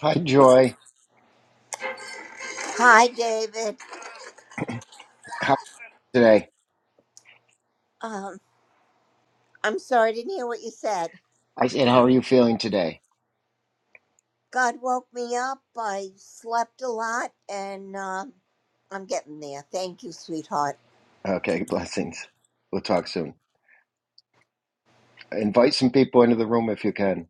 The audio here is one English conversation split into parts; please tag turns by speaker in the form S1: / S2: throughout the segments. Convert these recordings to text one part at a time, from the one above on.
S1: Hi, Joy.
S2: Hi, David.
S1: How are you today?
S2: Um, I'm sorry I didn't hear what you said.
S1: I said, how are you feeling today?
S2: God woke me up. I slept a lot, and um, I'm getting there. Thank you, sweetheart.
S1: Okay, blessings. We'll talk soon. Invite some people into the room if you can.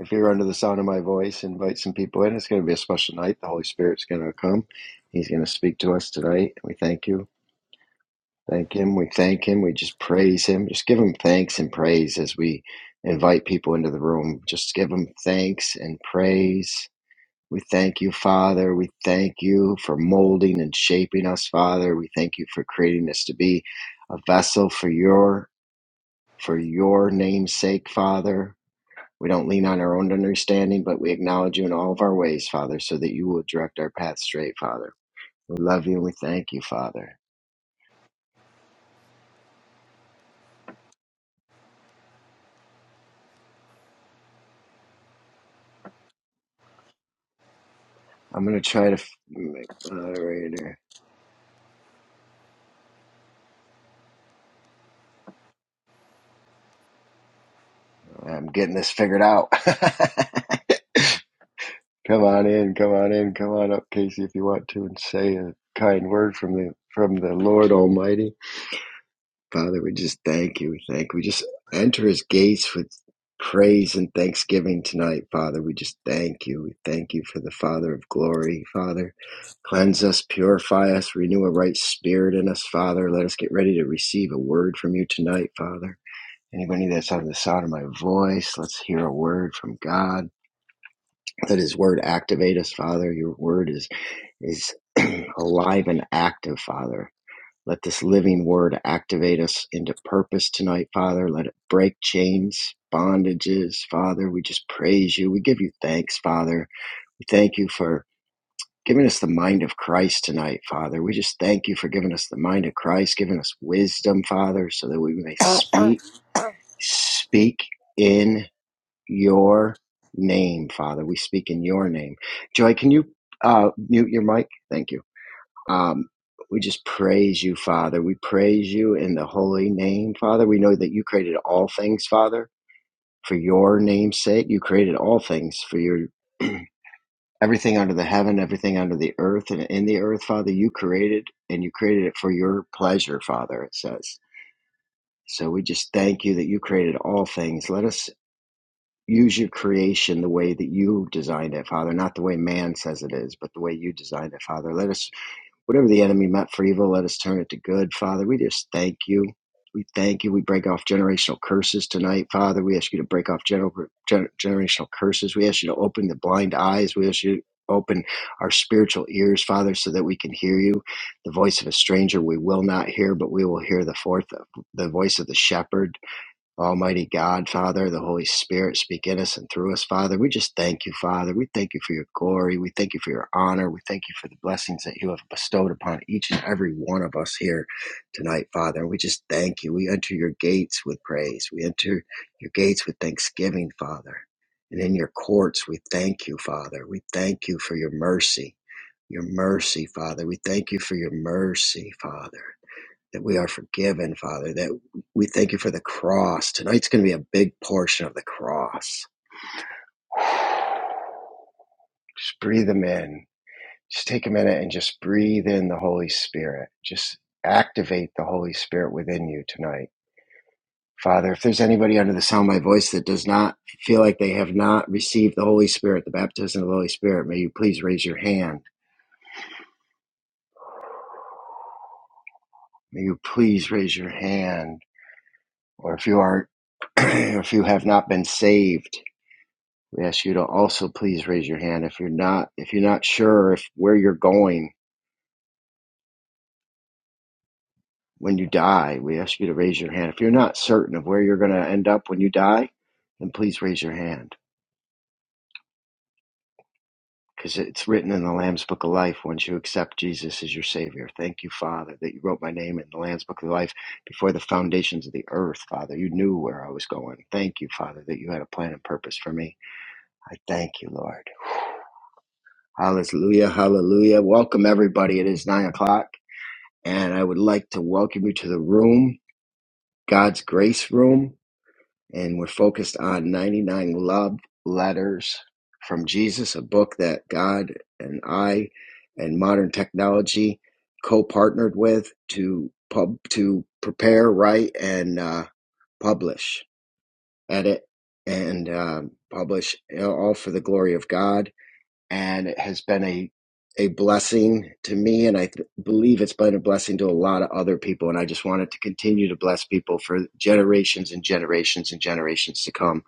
S1: If you're under the sound of my voice, invite some people in. It's going to be a special night. The Holy Spirit's going to come. He's going to speak to us tonight. We thank you. Thank Him. We thank Him. We just praise Him. Just give Him thanks and praise as we invite people into the room. Just give Him thanks and praise We thank you, Father. We thank you for molding and shaping us, Father. We thank you for creating us to be a vessel for your for your name's sake, Father. We don't lean on our own understanding, but we acknowledge you in all of our ways, Father, so that you will direct our path straight, Father. We love you and we thank you, Father. I'm going to try to f- make moderator. I'm getting this figured out. Come on in, come on in, come on up, Casey, if you want to, and say a kind word from the from the Lord Almighty. Father, we just thank you. We thank. you. We just enter His gates with praise and thanksgiving tonight, Father. We just thank you. We thank you for the Father of glory, Father. Cleanse us, purify us, renew a right spirit in us, Father. Let us get ready to receive a word from you tonight, Father. Anybody that's under the sound of my voice, let's hear a word from God. Let His word activate us, Father. Your word is is alive and active, Father. Let this living word activate us into purpose tonight, Father. Let it break chains, bondages, Father. We just praise you. We give you thanks, Father. We thank you for giving us the mind of Christ tonight, Father. We just thank you for giving us the mind of Christ, giving us wisdom, Father, so that we may speak, speak in your name, Father. We speak in your name. Joy, can you uh, mute your mic? Thank you. Um, we just praise you, Father. We praise you in the holy name, Father. We know that you created all things, Father, for your name's sake. You created all things for your everything under the heaven, everything under the earth, and in the earth, Father. You created, and you created it for your pleasure, Father. It says. So we just thank you that you created all things. Let us use your creation the way that you designed it, Father, not the way man says it is, but the way you designed it, Father. Let us Whatever the enemy meant for evil, let us turn it to good. Father, we just thank you. We thank you. We break off generational curses tonight, Father. We ask you to break off gener- gener- generational curses. We ask you to open the blind eyes. We ask you to open our spiritual ears, Father, so that we can hear you. The voice of a stranger we will not hear, but we will hear the fourth, the voice of the shepherd Almighty God, Father, the Holy Spirit, speak in us and through us, Father. We just thank you, Father. We thank you for your glory. We thank you for your honor. We thank you for the blessings that you have bestowed upon each and every one of us here tonight, Father. We just thank you. We enter your gates with praise. We enter your gates with thanksgiving, Father. And in your courts, we thank you, Father. We thank you for your mercy. Your mercy, Father. We thank you for your mercy, Father that we are forgiven, Father, that we thank you for the cross. Tonight's going to be a big portion of the cross. Just breathe them in. Just take a minute and just breathe in the Holy Spirit. Just activate the Holy Spirit within you tonight. Father, if there's anybody under the sound of my voice that does not feel like they have not received the Holy Spirit, the baptism of the Holy Spirit, may you please raise your hand. May you please raise your hand. Or if you are, if you have not been saved, We ask you to also please raise your hand if you're not if you're not sure if where you're going when you die. We ask you to raise your hand. If you're not certain of where you're going to end up when you die, then please raise your hand because it's written in the Lamb's Book of Life once you accept Jesus as your savior. Thank you, Father, that you wrote my name in the Lamb's Book of Life before the foundations of the earth, Father. You knew where I was going. Thank you, Father, that you had a plan and purpose for me. I thank you, Lord. Hallelujah, hallelujah. Welcome everybody. It is nine o'clock. and I would like to welcome you to the room, God's Grace Room. And we're focused on 99 Love Letters from Jesus, a book that God and I and modern technology co partnered with to pub to prepare, write, and uh, publish, edit, and um publish all for the glory of God and it has been a a blessing to me and i th- believe it's been a blessing to a lot of other people and i just want it to continue to bless people for generations and generations and generations to come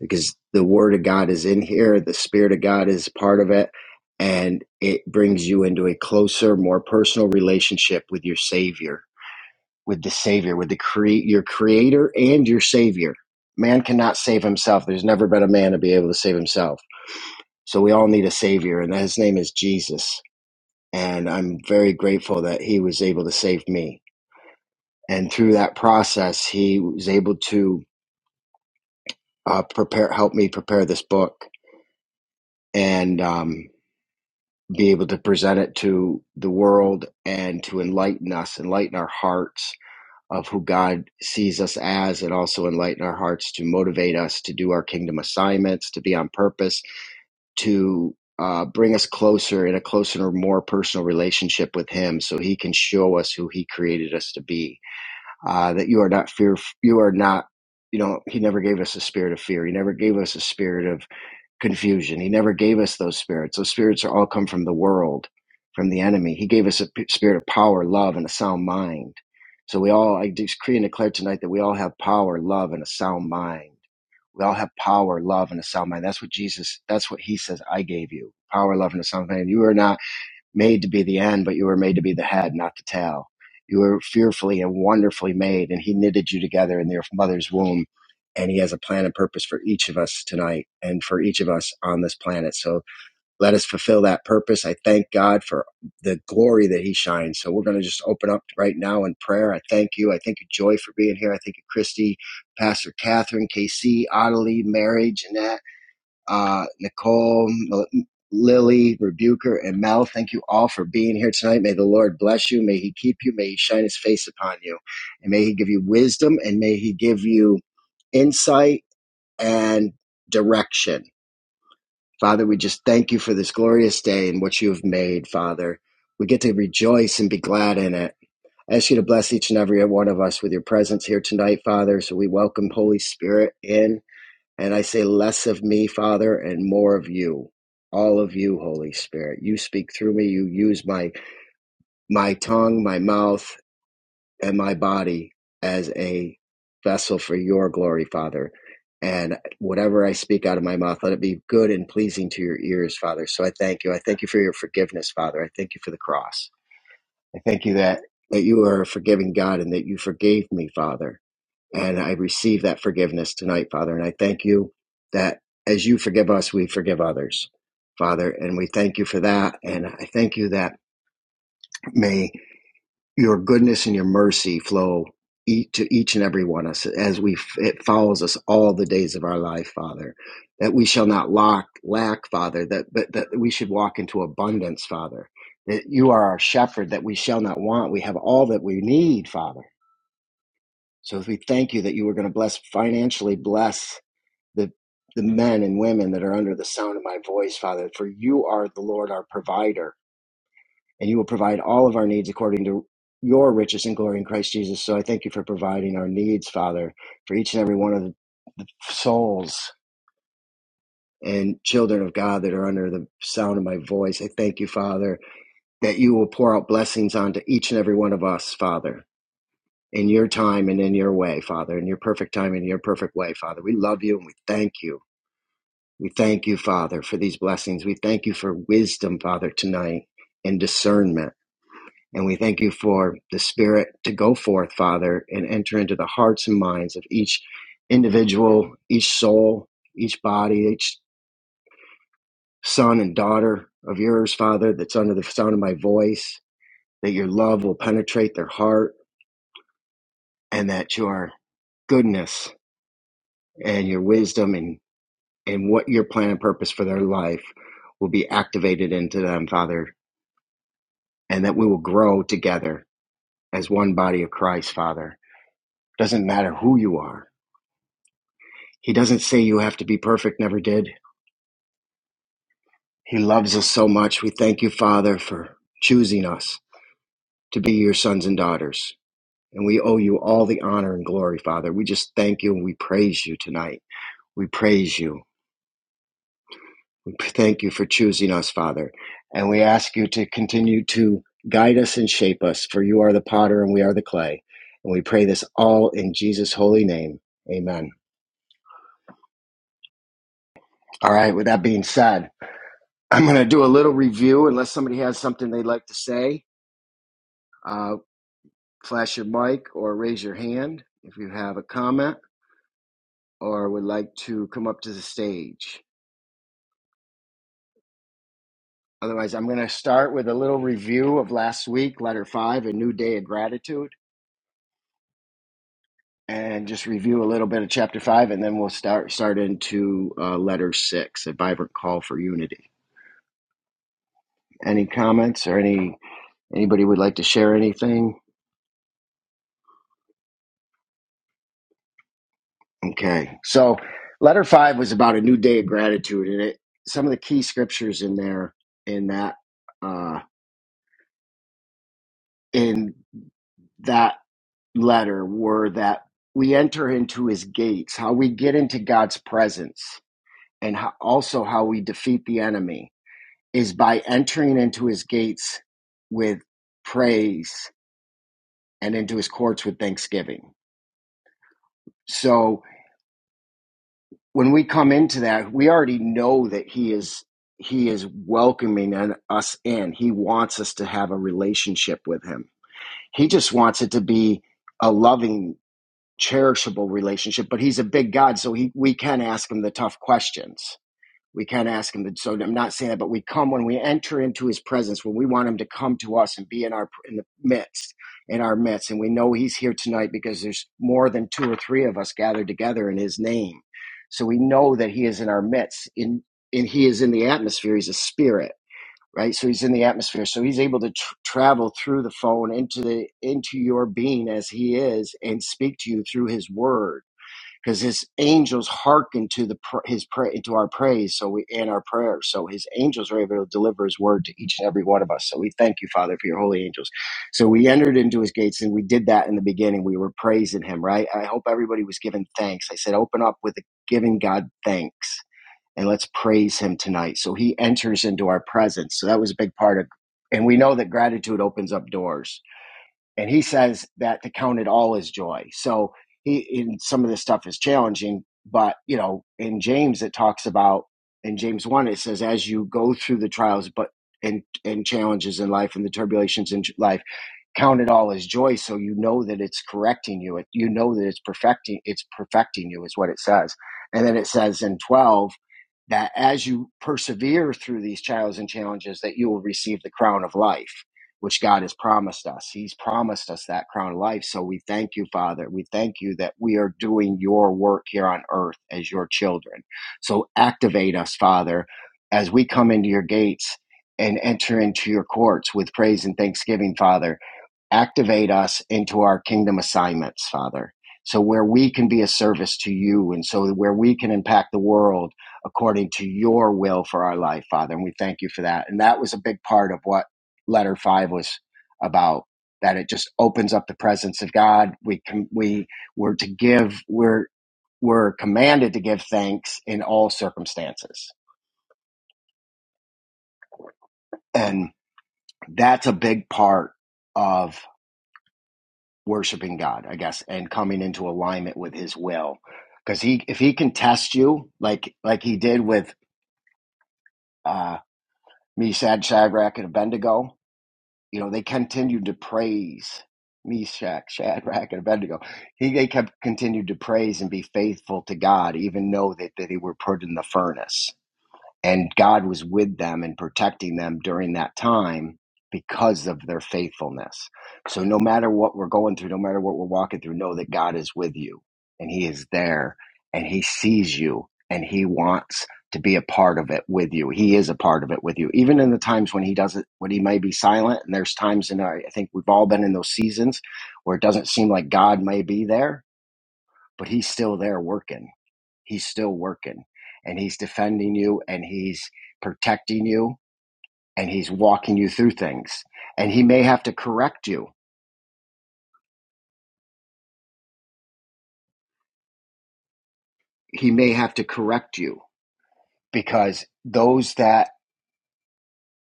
S1: because the word of god is in here the spirit of god is part of it and it brings you into a closer more personal relationship with your savior with the savior with the create your creator and your savior man cannot save himself there's never been a man to be able to save himself so we all need a savior, and his name is Jesus. And I'm very grateful that he was able to save me. And through that process, he was able to uh, prepare, help me prepare this book and um, be able to present it to the world and to enlighten us, enlighten our hearts of who God sees us as, and also enlighten our hearts to motivate us to do our kingdom assignments, to be on purpose, to uh, bring us closer in a closer, more personal relationship with Him, so He can show us who He created us to be. Uh, that you are not fear, you are not, you know, He never gave us a spirit of fear. He never gave us a spirit of confusion. He never gave us those spirits. Those spirits are all come from the world, from the enemy. He gave us a p- spirit of power, love, and a sound mind. So we all, I decree and declare tonight that we all have power, love, and a sound mind we all have power, love, and a sound mind. That's what Jesus, that's what he says, I gave you. Power, love, and a sound mind. You were not made to be the end, but you were made to be the head, not the tail. You were fearfully and wonderfully made, and he knitted you together in your mother's womb. And he has a plan and purpose for each of us tonight and for each of us on this planet. So let us fulfill that purpose. I thank God for the glory that He shines. So we're going to just open up right now in prayer. I thank you. I thank you, Joy, for being here. I thank you, Christy, Pastor Catherine, KC, Ottilie, Mary, Jeanette, uh, Nicole, Lily, Rebuker, and Mel. Thank you all for being here tonight. May the Lord bless you. May He keep you. May He shine His face upon you. And may He give you wisdom and may He give you insight and direction Father, we just thank you for this glorious day and what you have made, Father. We get to rejoice and be glad in it. I ask you to bless each and every one of us with your presence here tonight, Father. So we welcome Holy Spirit in. And I say, less of me, Father, and more of you. All of you, Holy Spirit. You speak through me. You use my my tongue, my mouth and my body as a vessel for your glory, Father. And whatever I speak out of my mouth, let it be good and pleasing to your ears, Father. So I thank you. I thank you for your forgiveness, Father. I thank you for the cross. I thank you that, that you are a forgiving God and that you forgave me, Father. And I receive that forgiveness tonight, Father. And I thank you that as you forgive us, we forgive others, Father. And we thank you for that. And I thank you that may your goodness and your mercy flow ea- to each and every one of us as we it follows us all the days of our life father that we shall not lack lack father that but that we should walk into abundance father that you are our shepherd that we shall not want we have all that we need father so we thank you that you are going to bless financially bless the the men and women that are under the sound of my voice father for you are the lord our provider and you will provide all of our needs according to your riches and glory in Christ Jesus. So I thank you for providing our needs, Father, for each and every one of the souls and children of God that are under the sound of my voice. I thank you, Father, that you will pour out blessings onto each and every one of us, Father. In your time and in your way, Father, in your perfect time and your perfect way, Father. We love you and we thank you. We thank you, Father, for these blessings. We thank you for wisdom, Father, tonight and discernment. And we thank you for the Spirit to go forth, Father, and enter into the hearts and minds of each individual, each soul, each body, each son and daughter of yours, Father, that's under the sound of my voice, that your love will penetrate their heart and that your goodness and your wisdom and, and what your plan and purpose for their life will be activated into them, Father, and that we will grow together as one body of Christ, Father. Doesn't matter who you are He doesn't say you have to be perfect, never did. He loves us so much. We thank you, Father, for choosing us to be your sons and daughters. And we owe you all the honor and glory, Father. We just thank you and we praise you tonight. We praise you. We thank you for choosing us, Father. And we ask you to continue to guide us and shape us, for you are the potter and we are the clay. And we pray this all in Jesus' holy name. Amen. All right, with that being said, I'm going to do a little review unless somebody has something they'd like to say Uh, flash your mic or raise your hand if you have a comment or would like to come up to the stage. Otherwise, I'm going to start with a little review of last week, letter five, a new day of gratitude, and just review a little bit of chapter five, and then we'll start start into uh, letter six, a vibrant call for unity. Any comments or any anybody would like to share anything? Okay, so letter five was about a new day of gratitude, and it some of the key scriptures in there in that. Uh, in that letter were that we enter into his gates, how we get into God's presence, and how, also how we defeat the enemy is by entering into his gates with praise and into his courts with thanksgiving. So when we come into that, we already know that he is he is welcoming us in. He wants us to have a relationship with him. He just wants it to be a loving cherishable relationship, but he's a big God, so he we can ask him the tough questions. We can ask him. The, so I'm not saying that, but we come when we enter into his presence, when we want him to come to us and be in our in the midst, in our midst, and we know he's here tonight because there's more than two or three of us gathered together in his name. So we know that he is in our midst. In and he is in the atmosphere. He's a spirit right? So he's in the atmosphere, so he's able to tr- travel through the phone into the into your being as he is, and speak to you through his word, because his angels hearken to the pr- his pray to our praise, so we and our prayers. So his angels are able to deliver his word to each and every one of us. So we thank you, Father, for your holy angels. So we entered into his gates, and we did that in the beginning. We were praising him, right? I hope everybody was giving thanks. I said, open up with giving God thanks and let's praise him tonight. So he enters into our presence. So that was a big part of, and we know that gratitude opens up doors and he says that to count it all as joy. So he in some of this stuff is challenging, but you know, in James it talks about in James one it says as you go through the trials, but and and challenges in life and the turbulations in life, count it all as joy, so you know that it's correcting you. It, you know that it's perfecting. It's perfecting you is what it says, and then it says in twelve that as you persevere through these trials and challenges that you will receive the crown of life which God has promised us. He's promised us that crown of life. So we thank you, Father. We thank you that we are doing your work here on earth as your children. So activate us, Father, as we come into your gates and enter into your courts with praise and thanksgiving, Father activate us into our kingdom assignments, Father. So where we can be a service to you and so where we can impact the world according to your will for our life, Father. And we thank you for that. And that was a big part of what letter five was about. That it just opens up the presence of God. We can, we were to give, we're, we're commanded to give thanks in all circumstances. And that's a big part of. worshiping God, I guess, and coming into alignment with His will. Because he, if he can test you like like he did with uh, Meshach, Shadrach, and Abednego, you know they continued to praise Meshach, Shadrach, and Abednego. He they kept continued to praise and be faithful to God, even though that, that they were put in the furnace and God was with them and protecting them during that time because of their faithfulness. So no matter what we're going through, no matter what we're walking through, know that God is with you and he is there and he sees you and he wants to be a part of it with you. He is a part of it with you. Even in the times when he doesn't when he may be silent and there's times in our I think we've all been in those seasons where it doesn't seem like God may be there, but he's still there working He's still working and he's defending you and he's protecting you and he's walking you through things. And he may have to correct you. He may have to correct you because those that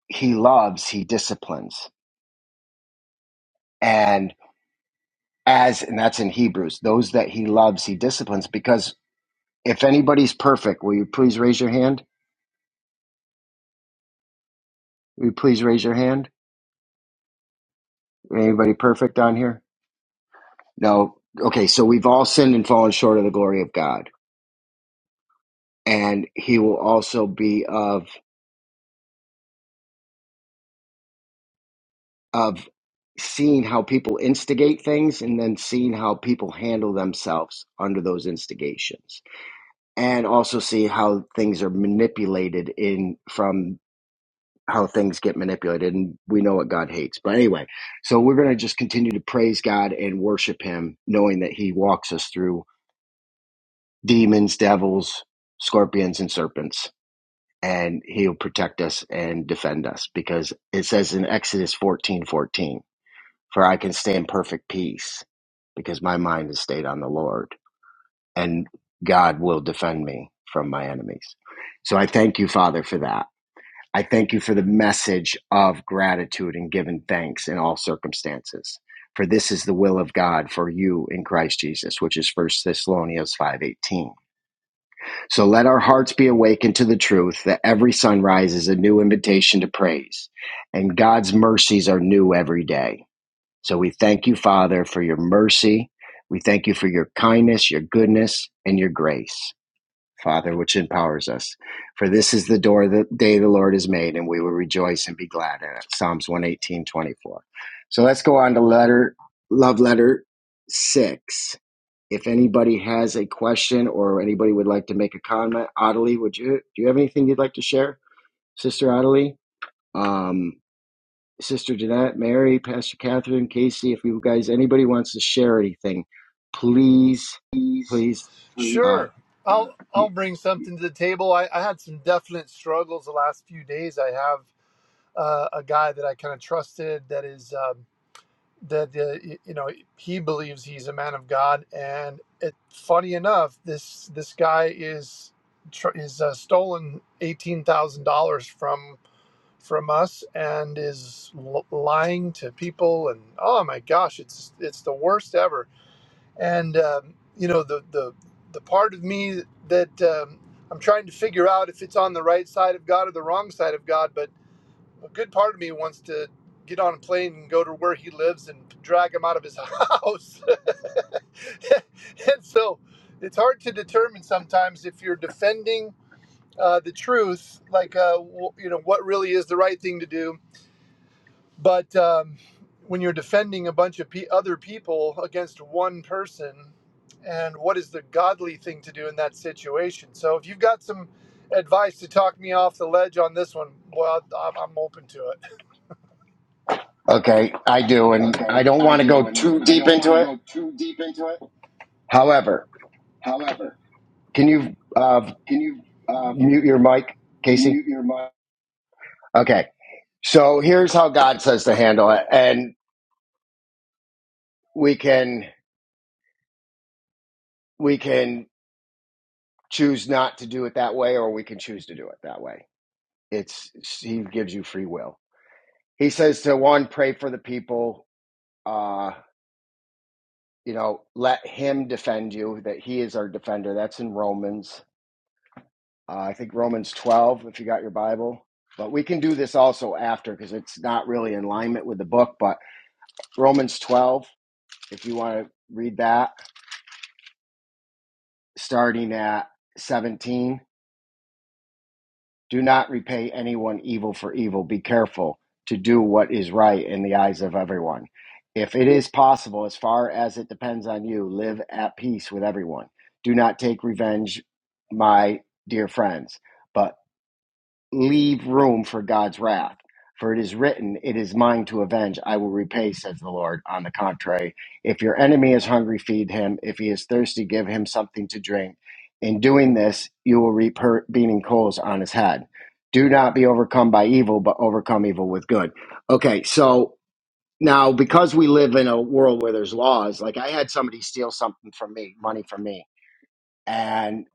S1: he loves, he disciplines. And as, and that's in Hebrews, those that he loves, he disciplines because if anybody's perfect, will you please raise your hand? Will you please raise your hand? Anybody perfect on here? No. Okay, so we've all sinned and fallen short of the glory of God and he will also be of of seeing how people instigate things and then seeing how people handle themselves under those instigations and also see how things are manipulated in from how things get manipulated and we know what god hates but anyway so we're going to just continue to praise god and worship him knowing that he walks us through demons devils scorpions and serpents and he'll protect us and defend us because it says in Exodus fourteen fourteen, for I can stay in perfect peace because my mind is stayed on the Lord and God will defend me from my enemies. So I thank you, Father, for that. I thank you for the message of gratitude and giving thanks in all circumstances. For this is the will of God for you in Christ Jesus, which is First Thessalonians 5:18. So let our hearts be awakened to the truth that every sunrise is a new invitation to praise, and God's mercies are new every day. So we thank you, Father, for your mercy. We thank you for your kindness, your goodness, and your grace. Father, which empowers us. For this is the door the day the Lord has made, and we will rejoice and be glad in it. Psalms one, eighteen, twenty-four. So let's go on to letter love letter six. If anybody has a question or anybody would like to make a comment, Adelie, would you do you have anything you'd like to share? Sister Adelie? Um Sister Jeanette, Mary, Pastor Catherine, Casey, if you guys anybody wants to share anything, please,
S3: please?
S1: please uh
S3: Sure. I'll I'll bring something to the table. I, I had some definite struggles the last few days. I have uh, a guy that I kind of trusted that is um, that uh, y- you know he believes he's a man of God, and it, funny enough, this this guy is tr- is uh, stolen eighteen thousand dollars from from us and is l- lying to people and oh my gosh it's it's the worst ever and um, you know the the the part of me that um, I'm trying to figure out if it's on the right side of God or the wrong side of God, but a good part of me wants to get on a plane and go to where he lives and drag him out of his house. and so it's hard to determine sometimes if you're defending uh, the truth, like uh, w- you know what really is the right thing to do, but um, when you're defending a bunch of pe- other people against one person, and what is the godly thing to do in that situation? So if you've got some advice to talk me off the ledge on this one, well, I'm, I'm open to it.
S1: Okay, I do, and I
S3: Okay,
S1: don't
S3: I
S1: want to go
S3: do, and
S1: too
S3: I
S1: deep
S3: don't want
S1: into
S3: to
S1: it.
S3: go too deep into it.
S1: However,
S3: However,
S1: can you uh,
S3: can you uh,
S1: mute your mic, Casey?
S3: mute your mic?
S1: Okay, so here's how God says to handle it, and we can we can choose not to do it that way, or we can choose to do it that way. It's He gives you free will. He says to one, pray for the people. Uh, you know, let Him defend you. That He is our defender. That's in Romans Uh, I think Romans 12, if you got your Bible. But we can do this also after because it's not really in alignment with the book. But Romans 12, if you want to read that, starting at 17, do not repay anyone evil for evil. Be careful to do what is right in the eyes of everyone. If it is possible, as far as it depends on you, live at peace with everyone. Do not take revenge, my dear friends but. leave room for God's wrath. For it is written, It is mine to avenge, I will repay, says the Lord. On the contrary, if your enemy is hungry, feed him. If he is thirsty, give him something to drink. In doing this, you will reap her beating coals on his head. Do not be overcome by evil, but overcome evil with good. Okay, so now because we live in a world where there's laws, like I had somebody steal something from me, money from me, and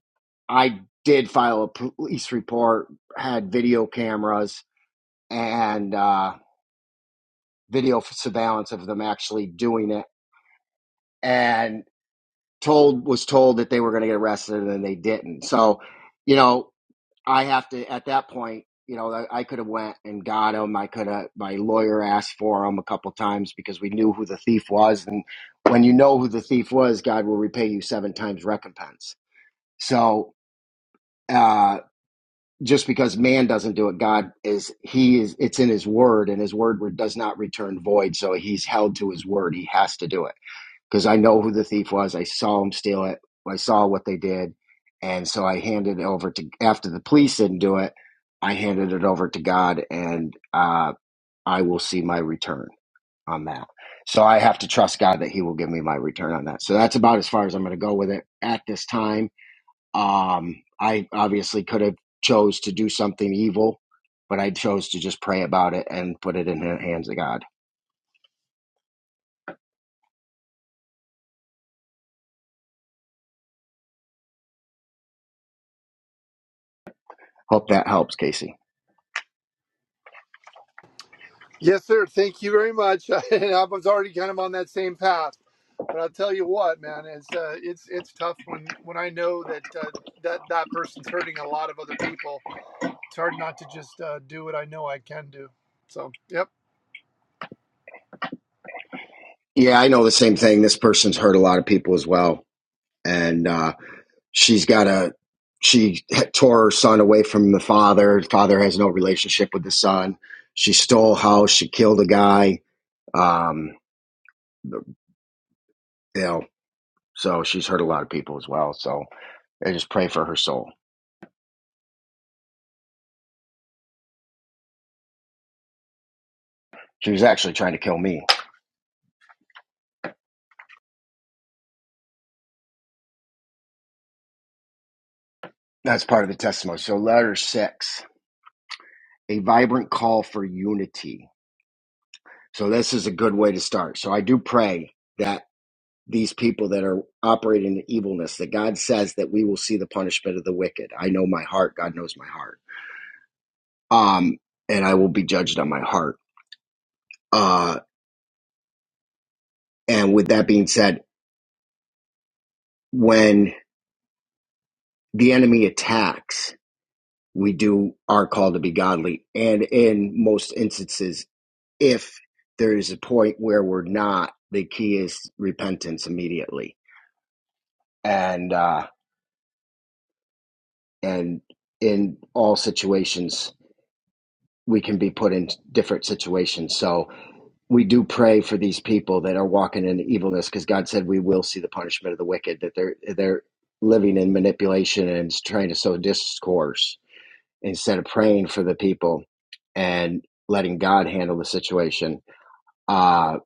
S1: I did file a police report, had video cameras, and uh, video surveillance of them actually doing it and told was told that they were going to get arrested and then they didn't so you know i have to at that point you know i, I could have went and got him i could have my lawyer asked for him a couple times because we knew who the thief was and when you know who the thief was god will repay you seven times recompense so uh, just because man doesn't do it god is he is it's in his word and his word does not return void so he's held to his word he has to do it because i know who the thief was i saw him steal it i saw what they did and so i handed it over to after the police didn't do it i handed it over to god and uh, i will see my return on that so i have to trust god that he will give me my return on that so that's about as far as i'm going to go with it at this time um, I obviously could have chose to do something evil, but I chose to just pray about it and put it in the hands of God. Hope that helps, Casey.
S3: Yes, sir. Thank you very much. And I was already kind of on that same path, but I'll tell you what, man, it's uh, it's it's tough when when I know that uh, that that person's hurting a lot of other people. It's hard not to just uh, do what I know I can do. So, yep.
S1: Yeah, I know the same thing. This person's hurt a lot of people as well, and uh, she's got a she tore her son away from the father. The father has no relationship with the son. She stole a house. She killed a guy. Um, you know. So she's hurt a lot of people as well. So I just pray for her soul. She was actually trying to kill me. That's part of the testimony. So letter six, a vibrant call for unity. So this is a good way to start. So I do pray that these people that are operating in evilness, that God says that we will see the punishment of the wicked. I know my heart. God knows my heart. Um, and I will be judged on my heart. Uh, and with that being said, when the enemy attacks, we do are called to be godly. And in most instances, if there is a point where we're not, the key is repentance immediately. And uh, and in all situations, we can be put in different situations. So we do pray for these people that are walking in evilness, because God said we will see the punishment of the wicked. That they're they're living in manipulation and trying to sow discord instead of praying for the people and letting God handle the situation, uh,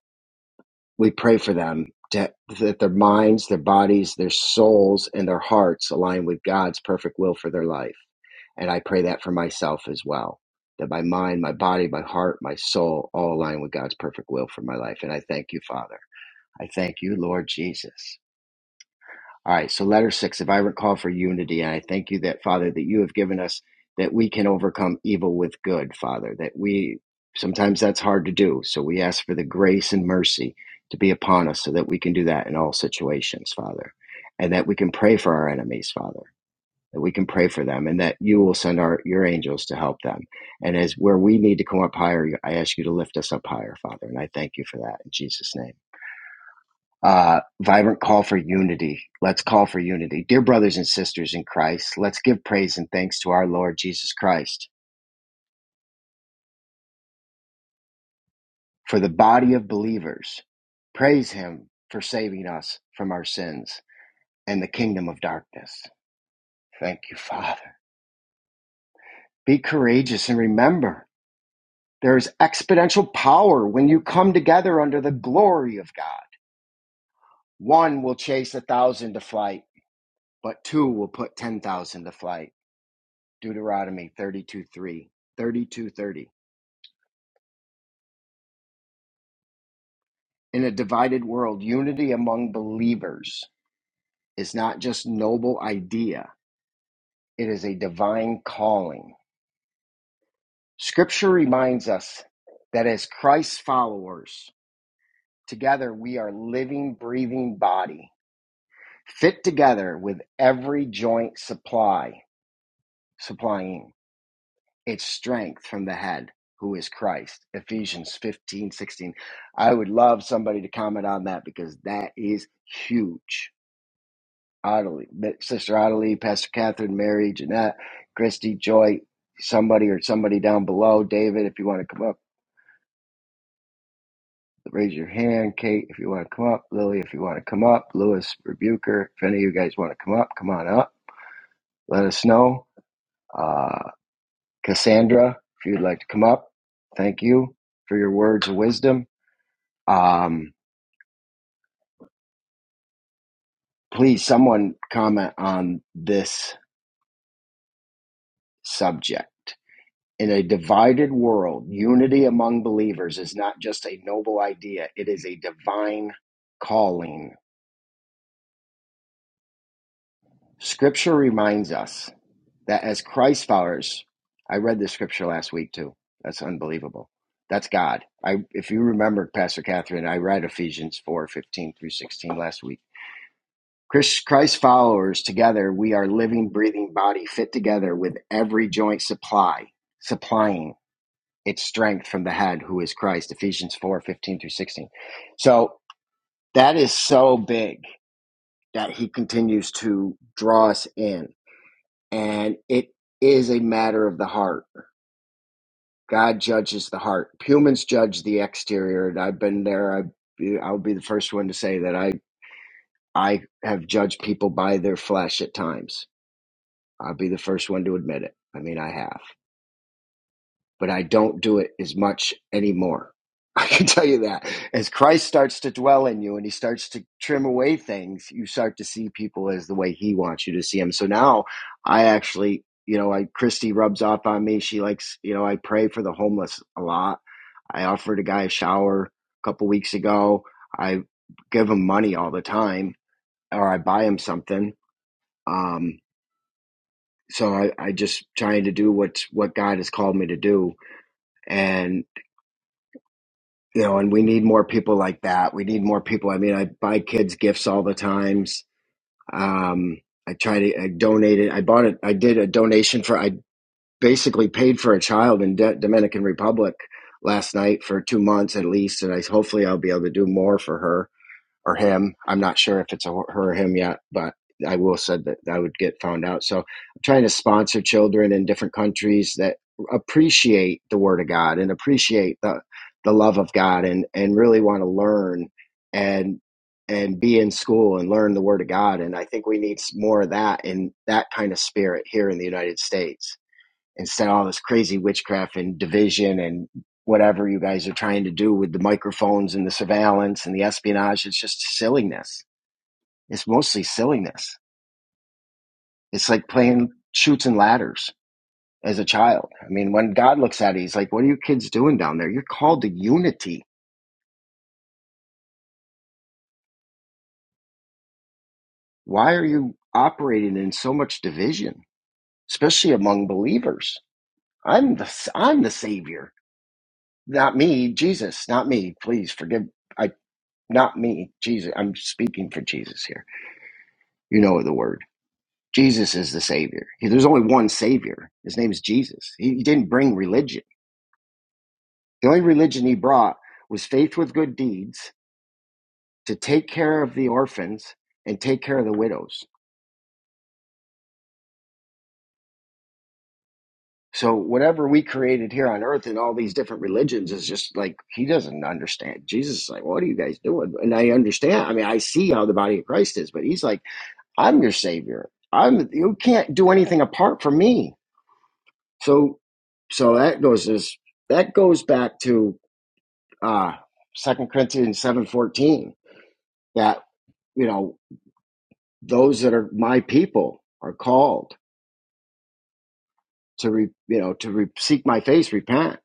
S1: we pray for them to, that their minds, their bodies, their souls, and their hearts align with God's perfect will for their life. And I pray that for myself as well that my mind, my body, my heart, my soul all align with God's perfect will for my life. And I thank you, Father. I thank you, Lord Jesus. All right, so letter six, if I recall for unity, and I thank you that, Father, that you have given us that we can overcome evil with good, Father, that we sometimes that's hard to do. So we ask for the grace and mercy to be upon us so that we can do that in all situations, Father, and that we can pray for our enemies, Father, that we can pray for them, and that you will send our, your angels to help them. And as where we need to come up higher, I ask you to lift us up higher, Father, and I thank you for that in Jesus' name uh, vibrant call for unity. Let's call for unity. Dear brothers and sisters in Christ, let's give praise and thanks to our Lord Jesus Christ for the body of believers. Praise Him for saving us from our sins and the kingdom of darkness. Thank you, Father. Be courageous and remember there is exponential power when you come together under the glory of God. One will chase a thousand to flight, but two will put 10,000 to flight. Deuteronomy 32 32 30. In a divided world, unity among believers is not just a noble idea, it is a divine calling. Scripture reminds us that as Christ's followers, together we are living, breathing body, fit together with every joint supply, supplying. It's strength from the head, who is Christ. Ephesians 15 16. I would love somebody to comment on that because that is huge. Ottilie, Sister Ottilie, Pastor Catherine, Mary, Jeanette, Christy, Joy, somebody or somebody down below. David, if you want to come up, raise your hand. Kate, if you want to come up. Lily, if you want to come up. Lewis, Rebuker, if any of you guys want to come up, come on up. Let us know. Uh, Cassandra, if you'd like to come up, thank you for your words of wisdom. Um, please, someone comment on this subject. In a divided world, unity among believers is not just a noble idea, it is a divine calling. Scripture reminds us that as Christ followers, I read this scripture last week too. That's unbelievable. That's God. I, if you remember, Pastor Catherine, I read Ephesians four fifteen through 16 last week Chris- Christ followers together, we are living, breathing body fit together with every joint supply, supplying its strength from the head who is Christ. Ephesians 4 15 through 16. So that is so big that he continues to draw us in. And it is a matter of the heart. God judges the heart. Humans judge the exterior. And I've been there. I, I'll be the first one to say that I, I have judged people by their flesh at times I'll be the first one to admit it. I mean, I have, but I don't do it as much anymore. I can tell you that. As Christ starts to dwell in you and he starts to trim away things, you start to see people as the way he wants you to see them. So now I actually, you know, I Christy rubs off on me. She likes, you know, I pray for the homeless a lot. I offered a guy a shower a couple weeks ago. I give him money all the time or I buy him something. Um, so I, I just trying to do what what God has called me to do, and you know, and we need more people like that. We need more people. I mean, I buy kids gifts all the times. Um, I try to I donated. I bought it. I did a donation for. I basically paid for a child in De- Dominican Republic last night for two months at least, and I hopefully I'll be able to do more for her or him. I'm not sure if it's a her or him yet, but I will said that I would get found out. So I'm trying to sponsor children in different countries that appreciate the Word of God and appreciate the the love of God and and really want to learn and and be in school and learn the Word of God. And I think we need more of that in that kind of spirit here in the United States instead of all this crazy witchcraft and division and whatever you guys are trying to do with the microphones and the surveillance and the espionage. It's just silliness. It's mostly silliness. It's like playing shoots and ladders as a child. I mean, when God looks at it, he's like, what are you kids doing down there? You're called to unity. Why are you operating in so much division, especially among believers? I'm the, I'm the savior, not me, Jesus, not me. Please forgive. I. Not me, Jesus. I'm speaking for Jesus here. You know the word. Jesus is the Savior. He- There's only one Savior. His name is Jesus. He, he didn't bring religion. The only religion he brought was faith with good deeds to take care of the orphans and take care of the widows. So whatever we created here on earth in all these different religions is just like he doesn't understand. Jesus is like, what are you guys doing? And I understand. I mean, I see how the body of Christ is, but he's like, I'm your savior. I'm you can't do anything apart from me. So so that goes this that goes back to uh Second Corinthians seven fourteen that you know those that are my people are called to re, you know to re, seek my face repent.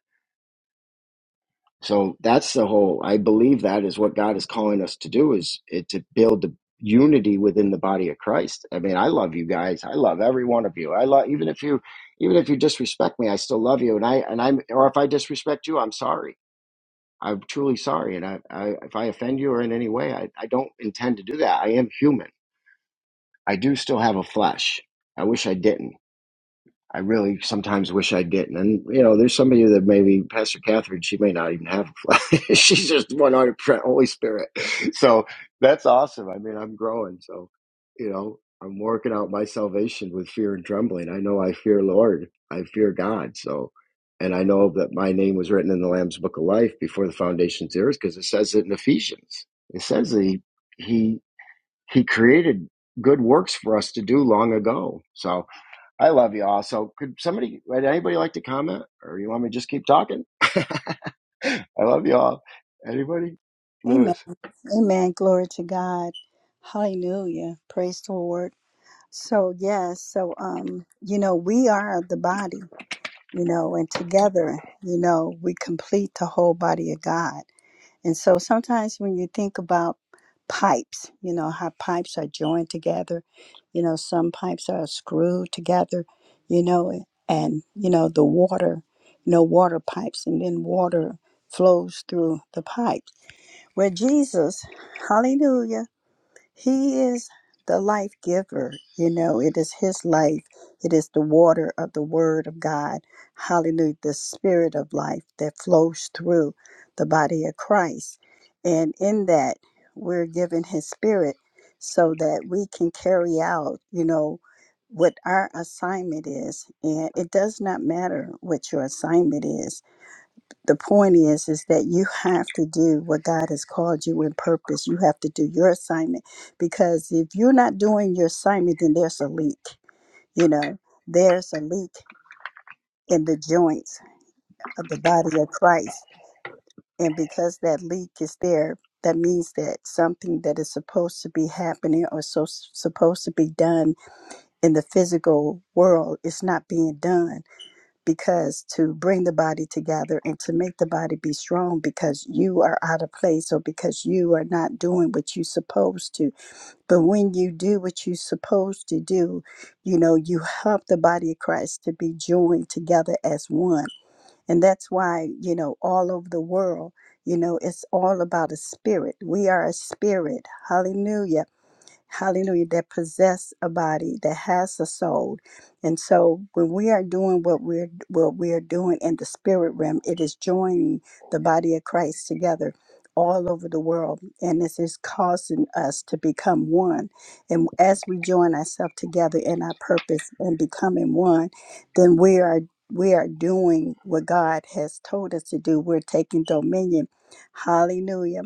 S1: So that's the whole. I believe that is what God is calling us to do is it to build the unity within the body of Christ. I mean, I love you guys. I love every one of you. I love even if you even if you disrespect me, I still love you. And I and I'm or if I disrespect you, I'm sorry I'm truly sorry, and I, I if I offend you or in any way, I, I don't intend to do that. I am human. I do still have a flesh. I wish I didn't. I really sometimes wish I didn't. And you know, there's somebody that maybe Pastor Catherine, she may not even have a flag. She's just 100 percent Holy Spirit. So that's awesome. I mean, I'm growing. So you know, I'm working out my salvation with fear and trembling. I know I fear Lord. I fear God. So, and I know that my name was written in the Lamb's Book of Life before the foundations of the earth, because it says it in Ephesians. It says that he he he created good works for us to do long ago. So I love you all. So could somebody, would anybody like to comment or you want me to just keep talking? I love you all. Anybody?
S4: Amen.
S1: Lewis.
S4: Amen. Glory to God. Hallelujah. Praise the Lord. So yes, so um, you know, we are the body, you know, and together, you know, we complete the whole body of God. And so sometimes when you think about pipes, you know, how pipes are joined together, you know, some pipes are screwed together, you know, and you know, the water, you know, water pipes and then water flows through the pipes where Jesus, hallelujah, he is the life giver. You know, it is his life. It is the water of the word of God. Hallelujah, the spirit of life that flows through the body of Christ. And in that, we're given his spirit so that we can carry out, you know, what our assignment is. And it does not matter what your assignment is the point is is that you have to do what god has called you in purpose you have to do your assignment because if you're not doing your assignment then there's a leak you know there's a leak in the joints of the body of christ and because that leak is there that means that something that is supposed to be happening or so supposed to be done in the physical world is not being done because to bring the body together and to make the body be strong because you are out of place or because you are not doing what you're supposed to. But when you do what you're supposed to do, you know, you help the body of Christ to be joined together as one. And that's why, you know, all over the world, you know, it's all about a spirit. We are a spirit. Hallelujah hallelujah, that possess a body, that has a soul. And so when we are doing what we're what we are doing in the spirit realm, it is joining the body of Christ together all over the world. And this is causing us to become one. And as we join ourselves together in our purpose and becoming one, then we are we are doing what God has told us to do. We're taking dominion. Hallelujah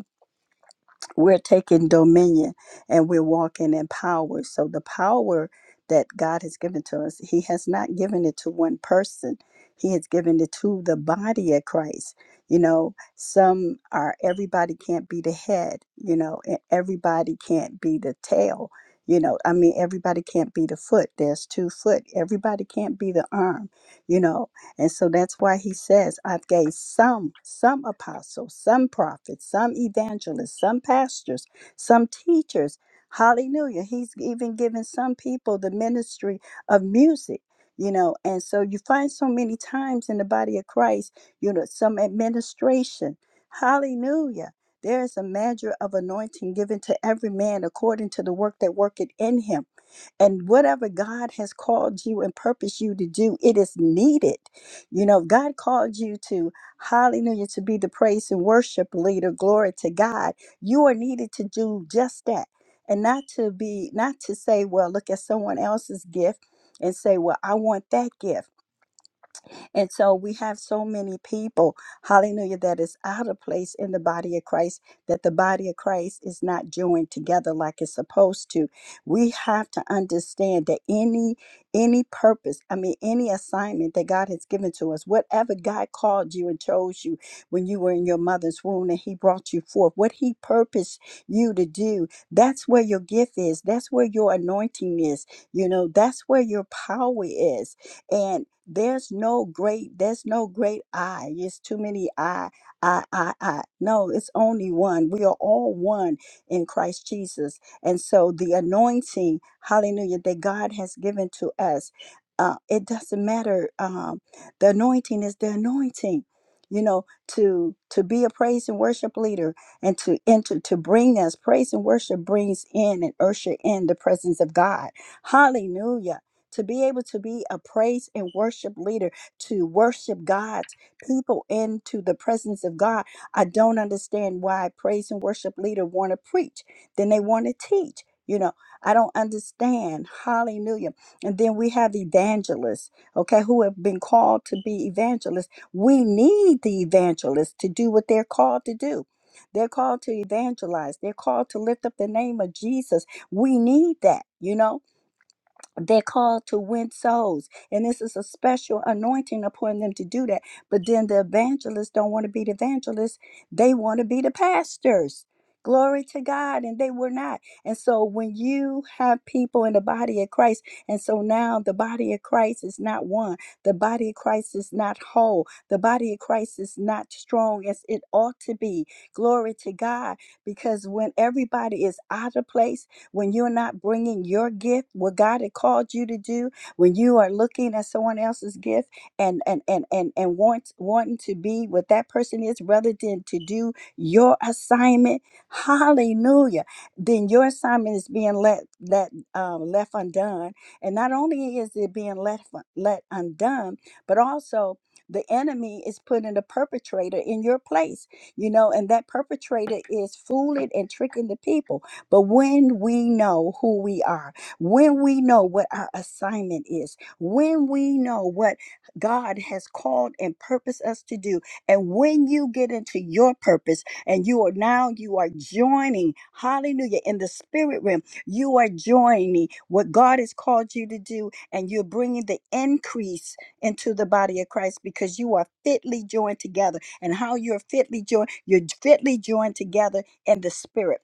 S4: we're taking dominion and we're walking in power. So the power that God has given to us, He has not given it to one person. He has given it to the body of Christ. You know, some are everybody can't be the head, you know, and everybody can't be the tail. You know, I mean, everybody can't be the foot. There's two foot. Everybody can't be the arm, you know, and so that's why he says, I've gave some, some apostles, some prophets, some evangelists, some pastors, some teachers. Hallelujah. He's even given some people the ministry of music, you know. And so you find so many times in the body of Christ, you know, some administration. Hallelujah. There is a measure of anointing given to every man according to the work that worketh in him. And whatever God has called you and purposed you to do, it is needed. You know, God called you to, hallelujah, to be the praise and worship leader. Glory to God. You are needed to do just that. And not to be, not to say, well, look at someone else's gift and say, well, I want that gift and so we have so many people, hallelujah, that is out of place in the body of Christ, that the body of Christ is not joined together like it's supposed to. We have to understand that any any purpose, I mean any assignment that God has given to us, whatever God called you and chose you when you were in your mother's womb and he brought you forth, what he purposed you to do, that's where your gift is, that's where your anointing is, you know, that's where your power is and there's no great there's no great i it's too many i i i i no it's only one we are all one in christ jesus and so the anointing hallelujah that god has given to us uh, it doesn't matter um, the anointing is the anointing you know to to be a praise and worship leader and to enter to bring us praise and worship brings in and usher in the presence of god hallelujah to be able to be a praise and worship leader, to worship God's people into the presence of God. I don't understand why praise and worship leader want to preach, then they want to teach. You know, I don't understand. Hallelujah. And then we have evangelists, okay, who have been called to be evangelists. We need the evangelists to do what they're called to do. They're called to evangelize. They're called to lift up the name of Jesus. We need that, you know? they're called to win souls and this is a special anointing upon them to do that but then the evangelists don't want to be the evangelists they want to be the pastors glory to god and they were not and so when you have people in the body of christ and so now the body of christ is not one the body of christ is not whole the body of christ is not strong as it ought to be glory to god because when everybody is out of place when you're not bringing your gift, what God had called you to do, when you are looking at someone else's gift and and and and, and want, wanting to be what that person is rather than to do your assignment. Hallelujah. Then your assignment is being let let um, left undone. And not only is it being left let undone, but also the enemy is putting a perpetrator in your place, you know, and that perpetrator is fooling and tricking the people. But when we know who we are, when we know what our assignment is, when we know what God has called and purposed us to do, and when you get into your purpose and you are now, you are joining, hallelujah, in the spirit realm, you are joining what God has called you to do, and you're bringing the increase into the body of Christ because you are fitly joined together. And how you're fitly joined, you're fitly joined together in the spirit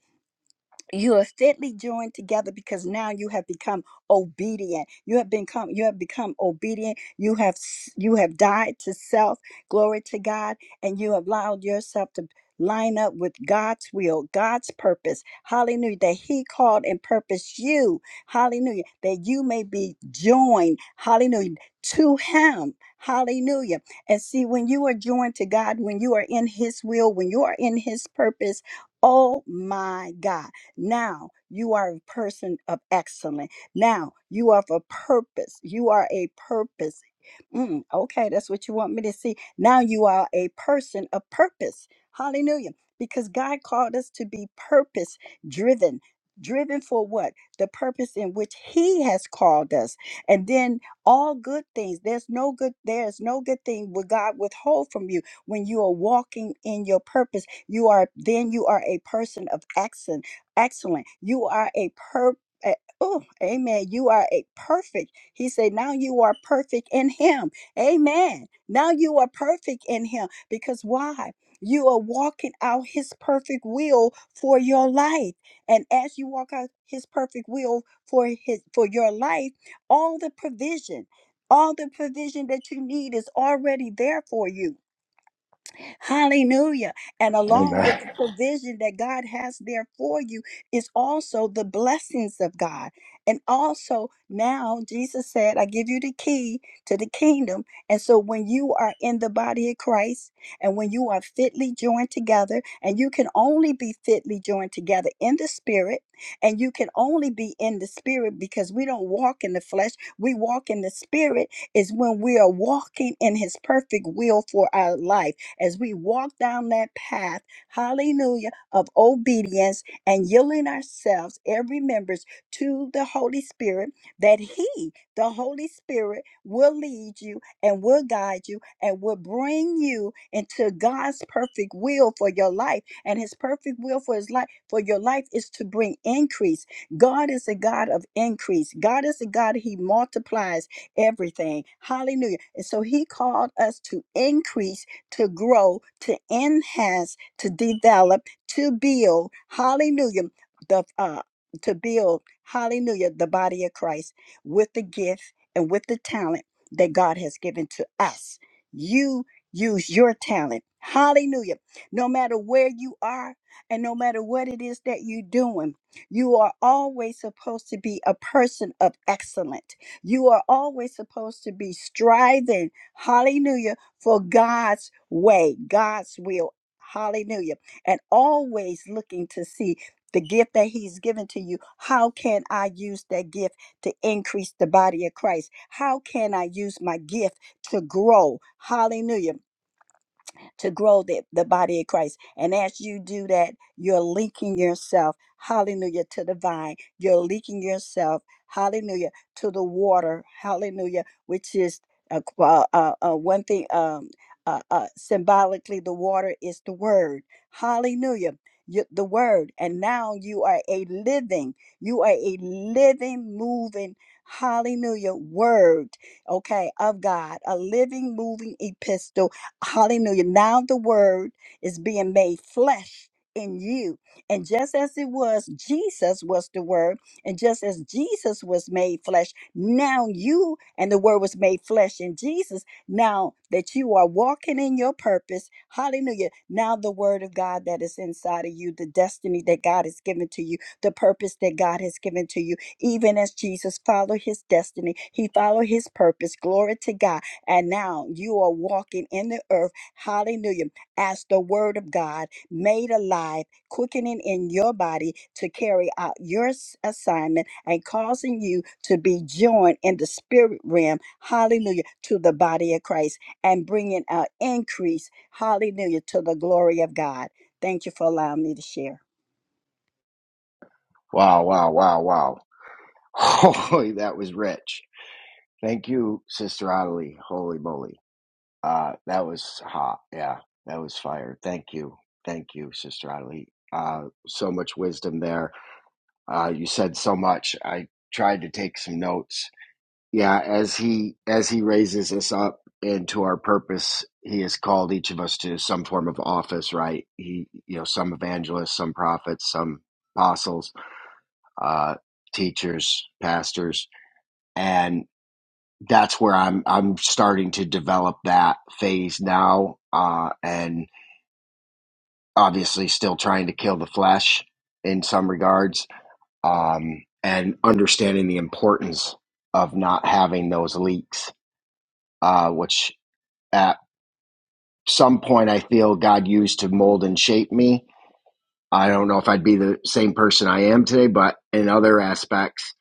S4: you are fitly joined together because now you have become obedient you have become you have become obedient you have s- you have died to self glory to god and you have allowed yourself to line up with god's will god's purpose hallelujah that he called and purposed you hallelujah that you may be joined hallelujah to him hallelujah and see when you are joined to god when you are in his will when you are in his purpose oh my god now you are a person of excellence. Now you are of a purpose. You are a purpose. Mm, okay, that's what you want me to see. Now you are a person of purpose. Hallelujah. Because God called us to be purpose driven. Driven for what? The purpose in which He has called us. And then all good things. There's no good, there's no good thing will God withhold from you when you are walking in your purpose you are then you are a person of excellence excellent. You are a per. a- Oh, amen. You are a perfect. He said, now you are perfect in him. Amen. Now you are perfect in him. Because why? You are walking out his perfect will for your life. And as you walk out his perfect will for his for your life, all the provision, all the provision that you need is already there for you. Hallelujah. And along
S1: Amen.
S4: with the provision that God has there for you is also the blessings of God. And also now Jesus said, I give you the key to the kingdom. And so when you are in the body of Christ and when you are fitly joined together, and you can only be fitly joined together in the spirit, and you can only be in the spirit because we don't walk in the flesh, we walk in the spirit is when we are walking in his perfect will for our life as we walk down that path, hallelujah, of obedience and yielding ourselves, every members, to the Holy Spirit, that He, the Holy Spirit, will lead you and will guide you and will bring you into God's perfect will for your life. And His perfect will for His life for your life is to bring increase. God is a God of increase. God is a God He multiplies everything. Hallelujah. And so He called us to increase to grow, to enhance, to develop, to build. Hallelujah. The uh, to build, hallelujah, the body of Christ with the gift and with the talent that God has given to us. You use your talent. Hallelujah. No matter where you are and no matter what it is that you're doing, you are always supposed to be a person of excellence. You are always supposed to be striving, hallelujah, for God's way, God's will. Hallelujah. And always looking to see the gift that He's given to you. How can I use that gift to increase the body of Christ? How can I use my gift to grow? Hallelujah to grow the, the body of Christ. And as you do that, you're linking yourself, hallelujah, to the vine. You're linking yourself, hallelujah, to the water, hallelujah, which is uh, uh, uh, uh, one thing um, uh, uh, symbolically, the water is the word. Hallelujah. You, the word. And now you are a living, you are a living, moving, hallelujah, word, okay, of God, a living, moving epistle Hallelujah. Now the word is being made flesh in you. And just as it was, Jesus was the word. And just as Jesus was made flesh, now you and the word was made flesh in Jesus. Now that you are walking in your purpose, hallelujah. Now the word of God that is inside of you, the destiny that God has given to you, the purpose that God has given to you, even as Jesus followed his destiny, he followed his purpose. Glory to God and now you are walking in the earth, hallelujah, as the word of God made alive, quickening in your body to carry out your s- assignment and causing you to be joined in the spirit realm, hallelujah, to the body of Christ and bringing an increase, hallelujah, to the glory of God. Thank you for allowing me to share.
S1: Wow, wow, wow, wow. Holy, that was rich. Thank you, Sister Adelie. Holy moly. Uh, that was hot. Yeah, that was fire. Thank you. Thank you, Sister Adelie. Uh, so much wisdom there. Uh, you said so much. I tried to take some notes Yeah, as he as he raises us up into our purpose, he has called each of us to some form of office, right? He, you know, some evangelists, some prophets, some apostles, uh, teachers, pastors, and that's where I'm I'm starting to develop that phase now, uh, and obviously still trying to kill the flesh in some regards, um, and understanding the importance of not having those leaks, uh, which At some point I feel God used to mold and shape me. I don't know if I'd be the same person I am today, but in other aspects,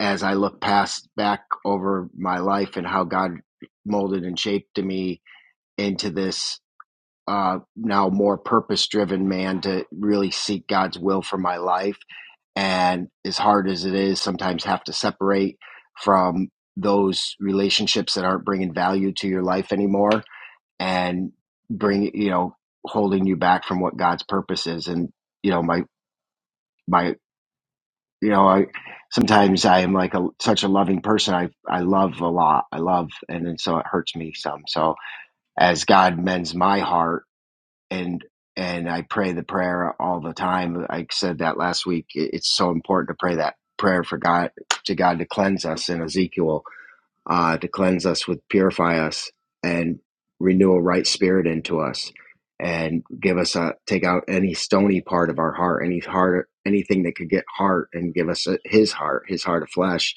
S1: as I look past back over my life and how God molded and shaped me into this uh, now more purpose driven man to really seek God's will for my life. And as hard as it is, sometimes have to separate from those relationships that aren't bringing value to your life anymore and bring you know holding you back from what God's purpose is. And you know my my you know I sometimes I am like a such a loving person. I I love a lot. I love and then so it hurts me some. So as God mends my heart and and I pray the prayer all the time. I said that last week. It's so important to pray that prayer for God to God to cleanse us in Ezekiel uh, to cleanse us, with purify us, and renew a right spirit into us, and give us a take out any stony part of our heart, any heart, anything that could get heart, and give us a, His heart, His heart of flesh,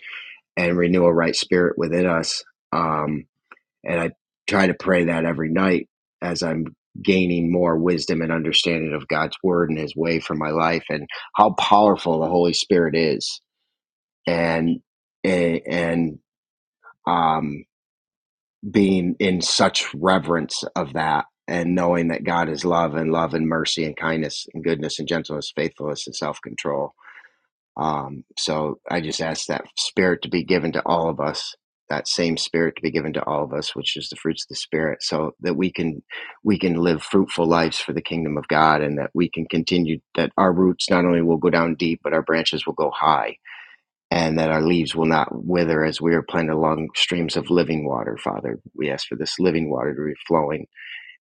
S1: and renew a right spirit within us. Um, and I try to pray that every night as I'm gaining more wisdom and understanding of God's word and His way for my life, and how powerful the Holy Spirit is, and and, um being in such reverence of that and knowing that God is love and love and mercy and kindness and goodness and gentleness, faithfulness and self control. Um, so I just ask that spirit to be given to all of us, that same spirit to be given to all of us, which is the fruits of the spirit, so that we can we can live fruitful lives for the kingdom of God and that we can continue that our roots not only will go down deep, but our branches will go high and that our leaves will not wither as we are planted along streams of living water, Father. We ask for this living water to be flowing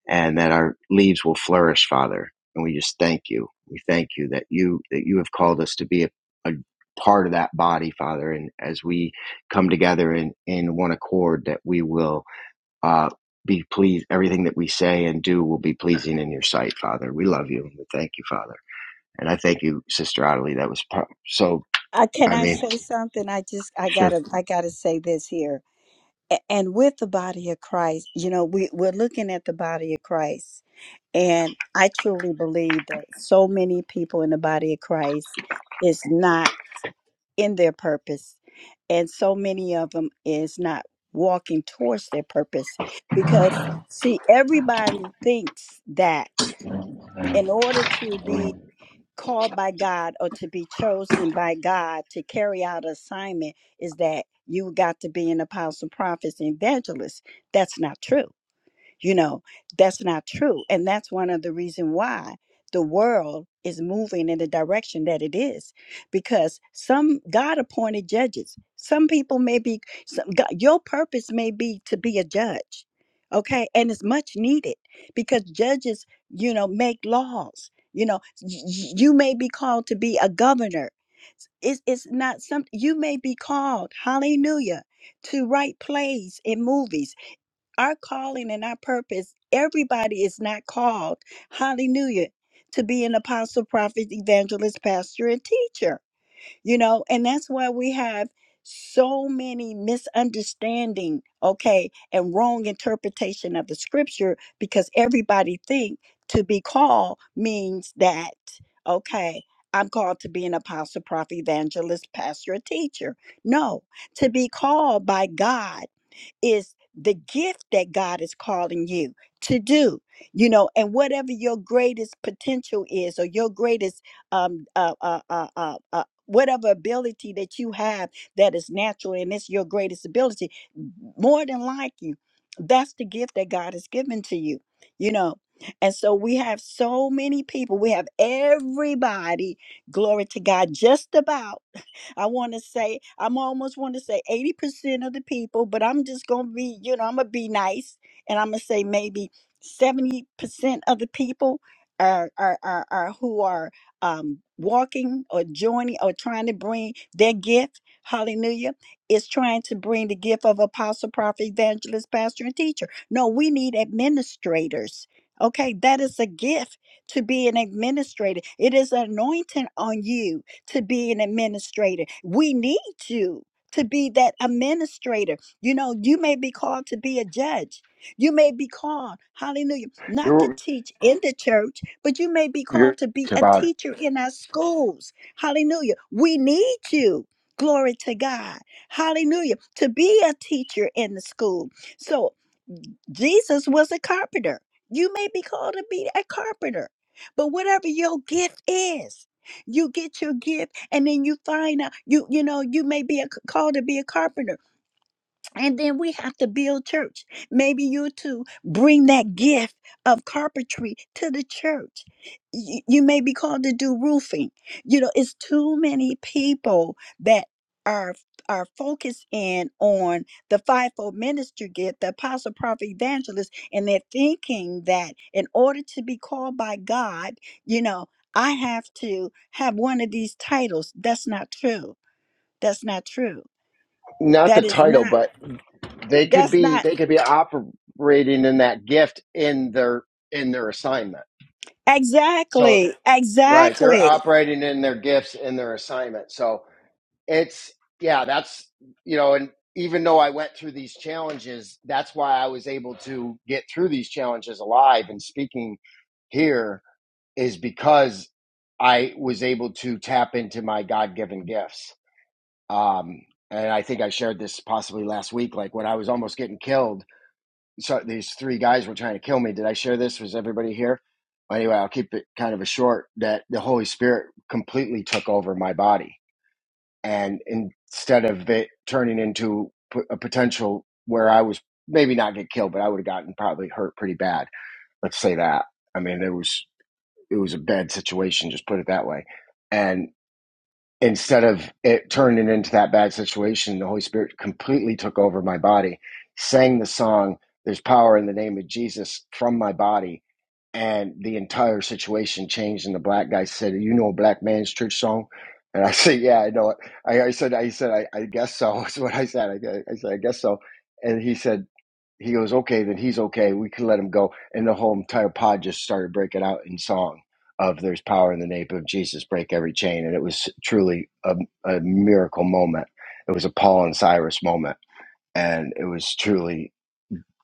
S1: and that our leaves will flourish, Father. And we just thank you. We thank you that you that you have called us to be a, a part of that body, Father. And as we come together in, in one accord, that we will uh, be pleased. Everything that we say and do will be pleasing in your sight, Father. We love you and we thank you, Father. And I thank you, Sister Ottilie. That was so.
S4: Uh, can
S1: I
S4: I
S1: mean,
S4: say something? I just I
S1: sure.
S4: gotta I gotta say this here. A- and with the body of Christ, you know, we, we're looking at the body of Christ. And I truly believe that so many people in the body of Christ is not in their purpose. And so many of them is not walking towards their purpose. Because, see, everybody thinks that in order to be called by God or to be chosen by God to carry out assignment is that you got to be an apostle, prophets, and evangelist. That's not true you know that's not true and that's one of the reason why the world is moving in the direction that it is because some god appointed judges some people may be some, god, your purpose may be to be a judge okay and it's much needed because judges you know make laws you know y- y- you may be called to be a governor it's, it's not something you may be called hallelujah to write plays and movies our calling and our purpose. Everybody is not called, hallelujah, to be an apostle, prophet, evangelist, pastor, and teacher, you know, and that's why we have so many misunderstanding okay and wrong interpretation of the scripture because everybody think to be called means that okay i'm called to be an apostle prophet evangelist pastor or teacher no to be called by god is the gift that God is calling you to do, you know, and whatever your greatest potential is or your greatest, um, uh, uh, uh, uh, uh, whatever ability that you have that is natural and it's your greatest ability, more than like you, that's the gift that God has given to you, you know. And so we have so many people, we have everybody, glory to God, just about I want to say, I'm almost want to say 80% of the people, but I'm just going to be, you know, I'm going to be nice and I'm going to say maybe 70% of the people are, are, are, are who are um, walking or joining or trying to bring their gift, hallelujah, is trying to bring the gift of apostle, prophet, evangelist, pastor, and teacher. No, we need administrators. Okay, that is a gift to be an administrator. It is an anointing on you to be an administrator. We need you to be that administrator. You know, you may be called to be a judge. You may be called, hallelujah, not
S1: You're,
S4: to teach in the church, but you may be
S1: You're
S4: called to be a
S1: about it.
S4: teacher in our schools. Hallelujah. We need you. Glory to God. Hallelujah. To be a teacher in the school. So Jesus was a carpenter. You may be called to be a carpenter, but whatever your gift is, you get your gift, and then you find out you you know you may be a, called to be a carpenter. And then we have to build church. Maybe you too bring that gift of carpentry to the church. You, you may be called to do roofing. You know, it's too many people that are are focused in on the fivefold ministry gift, the apostle, prophet, evangelist, and they're thinking that in order to be called by God, you know, I have to have one of these titles. That's not true. That's not true.
S1: not the
S4: That is
S1: title,
S4: not.
S1: but they could
S4: That's
S1: be
S4: not.
S1: they could be operating in that gift in their in their assignment. So
S4: Exactly.
S1: right, they're
S4: Exactly.
S1: operating in their gifts in their assignment. So it's yeah, that's you know, and even though I went through these challenges, that's why I was able to get through these challenges alive and speaking here is because I was able to tap into my God given gifts um, and I think I shared this possibly last week. Like when I was almost getting killed, so these three guys were trying to kill me. Did I share this? Was everybody here? Anyway, I'll keep it kind of a short. That the Holy Spirit completely took over my body, and instead of it turning into p- a potential where I was maybe not get killed, but I would have gotten probably hurt pretty bad. Let's say that. I mean, there was it was a bad situation. Just put it that way, and instead of it turning into that bad situation, the Holy Spirit completely took over my body, sang the song, There's Power in the Name of Jesus from my body. And the entire situation changed. And the black guy said, You know, a Black Man's Church song? And I said, Yeah, I know it. I, I said, I said, I, I guess so. Is what I said. I, I said, I guess so. And he said, he goes, okay, then he's okay. We can let him go. And the whole entire pod just started breaking out in song of there's power in the name of Jesus, break every chain. And it was truly a, a miracle moment. It was a Paul and Cyrus moment. And it was truly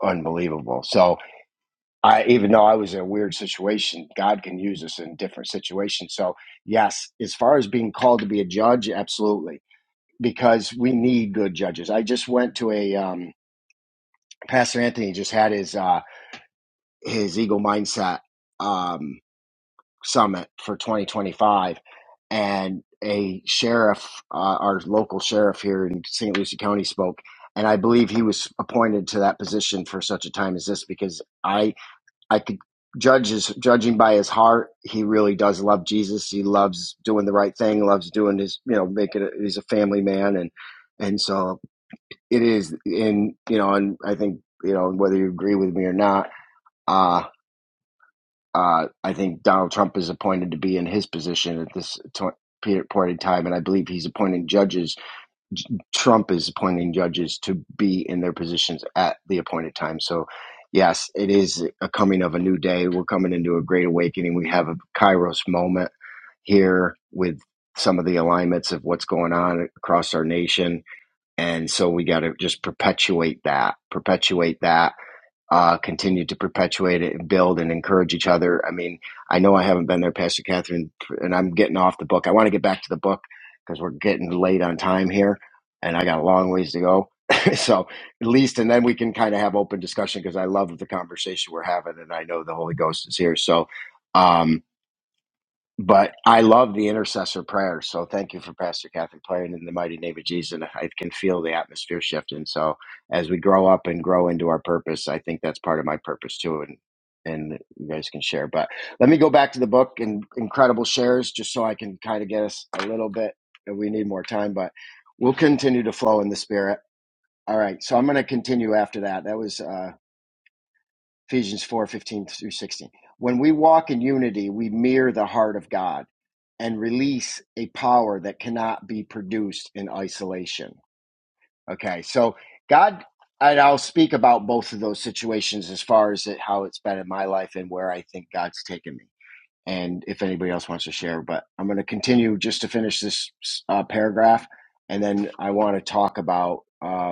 S1: unbelievable. So I, even though I was in a weird situation, God can use us in different situations. So yes, as far as being called to be a judge, absolutely. Because we need good judges. I just went to a, um, Pastor Anthony just had his, uh, his Eagle Mindset um, Summit for 2025, and a sheriff, uh, our local sheriff here in St. Lucie County, spoke, and I believe he was appointed to that position for such a time as this because I I could judge his judging by his heart, he really does love Jesus. He loves doing the right thing, loves doing his you know making it. He's a family man, and and so it is in you know, and I think you know whether you agree with me or not. uh, uh, I think Donald Trump is appointed to be in his position at this t- point in time, and I believe he's appointing judges. J- Trump is appointing judges to be in their positions at the appointed time. So, yes, it is a coming of a new day. We're coming into a great awakening. We have a Kairos moment here with some of the alignments of what's going on across our nation. And so we got to just perpetuate that, perpetuate that uh, continue to perpetuate it and build and encourage each other. I mean, I know I haven't been there, Pastor Catherine, and I'm getting off the book. I want to get back to the book because we're getting late on time here, and I got a long ways to go. so at least, and then we can kind of have open discussion because I love the conversation we're having, and I know the Holy Ghost is here. So. Um, but I love the intercessor prayer. So thank you for Pastor Catherine praying in the mighty name of Jesus. And I can feel the atmosphere shifting. So as we grow up and grow into our purpose, I think that's part of my purpose too. And and you guys can share. But let me go back to the book and incredible shares just so I can kind of get us a little bit. We need more time, but we'll continue to flow in the spirit. All right. So I'm going to continue after that. That was uh Ephesians four fifteen through 16. When we walk in unity, we mirror the heart of God and release a power that cannot be produced in isolation. Okay, so God, and I'll speak about both of those situations as far as it, how it's been in my life and where I think God's taken me. And if anybody else wants to share, but I'm going to continue just to finish this uh, paragraph. And then I want to talk about um,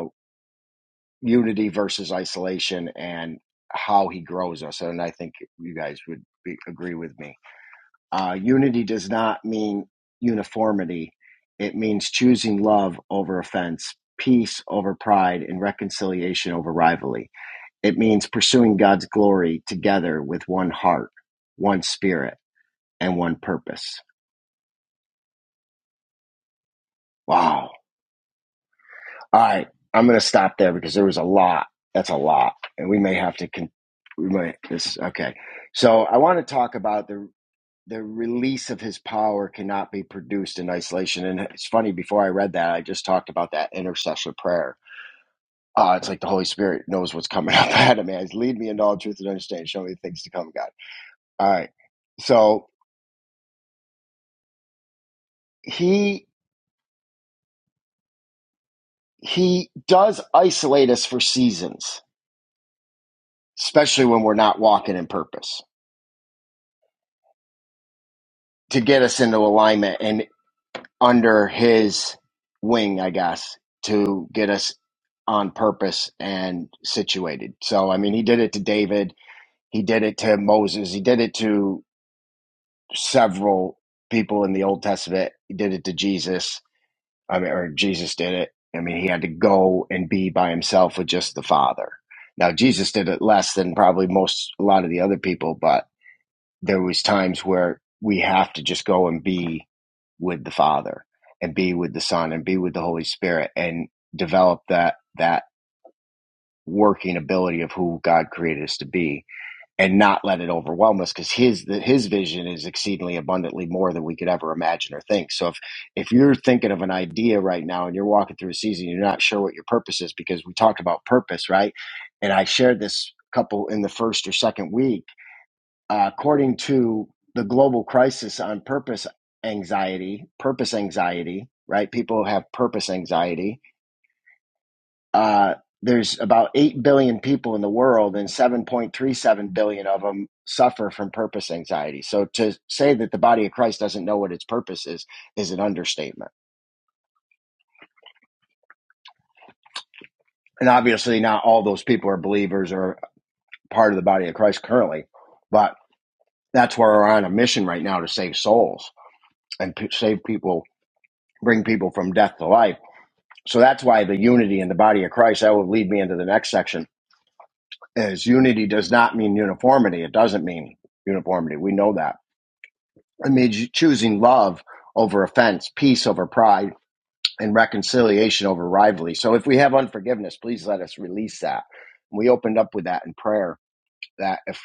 S1: unity versus isolation and how he grows us. And I think you guys would be, agree with me. Uh, unity does not mean uniformity, it means choosing love over offense, peace over pride, and reconciliation over rivalry. It means pursuing God's glory together with one heart, one spirit, and one purpose. Wow. All right, I'm going to stop there because there was a lot. That's a lot, and we may have to. Con- we might this okay. So I want to talk about the the release of his power cannot be produced in isolation. And it's funny. Before I read that, I just talked about that intercessor prayer. Uh, it's like the Holy Spirit knows what's coming up at him. As lead me into all truth and understanding, show me the things to come, God. All right. So he he does isolate us for seasons, especially when we're not walking in purpose to get us into alignment and under his wing, I guess, to get us on purpose and situated. So, I mean, he did it to David, he did it to Moses, he did it to several people in the Old Testament, he did it to Jesus. I mean, or Jesus did it. I mean, he had to go and be by himself with just the Father. Now, Jesus did it less than probably most, a lot of the other people, but there was times where we have to just go and be with the father and be with the son and be with the holy spirit and develop that that working ability of who god created us to be and not let it overwhelm us because his his vision is exceedingly abundantly more than we could ever imagine or think so if if you're thinking of an idea right now and you're walking through a season you're not sure what your purpose is because we talked about purpose right and i shared this couple in the first or second week uh, according to the global crisis on purpose anxiety, purpose anxiety, right? People have purpose anxiety. Uh, there's about 8 billion people in the world, and 7.37 billion of them suffer from purpose anxiety. So to say that the body of Christ doesn't know what its purpose is, is an understatement. And obviously, not all those people are believers or part of the body of Christ currently, but that's where we're on a mission right now to save souls and p- save people, bring people from death to life So that's why the unity in the body of Christ, that will lead me into the next section, is unity does not mean uniformity. It doesn't mean uniformity. We know that. It means choosing love over offense, peace over pride, and reconciliation over rivalry. So if we have unforgiveness, please let us release that. We opened up with that in prayer that if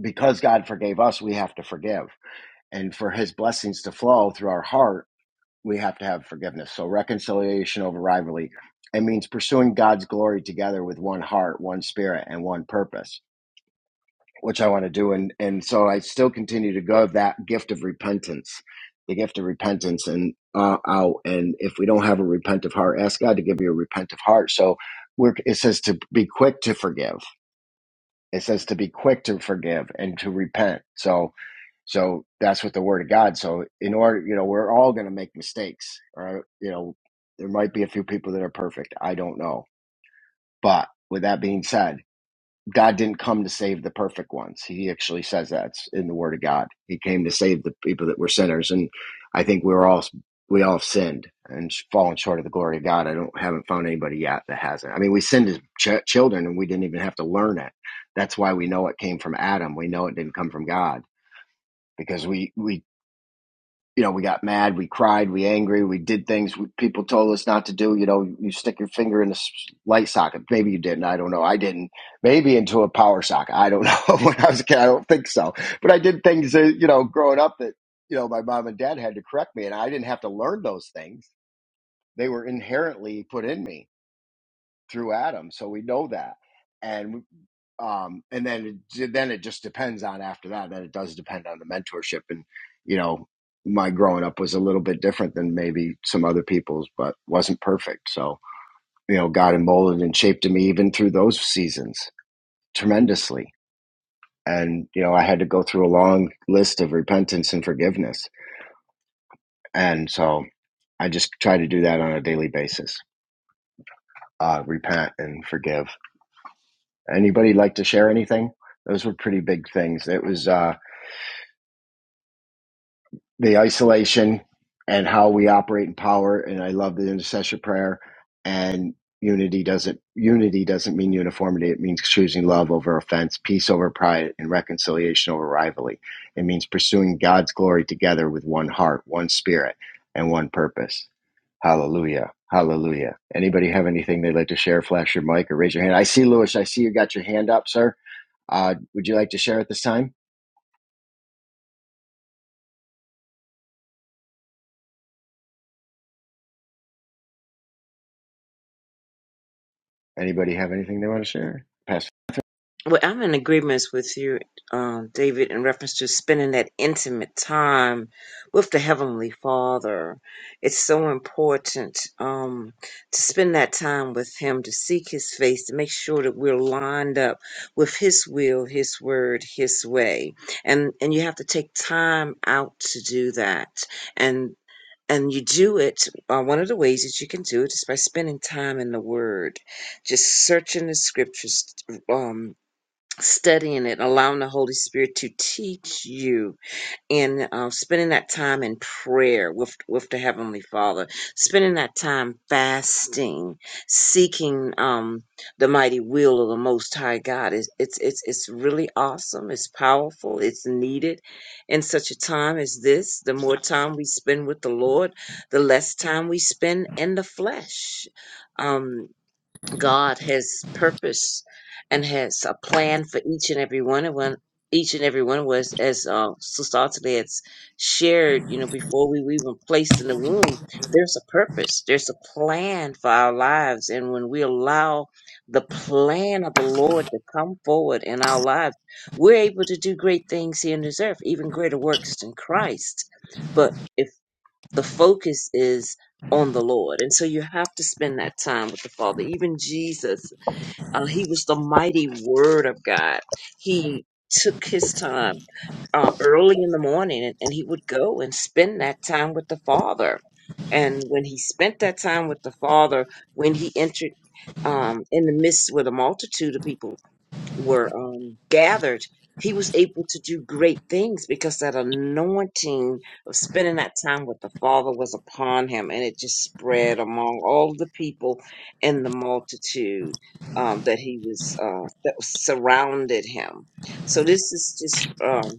S1: because God forgave us, we have to forgive. And for his blessings to flow through our heart we have to have forgiveness. So reconciliation over rivalry. It means pursuing God's glory together with one heart, one spirit, and one purpose, which I want to do. And and so I still continue to go that gift of repentance, the gift of repentance, and uh, out. And if we don't have a repentant heart, ask God to give you a repentant heart. So we're, it says to be quick to forgive. It says to be quick to forgive and to repent. So so that's what the word of God. So in order, you know, we're all going to make mistakes. Or, you know, there might be a few people that are perfect. I don't know. But with that being said, God didn't come to save the perfect ones. He actually says that in the word of God. He came to save the people that were sinners. And I think we were all, we all have sinned and fallen short of the glory of God. I don't, haven't found anybody yet that hasn't. I mean, we sinned as ch- children and we didn't even have to learn it. That's why we know it came from Adam. We know it didn't come from God because we we you know, we got mad, we cried, we angry, we did things we, people told us not to do. You know, you stick your finger in a light socket. Maybe you didn't. I don't know. I didn't. Maybe into a power socket. I don't know. when I was a kid, I don't think so. But I did things that you know, growing up that you know, my mom and dad had to correct me, and I didn't have to learn those things. They were inherently put in me through Adam, so we know that. And um, and then it, then it just depends on after that. Then it does depend on the mentorship, and you know, my growing up was a little bit different than maybe some other people's, but wasn't perfect. So you know, God molded and shaped me even through those seasons tremendously. And you know, I had to go through a long list of repentance and forgiveness, and so I just try to do that on a daily basis. Uh, repent and forgive Anybody like to share anything? Those were pretty big things. It was uh, the isolation and how we operate in power. And I love the intercession prayer. And unity doesn't unity doesn't mean uniformity. It means choosing love over offense, peace over pride, and reconciliation over rivalry. It means pursuing God's glory together with one heart, one spirit, and one purpose. Hallelujah. Hallelujah. Anybody have anything they'd like to share? Flash your mic or raise your hand. I see Lewis. I see you got your hand up, sir. Uh, would you like to share at this time? Anybody have anything they want to share? Pastor,
S5: Well, I'm in agreement with you, um, David, in reference to spending that intimate time with the Heavenly Father. It's so important um, to spend that time with Him, to seek His face, to make sure that we're lined up with His will, His word, His way, and and you have to take time out to do that, and. And you do it, uh, one of the ways that you can do it is by spending time in the Word, just searching the scriptures, um, studying it, allowing the Holy Spirit to teach you, and uh, spending that time in prayer with with the Heavenly Father, spending that time fasting, seeking um, the mighty will of the Most High God. It's, it's it's it's really awesome. It's powerful. It's needed in such a time as this. The more time we spend with the Lord, the less time we spend in the flesh. Um, God has purpose and has a plan for each and every one of one each and every one of us as uh, Sister Ottilie has shared, you know, before we were even placed in the womb, there's a purpose, there's a plan for our lives. And when we allow the plan of the Lord to come forward in our lives, we're able to do great things here on this earth, even greater works than Christ. But if the focus is on the Lord. And so you have to spend that time with the Father. Even Jesus, uh, he was the mighty Word of God. He took his time uh, early in the morning and, and he would go and spend that time with the Father. And when he spent that time with the Father, when he entered um, in the midst with a multitude of people, were um, gathered, he was able to do great things because that anointing of spending that time with the Father was upon him, and it just spread among all of the people and the multitude um, that he was uh, that was surrounded him. So this is just. Um,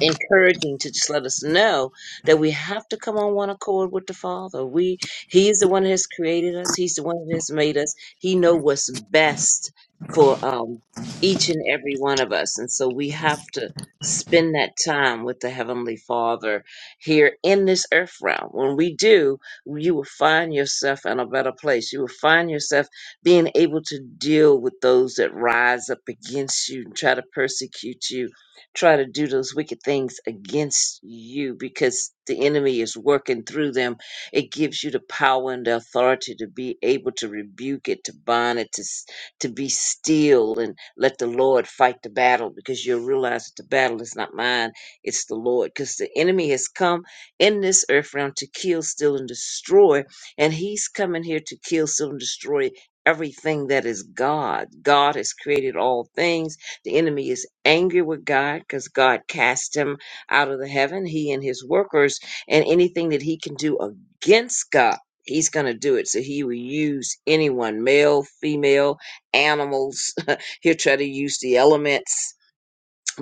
S5: encouraging to just let us know that we have to come on one accord with the father we he's the one that has created us he's the one that has made us he know what's best for um each and every one of us and so we have to spend that time with the heavenly father here in this earth realm when we do you will find yourself in a better place you will find yourself being able to deal with those that rise up against you and try to persecute you try to do those wicked things against you because the enemy is working through them. It gives you the power and the authority to be able to rebuke it, to bind it, to, s- to be still and let the Lord fight the battle because you'll realize that the battle is not mine, it's the Lord. Because the enemy has come in this earth realm to kill, steal, and destroy, and he's coming here to kill, steal, and destroy everything that is God. God has created all things the enemy is angry with God because God cast him out of the heaven, he and his workers, and anything that he can do against God. He's going to do it. So he will use anyone, male, female, animals. He'll try to use the elements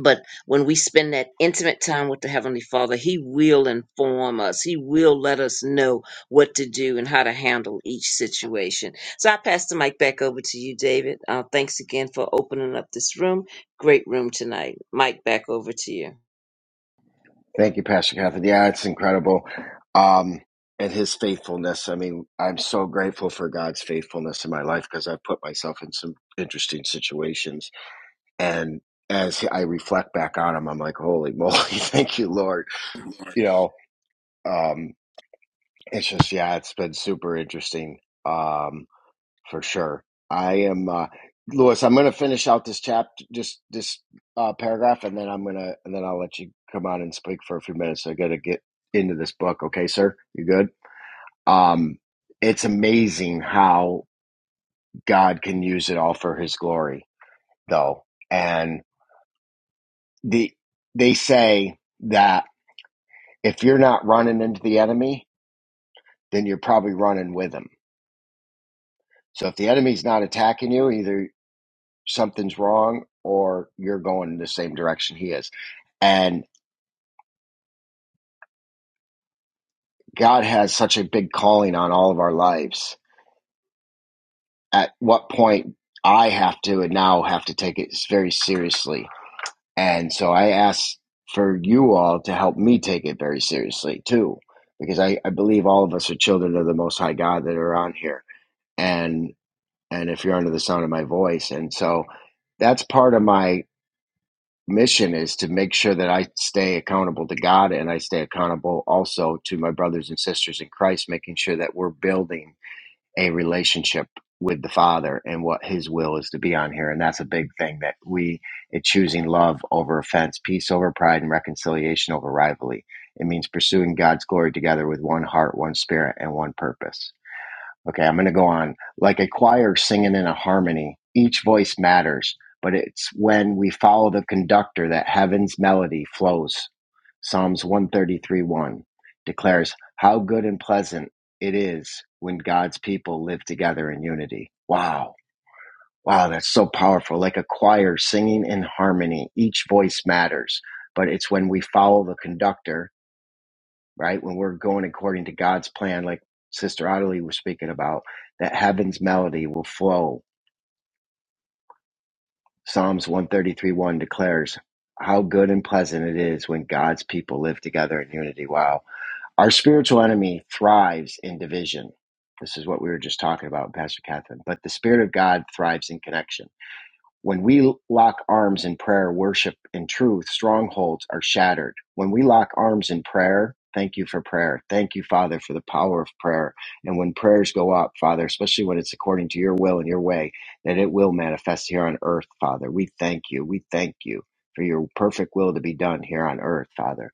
S5: but when we spend that intimate time with the heavenly father he will inform us he will let us know what to do and how to handle each situation so i pass the mic back over to you david uh, thanks again for opening up this room great room tonight Mic back over to you
S1: thank you, Pastor Catherine. Yeah, it's incredible. Um, and his faithfulness. I mean, I'm so grateful for God's faithfulness in my life because I've put myself in some interesting situations. And as I reflect back on him, I'm like, holy moly, thank you, Lord. You know, um, it's just, yeah, it's been super interesting. Um, for sure. I am uh, Lewis. I'm going to finish out this chapter, just this uh, paragraph, and then I'm gonna, and then I'll let you come on and speak for a few minutes. I got to get into this book. Okay, sir, you good? Um, it's amazing how God can use it all for His glory, though. And the they say that if you're not running into the enemy, then you're probably running with him. So if the enemy's not attacking you, either something's wrong or you're going in the same direction he is. And God has such a big calling on all of our lives. At what point I have to and now have to take it very seriously. And so I ask for you all to help me take it very seriously too, because I, I believe all of us are children of the Most High God that are on here. And and if you're under the sound of my voice, and so that's part of my mission is to make sure that I stay accountable to God and I stay accountable also to my brothers and sisters in Christ, making sure that we're building a relationship with the Father and what His will is to be on here. And that's a big thing that we, it's choosing love over offense, peace over pride, and reconciliation over rivalry. It means pursuing God's glory together with one heart, one spirit, and one purpose Okay, I'm going to go on. Like a choir singing in a harmony, each voice matters, but it's when we follow the conductor that heaven's melody flows. Psalms one thirty three one declares how good and pleasant it is when God's people live together in unity. Wow. Wow, that's so powerful. Like a choir singing in harmony, each voice matters, but it's when we follow the conductor right? When we're going according to God's plan, like Sister Ottilie was speaking about, that heaven's melody will flow. Psalms 133 1 declares how good and pleasant it is when God's people live together in unity. Wow. Our spiritual enemy thrives in division. This is what we were just talking about, Pastor Catherine. But the Spirit of God thrives in connection When we lock arms in prayer, worship, and truth, strongholds are shattered. When we lock arms in prayer, thank you for prayer. Thank you, Father, for the power of prayer. And when prayers go up, Father, especially when it's according to your will and your way, that it will manifest here on earth, Father. We thank you. We thank you for your perfect will to be done here on earth, Father.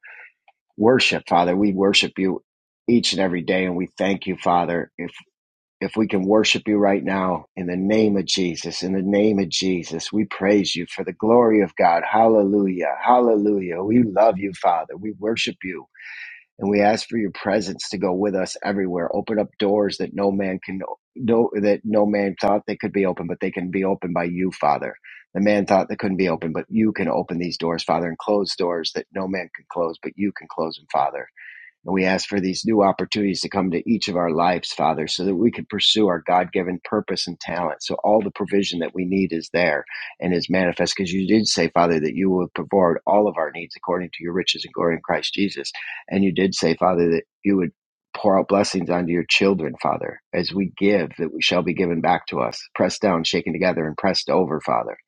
S1: Worship, Father. We worship you each and every day, and we thank you, Father, if we can worship you right now in the name of Jesus, in the name of Jesus, we praise you for the glory of God. Hallelujah. Hallelujah. We love you, Father. We worship you and we ask for your presence to go with us everywhere. Open up doors that no man can no that no man thought they could be open, but they can be opened by you, Father. The man thought they couldn't be open, but you can open these doors, Father, and close doors that no man can close, but you can close them, Father. And we ask for these new opportunities to come to each of our lives, Father, so that we could pursue our God given purpose and talent. So all the provision that we need is there and is manifest because you did say, Father, that you will provide all of our needs according to your riches and glory in Christ Jesus. And you did say, Father, that you would pour out blessings onto your children, Father, as we give, that we shall be given back to us, pressed down, shaken together, and pressed over, Father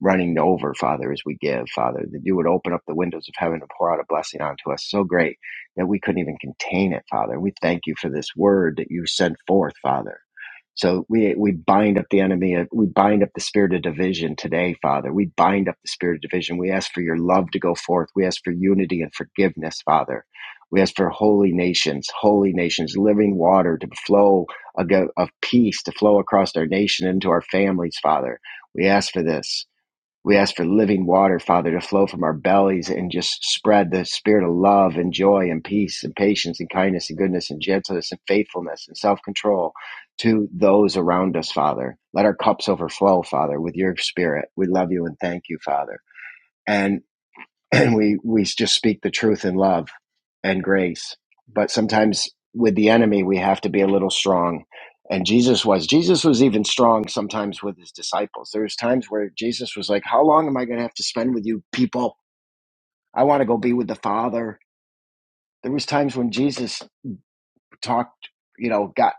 S1: running over, Father, as we give, Father, that you would open up the windows of heaven and pour out a blessing onto us so great that we couldn't even contain it, Father. We thank you for this word that you sent forth, Father. So we we bind up the enemy, uh, we bind up the spirit of division today, Father. We bind up the spirit of division. We ask for your love to go forth. We ask for unity and forgiveness, Father. We ask for holy nations, holy nations, living water to flow of peace to flow across our nation into our families, Father. We ask for this. We ask for living water, Father, to flow from our bellies and just spread the spirit of love and joy and peace and patience and kindness and goodness and gentleness and faithfulness and self control to those around us, Father. Let our cups overflow, Father, with your spirit. We love you and thank you, Father. And and we, we just speak the truth in love and grace. But sometimes with the enemy, we have to be a little strong. And Jesus was. Jesus was even strong sometimes with his disciples. There was times where Jesus was like, "How long am I going to have to spend with you people? I want to go be with the Father." There was times when Jesus talked, you know, got,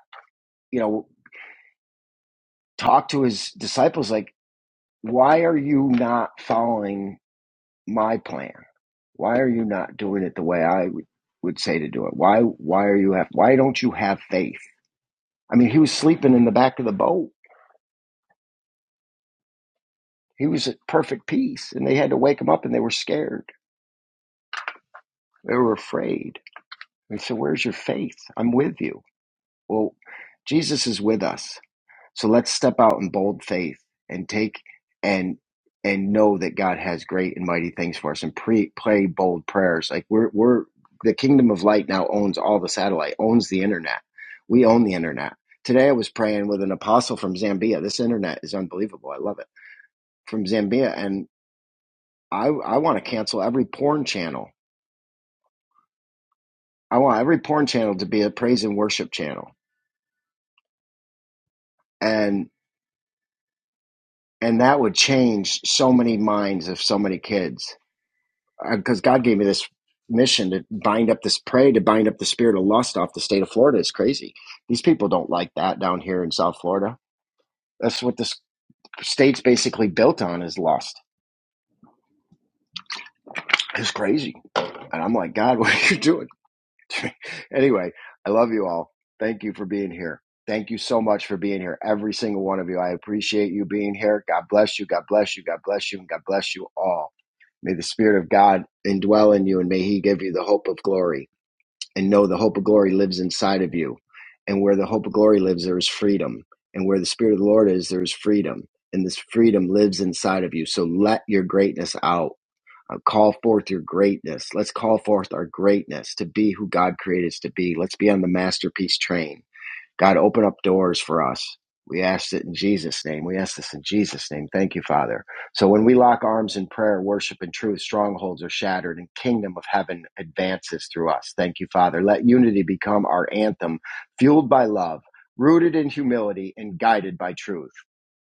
S1: you know, talked to his disciples like, "Why are you not following my plan? Why are you not doing it the way I would, would say to do it? Why why are you have why don't you have faith?" I mean, he was sleeping in the back of the boat. He was at perfect peace, and they had to wake him up, and they were scared. They were afraid. And so, where's your faith? I'm with you. Well, Jesus is with us. So let's step out in bold faith and take and and know that God has great and mighty things for us, and pre, pray bold prayers. Like we're we're the kingdom of light now owns all the satellite, owns the internet. We own the internet. Today, I was praying with an apostle from Zambia. This internet is unbelievable. I love it from Zambia, and. I I want to cancel every porn channel. I want every porn channel to be a praise and worship channel, and and that would change so many minds of so many kids. Because uh, God gave me this mission to bind up this prey, to bind up the spirit of lust off the state of Florida is crazy. These people don't like that down here in South Florida. That's what this state's basically built on is lust. It's crazy, and I'm like, God, what are you doing? anyway, I love you all. Thank you for being here. Thank you so much for being here, every single one of you. I appreciate you being here. God bless you. God bless you. God bless you. And God bless you all. May the Spirit of God indwell in you and may He give you the hope of glory. And know the hope of glory lives inside of you. And where the hope of glory lives, there is freedom. And where the Spirit of the Lord is, there is freedom. And this freedom lives inside of you. So let your greatness out uh, call forth your greatness. Let's call forth our greatness to be who God created us to be. Let's be on the masterpiece train. God, open up doors for us. We ask it in Jesus' name. We ask this in Jesus' name. Thank you, Father. So when we lock arms in prayer, worship, and truth, strongholds are shattered and kingdom of heaven advances through us. Thank you, Father. Let unity become our anthem, fueled by love, rooted in humility, and guided by truth.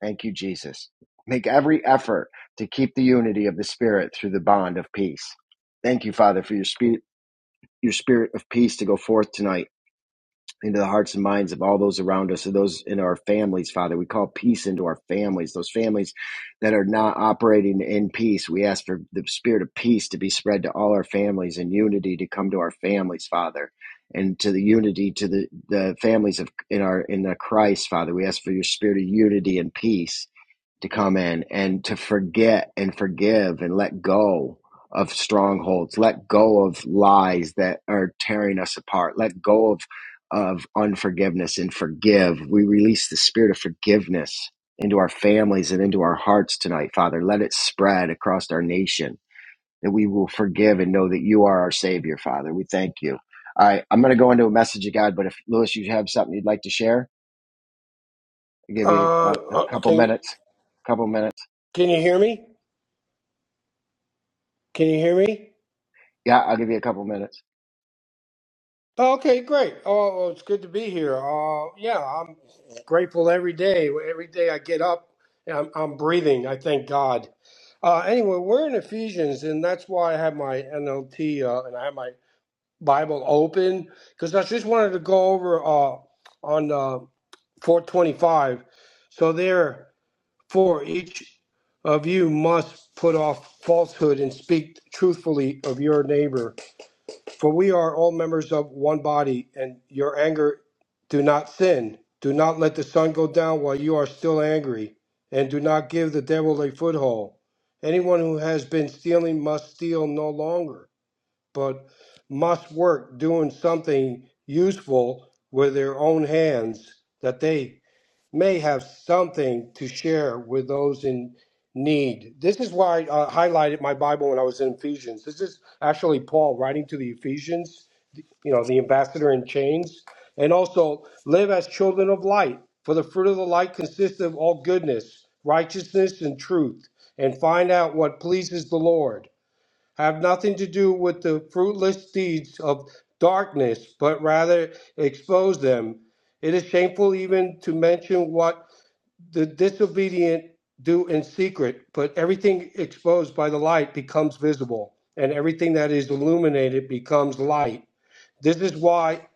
S1: Thank you, Jesus. Make every effort to keep the unity of the Spirit through the bond of peace. Thank you, Father, for your spirit, your spirit of peace to go forth tonight into the hearts and minds of all those around us and those in our families, Father. We call peace into our families, those families that are not operating in peace. We ask for the spirit of peace to be spread to all our families and unity to come to our families, Father. And to the unity to the, the families of in our in the Christ, Father. We ask for your spirit of unity and peace to come in and to forget and forgive and let go of strongholds, let go of lies that are tearing us apart, let go of of unforgiveness and forgive. We release the spirit of forgiveness into our families and into our hearts tonight, Father. Let it spread across our nation that we will forgive and know that you are our Savior, Father. We thank you. All right, I'm going to go into a message of God, but if Lewis, you have something you'd like to share, I'll give you
S6: Uh,
S1: a, a
S6: uh,
S1: couple
S6: can
S1: minutes. Couple minutes.
S6: can you hear me? Can you hear me?
S1: Yeah, I'll give you a couple minutes.
S6: Oh, okay, great. Oh, well, it's good to be here. Uh, yeah, I'm grateful every day. Every day I get up, I'm, I'm breathing. I thank God. Uh, anyway, we're in Ephesians, and that's why I have my NLT uh, and I have my Bible open because I just wanted to go over uh, on uh, 425. So there. For each of you must put off falsehood and speak truthfully of your neighbor, for we are all members of one body, and your anger do not sin. Do not let the sun go down while you are still angry, and do not give the devil a foothold. Anyone who has been stealing must steal no longer, but must work doing something useful with their own hands, that they may have something to share with those in need. This is why I uh, highlighted my Bible when I was in Ephesians. This is actually Paul writing to the Ephesians, you know, the ambassador in chains, and also live as children of light. For the fruit of the light consists of all goodness, righteousness, and truth, and find out what pleases the Lord. Have nothing to do with the fruitless deeds of darkness, but rather expose them. It is shameful even to mention what the disobedient do in secret, but everything exposed by the light becomes visible, and everything that is illuminated becomes light. This is why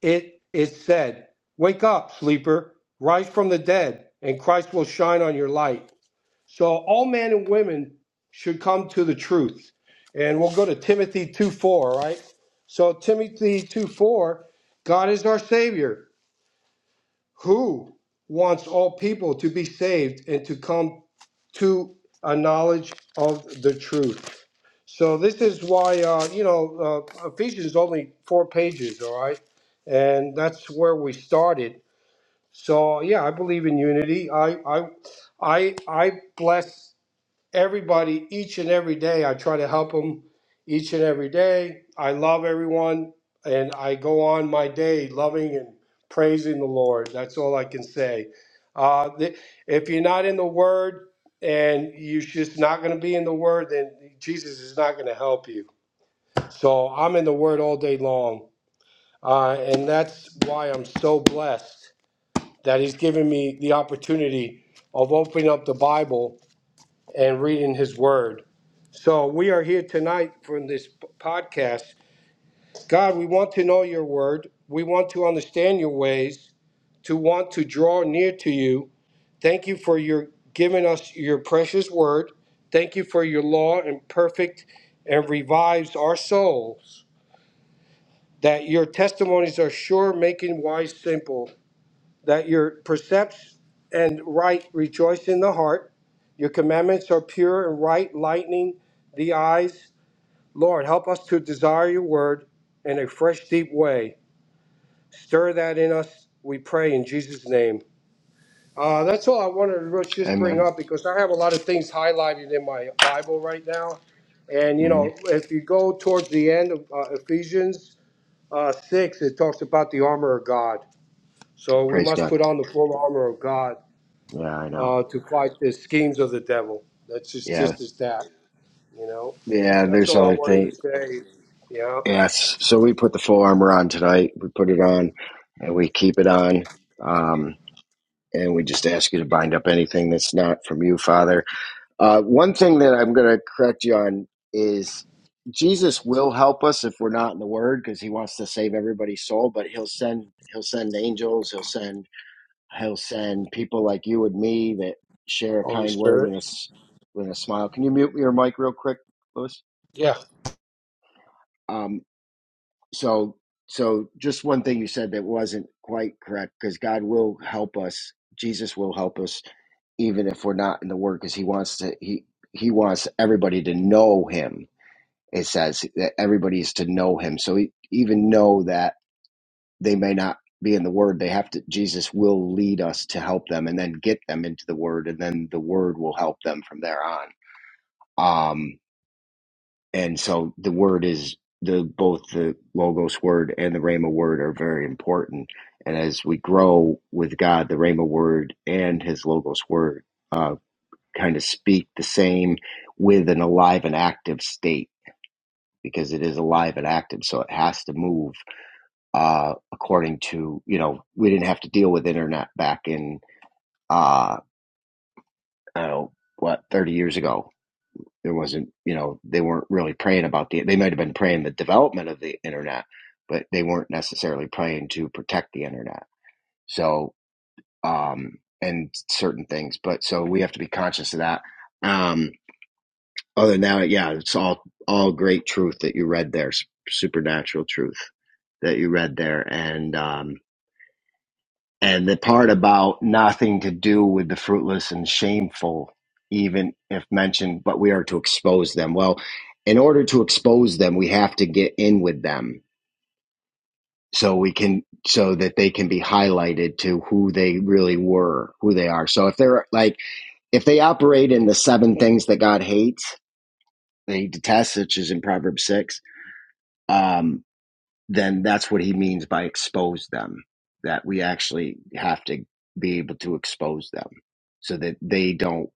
S6: it is said, Wake up, sleeper, rise from the dead, and Christ will shine on your light. So all men and women should come to the truth. And we'll go to Timothy 2 4, right? So Timothy 2 4, God is our Savior, who wants all people to be saved and to come to a knowledge of the truth. So this is why uh, you know uh, Ephesians is only four pages, all right, and that's where we started. So yeah, I believe in unity. I I I I bless everybody each and every day. I try to help them each and every day. I love everyone and I go on my day loving and praising the Lord. That's all I can say. Uh, th- if you're not in the Word and you're just not going to be in the Word, then Jesus is not going to help you. So I'm in the Word all day long. Uh, and that's why I'm so blessed that He's given me the opportunity of opening up the Bible and reading His Word. So we are here tonight from this p- podcast. God, we want to know your word. We want to understand your ways, to want to draw near to you. Thank you for your giving us your precious word. Thank you for your law and perfect and revives our souls. That your testimonies are sure, making wise simple. That your precepts and right rejoice in the heart. Your commandments are pure and right, lightening the eyes. Lord, help us to desire your word in a fresh, deep way. Stir that in us, we pray in Jesus' name. Uh, that's all I wanted to really just bring
S1: Amen.
S6: up because I have a lot of things highlighted in my Bible right now. And, you
S1: hmm
S6: know, if you go towards the end of uh, Ephesians uh, 6, it talks about the armor of God. So we
S1: Praise
S6: must
S1: God.
S6: put on the full armor of God
S1: Yeah, I know.
S6: uh, to fight the schemes of the devil. That's just,
S1: Yeah,
S6: just as that, you know.
S1: yeah.
S6: That's
S1: There's
S6: all I
S1: other
S6: wanted
S1: thing.
S6: to say. Yeah.
S1: Yes. So we put the full armor on tonight. We put it on, and we keep it on. Um, and we just ask you to bind up anything that's not from you, Father. Uh, one thing that I'm going to correct you on is Jesus will help us if we're not in the Word because He wants to save everybody's soul. But He'll send He'll send angels. He'll send He'll send people like you and me that share a
S6: Holy
S1: kind word and
S6: Spirit.
S1: a with a smile. Can you mute your mic real quick, Louis?
S6: Yeah.
S1: Um, so, so just one thing you said that wasn't quite correct because God will help us. Jesus will help us even if we're not in the Word because He wants to. He He wants everybody to know Him. It says that everybody is to know Him. So he, even know that they may not be in the word they have to jesus will lead us to help them and then get them into the word and then the word will help them from there on um and so the word is the both the logos word and the rhema word are very important and as we grow with god the rhema word and his logos word uh kind of speak the same with an alive and active state because it is alive and active so it has to move uh, according to you know we didn't have to deal with internet back in uh, I don't know what thirty years ago. There wasn't you know they weren't really praying about the they might have been praying the development of the internet, but they weren't necessarily praying to protect the internet. So um, and certain things, but so we have to be conscious of that. Um, other than that, yeah, it's all all great truth that you read there, supernatural truth that you read there, and um, And the part about nothing to do with the fruitless and shameful, even if mentioned, but we are to expose them. Well, in order to expose them, we have to get in with them so we can, so that they can be highlighted to who they really were, who they are. So if they're like, if they operate in the seven things that God hates, that he detests, which is in Proverbs 6, um, then that's what he means by expose them that we actually have to be able to expose them so that they don't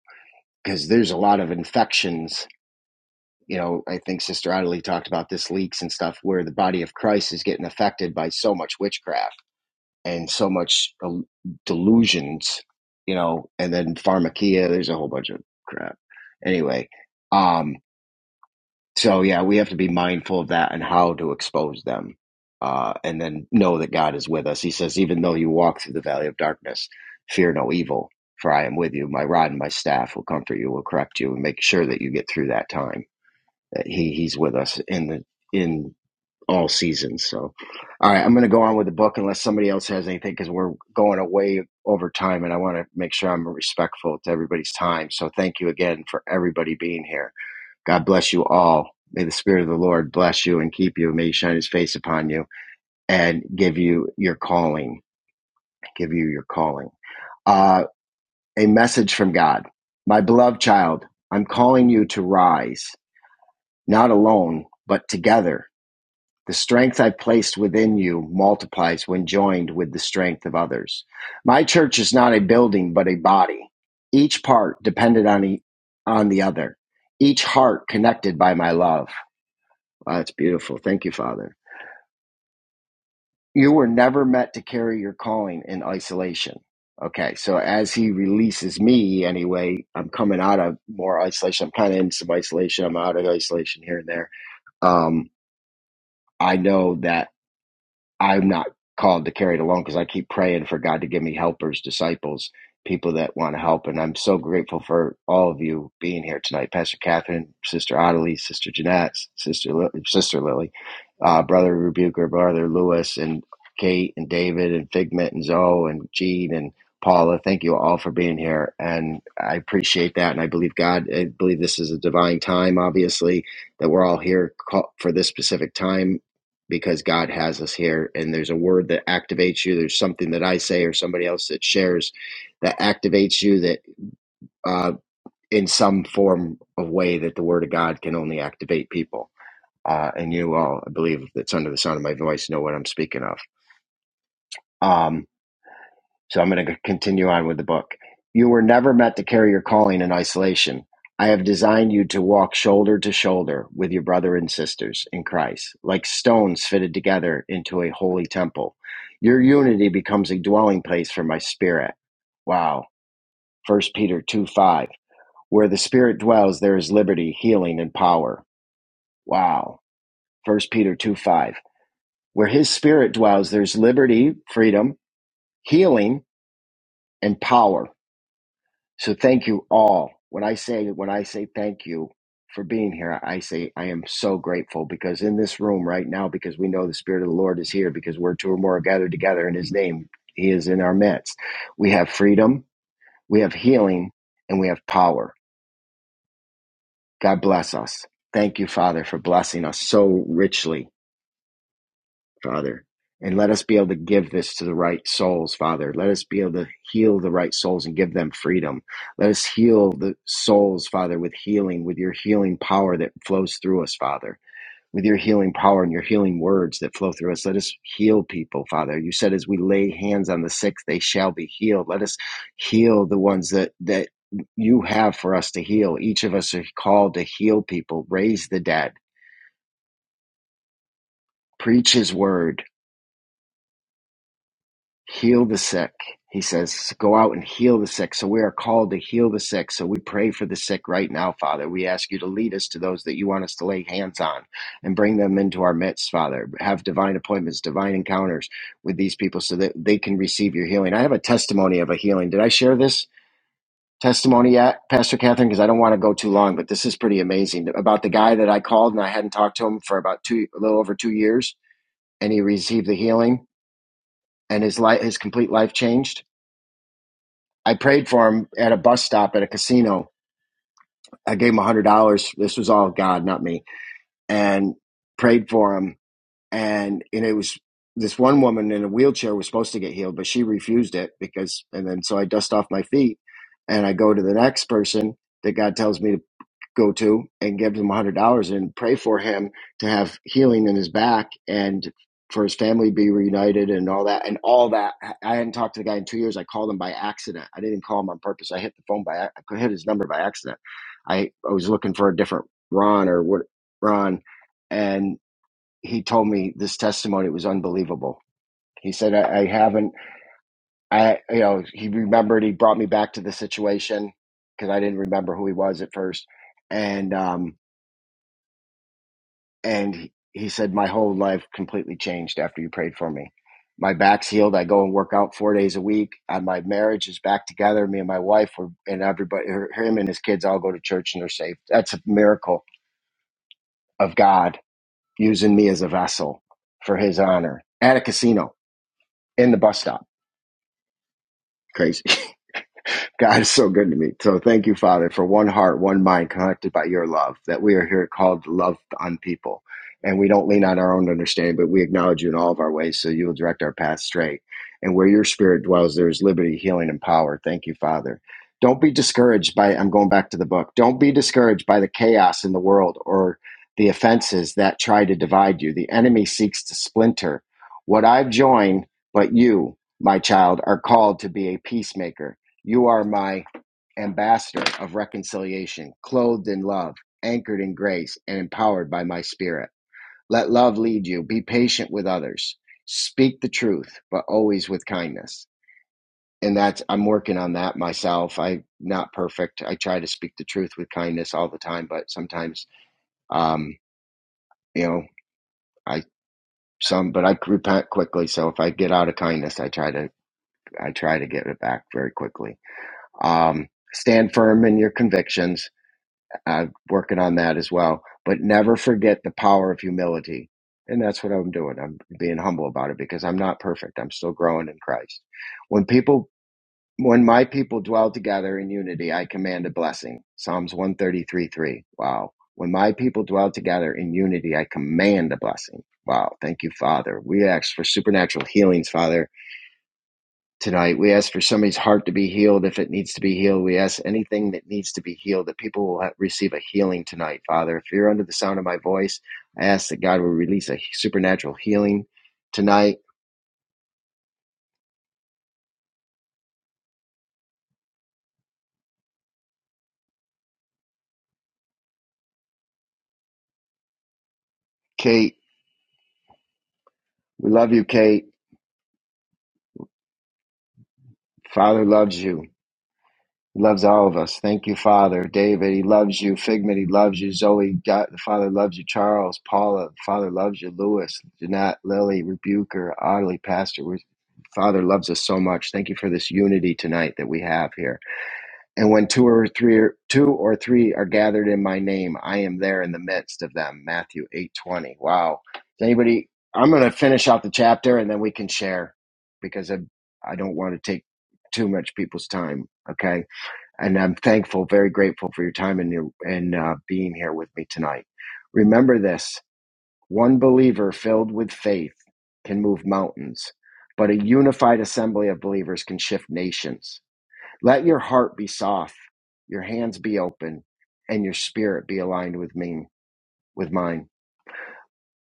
S1: because there's a lot of infections you know i think sister Adelie talked about this leaks and stuff where the body of christ is getting affected by so much witchcraft and so much um, delusions you know and then pharmakia there's a whole bunch of crap anyway um, so yeah, we have to be mindful of that and how to expose them. Uh, and then know that God is with us. He says, even though you walk through the valley of darkness, fear no evil, for I am with you. My rod and my staff will comfort you, will correct you, and make sure that you get through that time. That he, he's with us in the in all seasons. So, all right, I'm going to go on with the book unless somebody else has anything because we're going away over time, and I want to make sure I'm respectful to everybody's time. So, thank you again for everybody being here. God bless you all. May the Spirit of the Lord bless you and keep you. May He shine His face upon you and give you your calling. Give you your calling. Uh, a message from God. My beloved child, I'm calling you to rise, not alone, but together. The strength I placed within you multiplies when joined with the strength of others. My church is not a building, but a body, each part dependent on, e- on the other, each heart connected by my love. Wow, that's beautiful. Thank you, Father. You were never meant to carry your calling in isolation. Okay, so as he releases me anyway, I'm coming out of more isolation. I'm kind of in some isolation. I'm out of isolation here and there. Um, I know that I'm not called to carry it alone because I keep praying for God to give me helpers, disciples, people that want to help. And I'm so grateful for all of you being here tonight, Pastor Catherine, Sister Ottilie, Sister Jeanette, Sister Li- Sister Lily, uh, Brother Rebuker, Brother Lewis, and Kate and David and Figment and Zoe and Jean and Paula. Thank you all for being here, and I appreciate that. And I believe God. I believe this is a divine time, obviously, that we're all here ca- for this specific time because God has us here and there's a word that activates you. There's something that I say or somebody else that shares that activates you that uh, in some form of way that the word of God can only activate people. Uh, and you all, I believe that's under the sound of my voice, know what I'm speaking of. Um, So I'm going to continue on with the book. You were never meant to carry your calling in isolation. I have designed you to walk shoulder to shoulder with your brother and sisters in Christ, like stones fitted together into a holy temple. Your unity becomes a dwelling place for my spirit. Wow. First Peter 2 5. Where the spirit dwells, there is liberty, healing, and power. Wow. First Peter 2 5. Where his spirit dwells, there's liberty, freedom, healing, and power. So thank you all. When I say when I say thank you for being here, I say I am so grateful because in this room right now, because we know the Spirit of the Lord is here, because we're two or more are gathered together in His name, He is in our midst. We have freedom, we have healing, and we have power. God bless us. Thank you, Father, for blessing us so richly Father. And let us be able to give this to the right souls, Father. Let us be able to heal the right souls and give them freedom. Let us heal the souls, Father, with healing, with your healing power that flows through us, Father, with your healing power and your healing words that flow through us. Let us heal people, Father. You said as we lay hands on the sick, they shall be healed. Let us heal the ones that, that you have for us to heal. Each of us are called to heal people, raise the dead, preach his word heal the sick. He says, go out and heal the sick. So we are called to heal the sick. So we pray for the sick right now, Father. We ask you to lead us to those that you want us to lay hands on and bring them into our midst, Father. Have divine appointments, divine encounters with these people so that they can receive your healing. I have a testimony of a healing. Did I share this? Testimony yet, Pastor Catherine, because I don't want to go too long, but this is pretty amazing about the guy that I called and I hadn't talked to him for about two, a little over two years, and he received the healing and his life, his complete life changed. I prayed for him at a bus stop at a casino. I gave him a hundred dollars. This was all God, not me, and prayed for him. And and it was this one woman in a wheelchair was supposed to get healed, but she refused it because. And then so I dust off my feet, and I go to the next person that God tells me to go to and give him $100 and pray for him to have healing in his back and for his family to be reunited and all that and all that i hadn't talked to the guy in two years i called him by accident i didn't call him on purpose i hit the phone by i hit his number by accident i, I was looking for a different ron or what ron and he told me this testimony was unbelievable he said i, I haven't i you know he remembered he brought me back to the situation because i didn't remember who he was at first and um and he he said my whole life completely changed after you prayed for me my back's healed i go and work out four days a week and my marriage is back together me and my wife are, and everybody her- him and his kids all go to church and they're saved that's a miracle of god using me as a vessel for his honor at a casino in the bus stop crazy God is so good to me. So thank you, Father, for one heart, one mind connected by your love, that we are here called to love on people. And we don't lean on our own understanding, but we acknowledge you in all of our ways, so you will direct our path straight. And where your spirit dwells, there is liberty, healing, and power. Thank you, Father. Don't be discouraged by, I'm going back to the book, don't be discouraged by the chaos in the world or the offenses that try to divide you. The enemy seeks to splinter. What I've joined, but you, my child, are called to be a peacemaker you are my ambassador of reconciliation, clothed in love, anchored in grace, and empowered by my spirit. Let love lead you. Be patient with others. Speak the truth, but always with kindness. And that's, I'm working on that myself. I'm not perfect. I try to speak the truth with kindness all the time, but sometimes, um, you know, I, some, but I repent quickly. So if I get out of kindness, I try to, I try to get it back very quickly. Um, stand firm in your convictions i working on that as well. But never forget the power of humility. And that's what I'm doing. I'm being humble about it because I'm not perfect. I'm still growing in Christ. When people, when my people dwell together in unity, I command a blessing. Psalms 133 3. Wow. When my people dwell together in unity, I command a blessing. Wow. Thank you, Father. We ask for supernatural healings, Father tonight. We ask for somebody's heart to be healed if it needs to be healed. We ask anything that needs to be healed that people will receive a healing tonight, Father. If you're under the sound of my voice, I ask that God will release a supernatural healing tonight. Kate, we love you, Kate. Father loves you. He loves all of us. Thank you, Father. David, he loves you. Figment, he loves you. Zoe, God, the Father loves you. Charles, Paula, the Father loves you. Lewis, Jeanette, Lily, Rebuker, Audley, Pastor. We, Father loves us so much. Thank you for this unity tonight that we have here. And when two or three are, two or three are gathered in my name, I am there in the midst of them. Matthew eight twenty. Wow. Does anybody? I'm going to finish out the chapter and then we can share because I, I don't want to take too much people's time. Okay and I'm thankful, very grateful for your time and your and uh, being here with me tonight. Remember this: one believer filled with faith can move mountains, but a unified assembly of believers can shift nations. Let your heart be soft, your hands be open, and your spirit be aligned with me, with mine.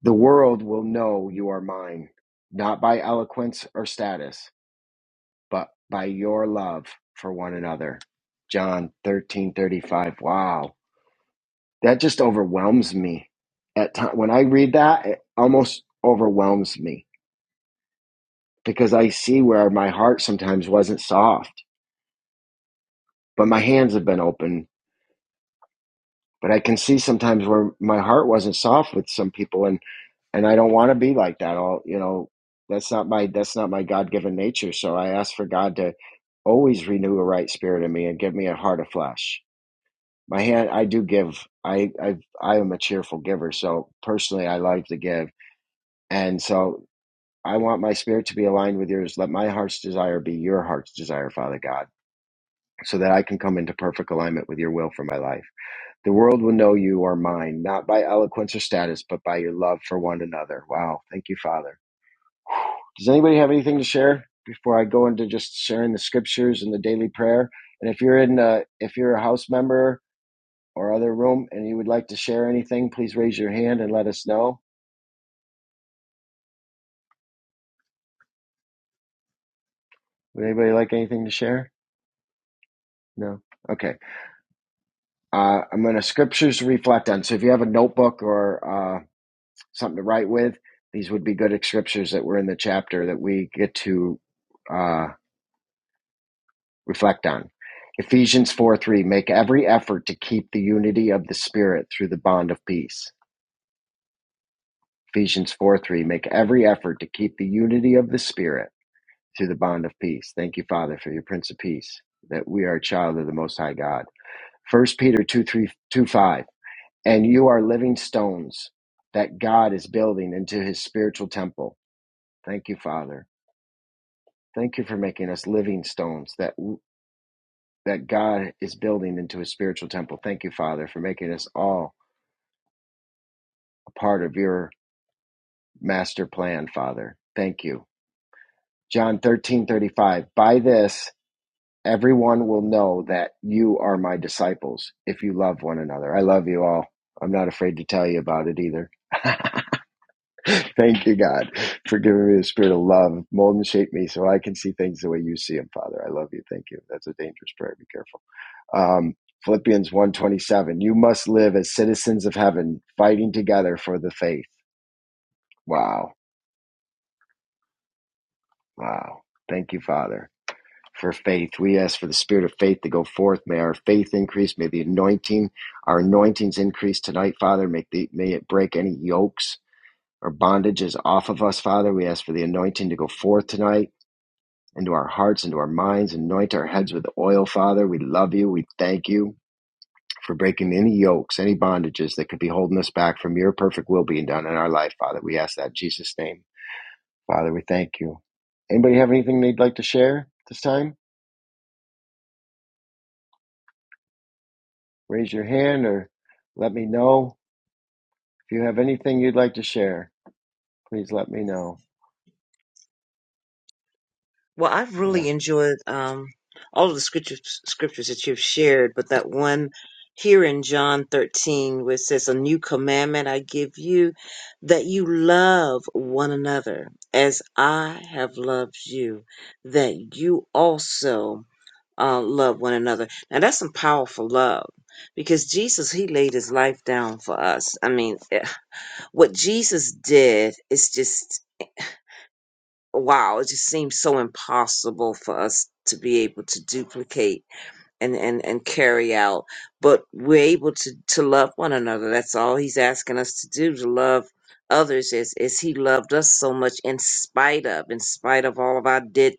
S1: The world will know you are mine, not by eloquence or status, but by your love for one another. John 13:35. Wow that just overwhelms me at time when i read that it almost overwhelms me because i see where my heart sometimes wasn't soft but my hands have been open but i can see sometimes where my heart wasn't soft with some people and and i don't want to be like that all you know that's not my that's not my god-given nature so i ask for god to always renew a right spirit in me and give me a heart of flesh my hand i do give i i i am a cheerful giver so personally i like to give and so I want my spirit to be aligned with yours. Let my heart's desire be your heart's desire, Father God, so that I can come into perfect alignment with your will for my life. The world will know you are mine, not by eloquence or status, but by your love for one another. Wow. Thank you, Father. Does anybody have anything to share before I go into just sharing the scriptures and the daily prayer? And if you're in, uh, if you're a house member or other room and you would like to share anything, please raise your hand and let us know. Would anybody like anything to share? No. Okay. Uh, I'm going to scriptures to reflect on. So if you have a notebook or uh, something to write with, these would be good scriptures that were in the chapter that we get to uh, reflect on. Ephesians 4 3, make every effort to keep the unity of the Spirit through the bond of peace. Ephesians 4 3, make every effort to keep the unity of the Spirit through the bond of peace. Thank you, Father, for your Prince of Peace, that we are a child of the Most High God. First Peter two three two five. And you are living stones that God is building into his spiritual temple. Thank you, Father. Thank you for making us living stones that that God is building into his spiritual temple. Thank you, Father, for making us all a part of your master plan, Father. Thank you. John 13 35. By this, everyone will know that you are my disciples if you love one another. I love you all. I'm not afraid to tell you about it either. Thank you, God, for giving me the spirit of love. Mold and shape me so I can see things the way you see them, Father. I love you. Thank you. That's a dangerous prayer. Be careful. Um, Philippians one twenty seven. you must live as citizens of heaven, fighting together for the faith. Wow. Wow. Thank you, Father, for faith. We ask for the spirit of faith to go forth. May our faith increase. May the anointing, our anointings increase tonight, Father. Make the, may it break any yokes or bondages off of us, Father. We ask for the anointing to go forth tonight. into our hearts, into our minds, anoint our heads with oil, Father. We love you. We thank you for breaking any yokes, any bondages that could be holding us back from your perfect will being done in our life, Father. We ask that in Jesus' name. Father, we thank you. Anybody have anything they'd like to share this time? Raise your hand or let me know. If you have anything you'd like to share, please let me know.
S5: Well, I've
S1: Uh,
S5: really enjoyed um, all of the scriptures, scriptures that you've shared, but that one here in John 13, where it says, A new commandment I give you, that you love one another as I have loved you, that you also uh, love one another. Now, that's some powerful love because Jesus, he laid his life down for us. I mean, eh, what Jesus did is just wow, it just seems so impossible for us to be able to duplicate and, and, and carry out. But we're able to, to love one another. That's all he's asking us to do, to love others as, as he loved us so much in spite of, in spite of all of our did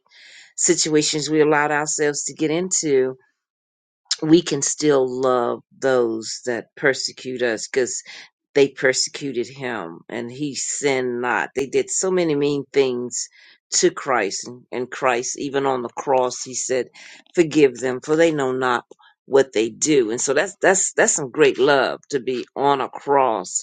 S5: situations we allowed ourselves to get into we can still love those that persecute us because they persecuted him and he sinned not. They did so many mean things to Christ and and Christ, even on the cross, he said, forgive them for they know not what they do. And so that's, that's, that's some great love to be on a cross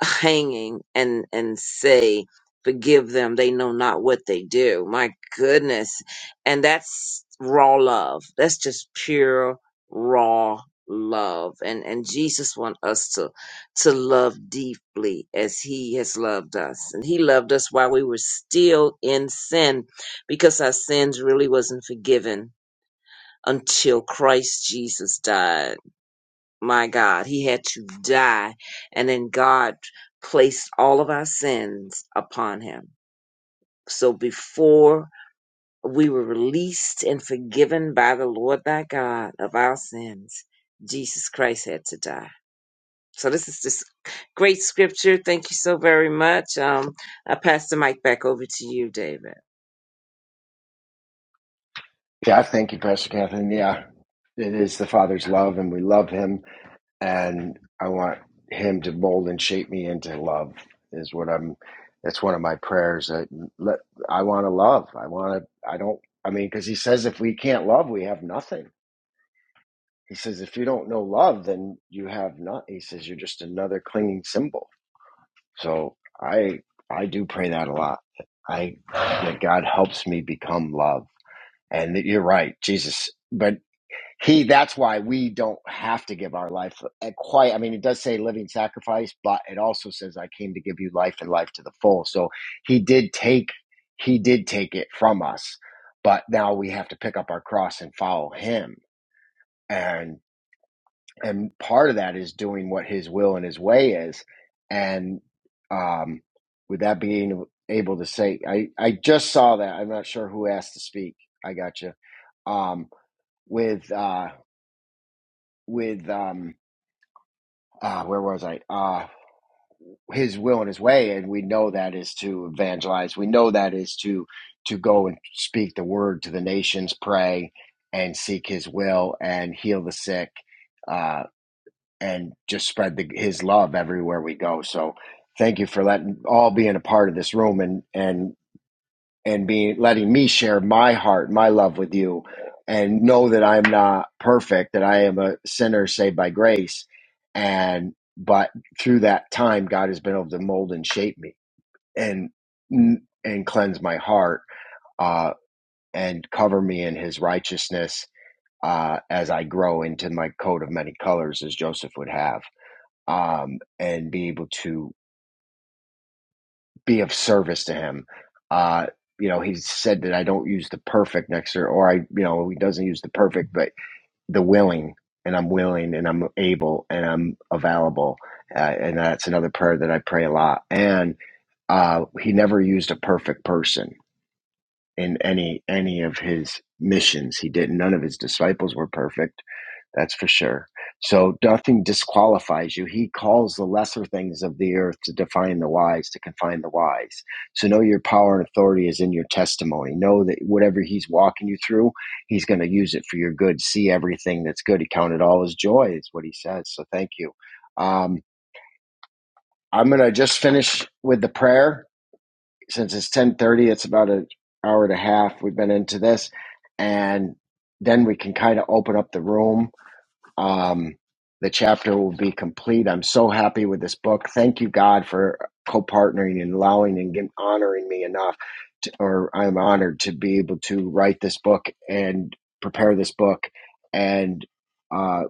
S5: hanging and and say forgive them they know not what they do my goodness and that's raw love that's just pure raw love and and jesus wants us to to love deeply as he has loved us and he loved us while we were still in sin because our sins really wasn't forgiven until christ jesus died my God, he had to die. And then God placed all of our sins upon him. So before we were released and forgiven by the Lord thy God of our sins, Jesus Christ had to die. So this is this great scripture. Thank you so very much. Um, I pass the mic back over to you, David.
S1: yeah, thank you, Pastor Catherine. Yeah, it is the Father's love, and we love Him and I want him to mold and shape me into love is what I'm that's one of my prayers that let I want to love I want to I don't I mean because he says if we can't love we have nothing he says if you don't know love then you have not he says you're just another clinging symbol so I I do pray that a lot I that God helps me become love and you're right Jesus but he that's why we don't have to give our life uh, quite i mean it does say living sacrifice but it also says i came to give you life and life to the full so he did take he did take it from us but now we have to pick up our cross and follow him and and part of that is doing what his will and his way is and um with that being able to say i i just saw that i'm not sure who asked to speak i got you um with uh with um uh, where was I? Uh, his will and his way, and we know that is to evangelize. We know that is to to go and speak the word to the nations, pray and seek His will, and heal the sick, uh, and just spread the, His love everywhere we go. So, thank you for letting all being a part of this room and and and being letting me share my heart, my love with you, and know that I'm not perfect, that I am a sinner saved by grace. And but through that time, God has been able to mold and shape me and and cleanse my heart uh, and cover me in His righteousness uh, as I grow into my coat of many colors, as Joseph would have, um, and be able to be of service to him. Uh, you know, he said that I don't use the perfect next to, or I, you know, he doesn't use the perfect, but the willing, and I'm willing, and I'm able, and I'm available, uh, and that's another prayer that I pray a lot. And uh, he never used a perfect person in any any of his missions. He didn't. None of his disciples were perfect that's for sure. So nothing disqualifies you. He calls the lesser things of the earth to define the wise, to confine the wise. So know your power and authority is in your testimony. Know that whatever he's walking you through, he's going to use it for your good. See everything that's good. He counted all his joy, is what he says. So thank you. Um, I'm going to just finish with the prayer since it's 1030. It's about an hour and a half. We've been into this and then we can kind of open up the room um, the chapter will be complete. I'm so happy with this book. Thank you, God, for co partnering and allowing and honoring me enough, to, or I'm honored to be able to write this book and prepare this book and. Uh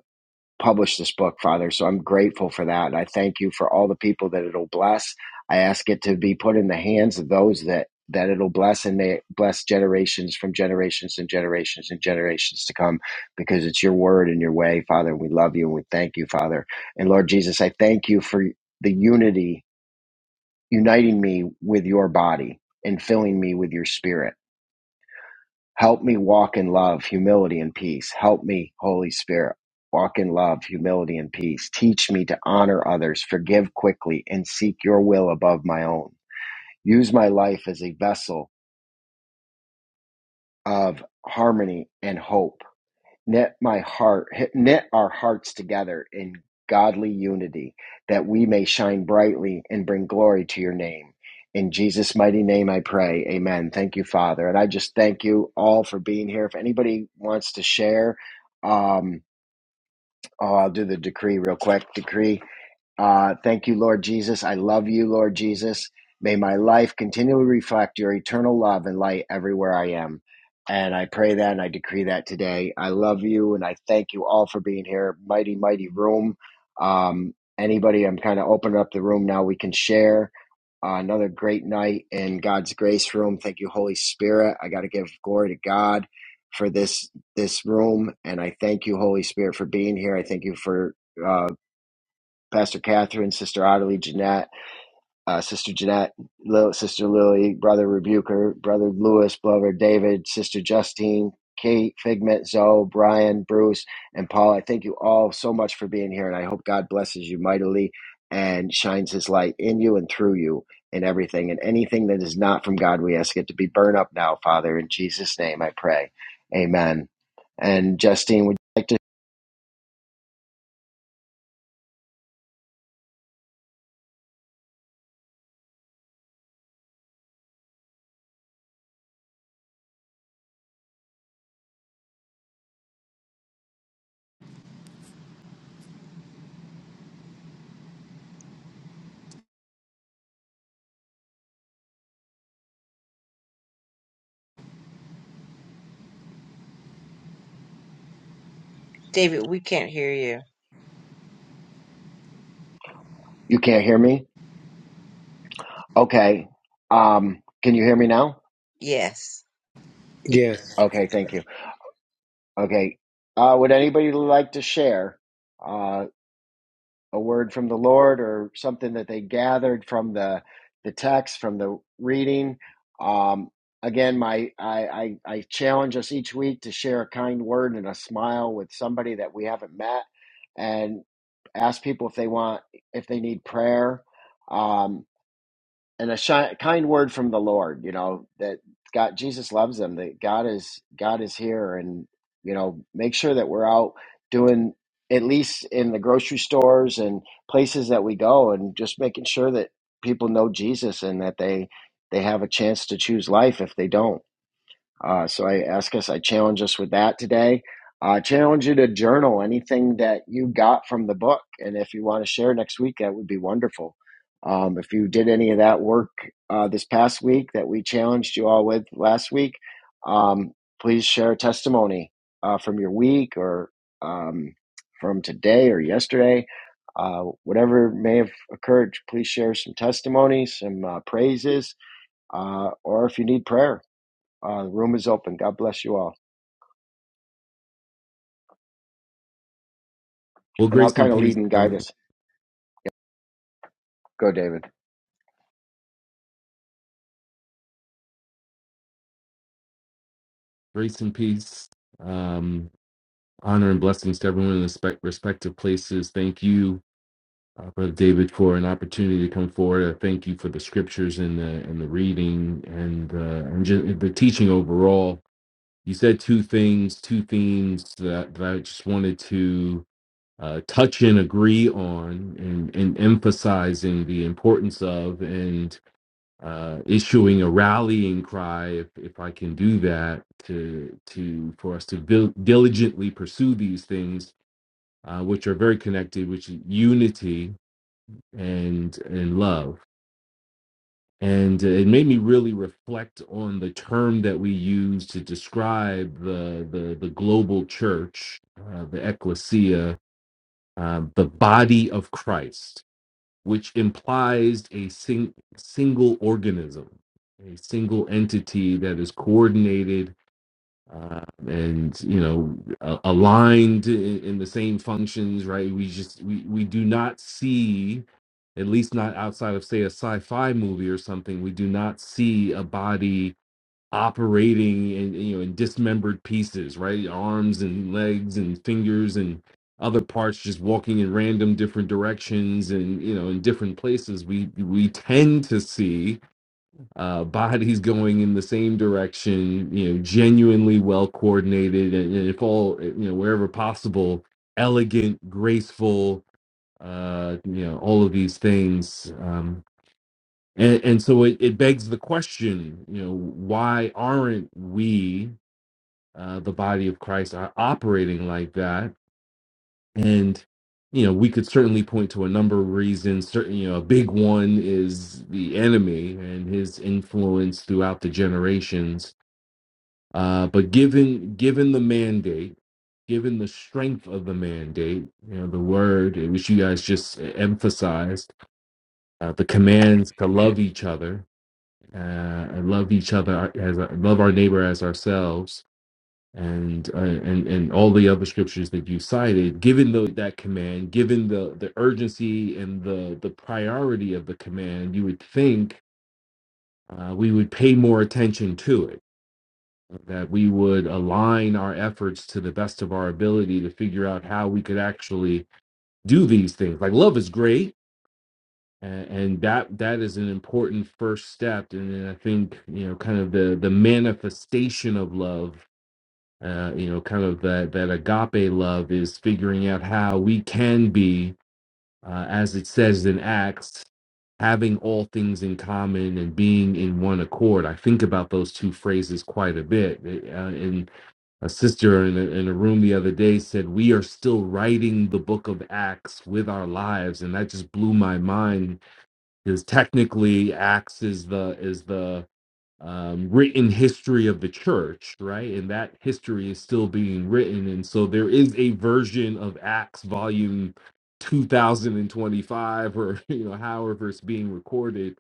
S1: publish this book, Father. So I'm grateful for that. And I thank you for all the people that it'll bless. I ask it to be put in the hands of those that that it'll bless and may it bless generations from generations and generations and generations to come because it's your word and your way, Father. We love you and we thank you, Father. And Lord Jesus, I thank you for the unity uniting me with your body and filling me with your spirit. Help me walk in love, humility, and peace. Help me, Holy Spirit, walk in love, humility, and peace. Teach me to honor others, forgive quickly, and seek your will above my own. Use my life as a vessel of harmony and hope knit my heart knit our hearts together in godly unity that we may shine brightly and bring glory to your name in jesus mighty name i pray amen thank you father and i just thank you all for being here if anybody wants to share um oh i'll do the decree real quick decree uh, thank you, Lord Jesus. I love you, Lord Jesus. May my life continually reflect your eternal love and light everywhere I am. And I pray that and I decree that today. I love you and I thank you all for being here. Mighty, mighty room. Um, anybody, I'm kind of opening up the room now. We can share. Uh, another great night in God's grace room. Thank you, Holy Spirit. I got to give glory to God for this this room, and I thank you, Holy Spirit, for being here. I thank you for uh, Pastor Catherine, Sister Ottilie, Jeanette, uh, Sister Jeanette, Lil, Sister Lily, Brother Rebuker, Brother Lewis, Brother David, Sister Justine, Kate, Figment, Zoe, Brian, Bruce, and Paul. I thank you all so much for being here, and I hope God blesses you mightily and shines his light in you and through you in everything. And anything that is not from God, we ask it to be burned up now, Father. In Jesus' name I pray. Amen. And Justine, would you like to?
S5: David, we can't hear you.
S1: You can't hear me? Okay. Um, can you hear me now?
S5: Yes.
S6: Yes,
S1: Okay, thank you. Okay. Uh, would anybody like to share uh, a word from the Lord or something that they gathered from the the text, from the reading? Um, again, my I, I, I challenge us each week to share a kind word and a smile with somebody that we haven't met, and ask people if they want if they need prayer. Um, and a shi- kind word from the Lord, you know, that God, Jesus loves them, that God is, God is here and, you know, make sure that we're out doing at least in the grocery stores and places that we go and just making sure that people know Jesus and that they, they have a chance to choose life if they don't. Uh, so I ask us, I challenge us with that today. I uh, challenge you to journal anything that you got from the book. And if you want to share next week, that would be wonderful. Um, if you did any of that work uh, this past week that we challenged you all with last week, um, please share a testimony uh, from your week or um, from today or yesterday. Uh, whatever may have occurred, please share some testimonies, some uh, praises, uh, or if you need prayer, uh, the room is open. God bless you all.
S7: Well,
S1: And I'll
S7: grace and
S1: kind of
S7: peace.
S1: lead and guide
S7: Um,
S1: us. Go, David.
S7: grace and peace. Um, honor and blessings to everyone in the spe- respective places. Thank you, uh, Brother David, for an opportunity to come forward. I thank you for the scriptures and the and the reading and uh, and just the teaching overall. You said two things, two themes that, that I just wanted to uh, touch and agree on, and, and emphasizing the importance of and uh, issuing a rallying cry, if, if I can do that, to to for us to dil- diligently pursue these things, uh, which are very connected, which is unity and and love. And uh, it made me really reflect on the term that we use to describe the the, the global church, uh, the ecclesia, uh, the body of Christ which implies a sing- single organism, a single entity that is coordinated uh, and you know a- aligned in, in the same functions. Right? We just we we do not see, at least not outside of say a sci-fi movie or something. We do not see a body operating in you know in dismembered pieces, right? Arms and legs and fingers and other parts just walking in random different directions and you know in different places we we tend to see uh bodies going in the same direction you know genuinely well coordinated and, and if all eh, you know wherever possible elegant graceful uh you know all of these things um and, and so it, it begs the question, you know, why aren't we, uh, the body of Christ, are operating like that? And, you know, we could certainly point to a number of reasons. Certain, you know, a big one is the enemy and his influence throughout the generations. Uh, but given given the mandate, given the strength of the mandate, you know, the word which you guys just uh, emphasized, uh, the commands to love each other, uh, and love each other as love our neighbor as ourselves, and uh, and and all the other scriptures that you cited. Given the, that command, given the the urgency and the the priority of the command, you would think uh, we would pay more attention to it. That we would align our efforts to the best of our ability to figure out how we could actually do these things. Like love is great and, and that that is an important first step and then i think you know kind of the the manifestation of love uh you know kind of that that agape love is figuring out how we can be uh, as it says in acts having all things in common and being in one accord i think about those two phrases quite a bit It, uh, and a sister in a, in a room the other day said we are still writing the book of acts with our lives and that just blew my mind because technically acts is the is the um, written history of the church right and that history is still being written and so there is a version of acts volume 2025 or you know however it's being recorded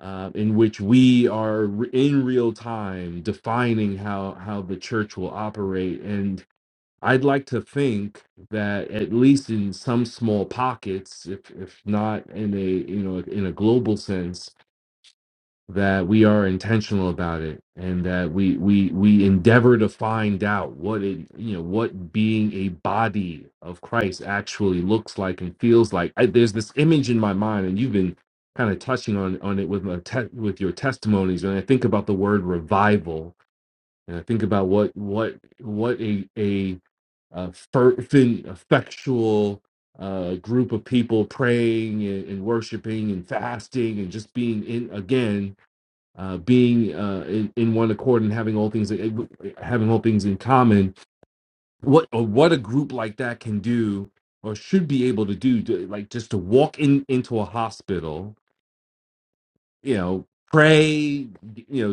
S7: uh, in which we are re- in real time defining how how the church will operate and. I'd like to think that at least in some small pockets, if if not in a you know in a global sense, that we are intentional about it and that we we we endeavor to find out what it you know what being a body of Christ actually looks like and feels like. I, there's this image in my mind, and you've been kind of touching on on it with my te- with your testimonies. And I think about the word revival, and I think about what what what a a uh, fervent, effectual uh, group of people praying and, and worshiping and fasting and just being in again, uh, being uh, in, in one accord and having all things having all things in common. What uh, what a group like that can do or should be able to do, to, like just to walk in into a hospital you know pray you know,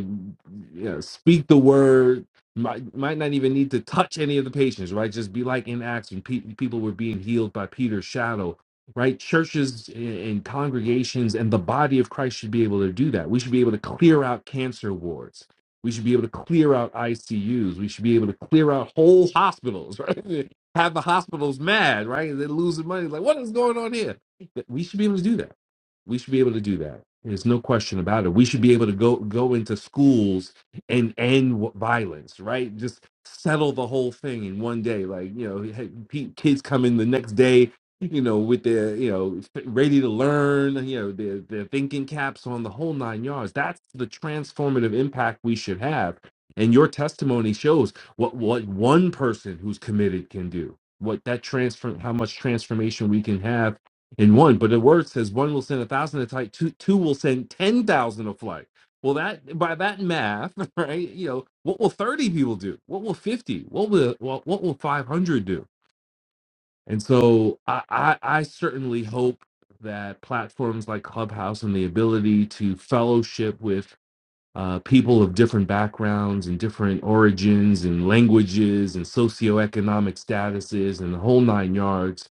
S7: you know speak the word might, might not even need to touch any of the patients right just be like in acts when pe- people were being healed by peter's shadow right churches and and congregations and the body of christ should be able to do that we should be able to clear out cancer wards we should be able to clear out icus we should be able to clear out whole hospitals right have the hospitals mad right they're losing money like what is going on here we should be able to do that we should be able to do that. There's no question about it. We should be able to go go into schools and end w- violence, right? Just settle the whole thing in one day. Like you know, hey, pe- kids come in the next day, you know, with their you know ready to learn, you know, their their thinking caps on the whole nine yards. That's the transformative impact we should have. And your testimony shows what what one person who's committed can do. What that transform, how much transformation we can have in one. But the word says one will send a thousand a flight, two two will send ten thousand a flight. Well, that by that math, right? You know, what will thirty people do? What will fifty? What will what, what will five hundred do? And so I, I I certainly hope that platforms like Clubhouse and the ability to fellowship with uh, people of different backgrounds and different origins and languages and socioeconomic statuses and the whole nine yards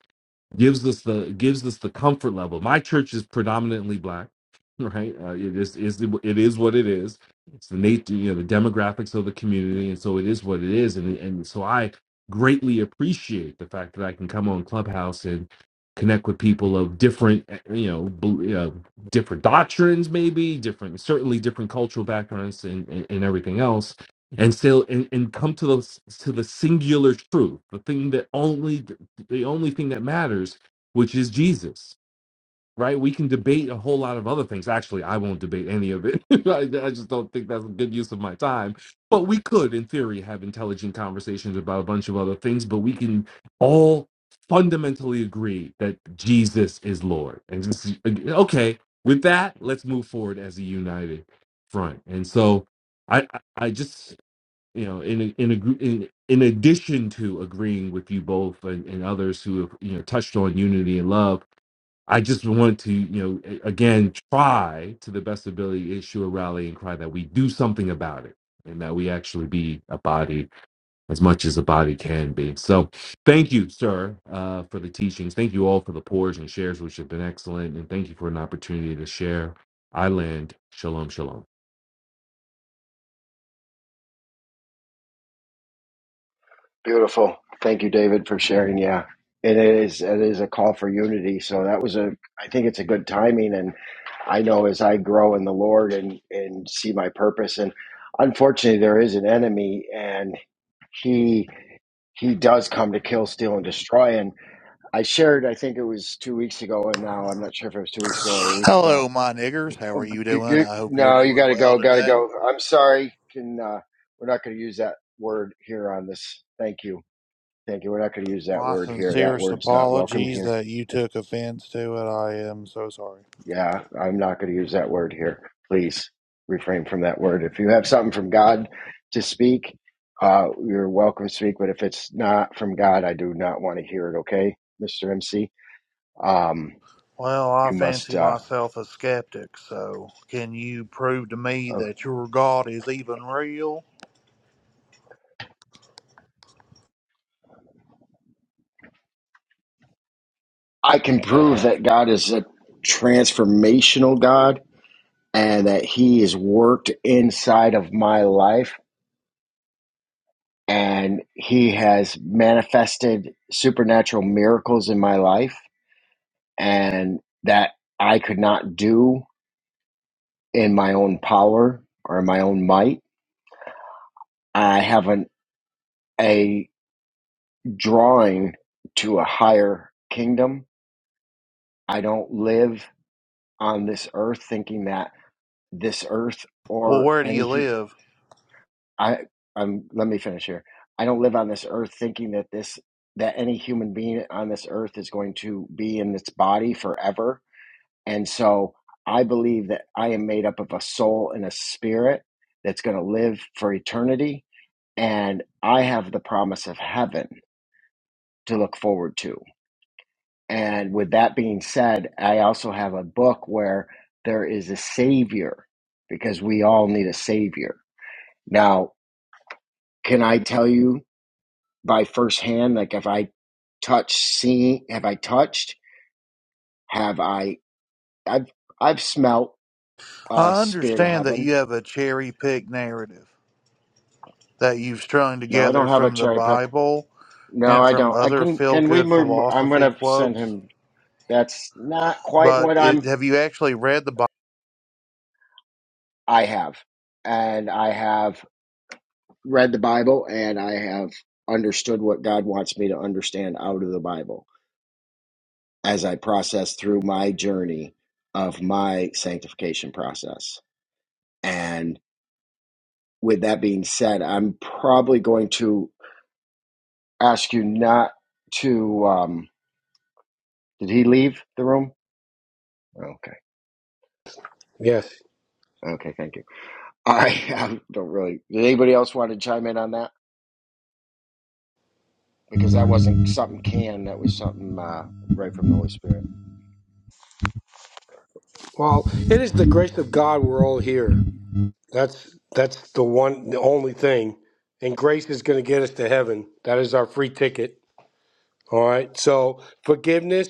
S7: gives us the gives us the comfort level. My church is predominantly black, right? Uh, it is is it is what it is. It's the nature, you know, the demographics of the community, and so it is what it is. And and so I greatly appreciate the fact that I can come on Clubhouse and connect with people of different, eh, you know, bel- you know, different doctrines, maybe different, certainly different cultural backgrounds and and, and everything else. And still, and, and come to the to the singular truth, the thing that only the only thing that matters, which is Jesus, right? We can debate a whole lot of other things. Actually, I won't debate any of it. I, I just don't think that's a good use of my time. But we could, in theory, have intelligent conversations about a bunch of other things, but we can all fundamentally agree that Jesus is Lord. And this okay, with that, let's move forward as a united front. And so I, I I just you know in in a in, in addition to agreeing with you both and, and others who have you know touched on unity and love i just want to you know a- again try to the best ability issue a rally and cry that we do something about it and that we actually be a body as much as a body can be so thank you sir uh, for the teachings thank you all for the pours and shares which have been excellent and thank you for an opportunity to share i land shalom shalom
S1: Beautiful. Thank you, David, for sharing. Yeah. It is it is a call for unity. So that was a I think it's a good timing and I know as I grow in the Lord and and see my purpose and unfortunately there is an enemy and he he does come to kill, steal, and destroy. And I shared, I think it was two weeks ago, and now I'm not sure if it was two weeks ago or a week ago,
S8: Hello, my niggers. How are
S1: Oh,
S8: you
S1: g- g-
S8: doing? I hope you're
S1: no, you
S8: doing
S1: got to
S8: well
S1: go. Got to
S8: today.
S1: go. I'm sorry. Can uh, we're not going to use that word here on this. Thank you. Thank you. We're not going to use that
S8: My
S1: word here. That
S8: sincerest
S1: word's not welcome
S8: apologies
S1: here.
S8: that you took offense to it. I am so sorry.
S1: Yeah, I'm not going to use that word here. Please refrain from that word. If you have something from God to speak, uh, you're welcome to speak. But if it's not from God, I do not want to hear it. Okay, Mr. MC. Um,
S8: Well, I
S1: you must.
S8: fancy
S1: Uh,
S8: myself a skeptic, so can you prove to me
S1: uh,
S8: that your God is even real?
S1: I can prove that God is a transformational God and that he has worked inside of my life and he has manifested supernatural miracles in my life and that I could not do in my own power or in my own might. I have an, a drawing to a higher kingdom. I don't live on this earth thinking that this earth
S8: Well,
S1: or
S8: where do you
S1: any
S8: live?
S1: I I'm let me finish here. I don't live on this earth thinking that this that any human being on this earth is going to be in its body forever. And so I believe that I am made up of a soul and a spirit that's going to live for eternity and I have the promise of heaven to look forward to. And with that being said, I also have a book where there is a savior because we all need a savior. Now, can I tell you by firsthand like if i touch see have i touched have i i've i've smelt uh
S8: I
S1: spirit of
S8: understand that
S1: heaven
S8: you have a cherry picked narrative that you've strung
S1: no i
S8: together
S1: don't have a
S8: from the
S1: cherry pick
S8: Bible
S1: no
S8: and
S1: i
S8: from
S1: don't i
S8: other
S1: can
S8: feel
S1: can we
S8: good
S1: move i'm
S8: philosophy
S1: gonna send
S8: quotes,
S1: him that's not quite
S8: but
S1: what
S8: it,
S1: i'm
S8: have you actually read the Bible?
S1: i have and i have read the bible and i have understood what god wants me to understand out of the bible as i process through my journey of my sanctification process and. with that being said, I'm probably going to ask you not to. Um, did he leave the room? Okay.
S6: yes.
S1: Okay. Thank you. I, I don't really. Did anybody else want to chime in on that? Because that wasn't something canned. That was something uh, right from the Holy Spirit.
S6: Well, it is the grace of God we're all here. That's that's the one the only thing. And grace is going to get us to heaven. That is our free ticket. All right. So forgiveness,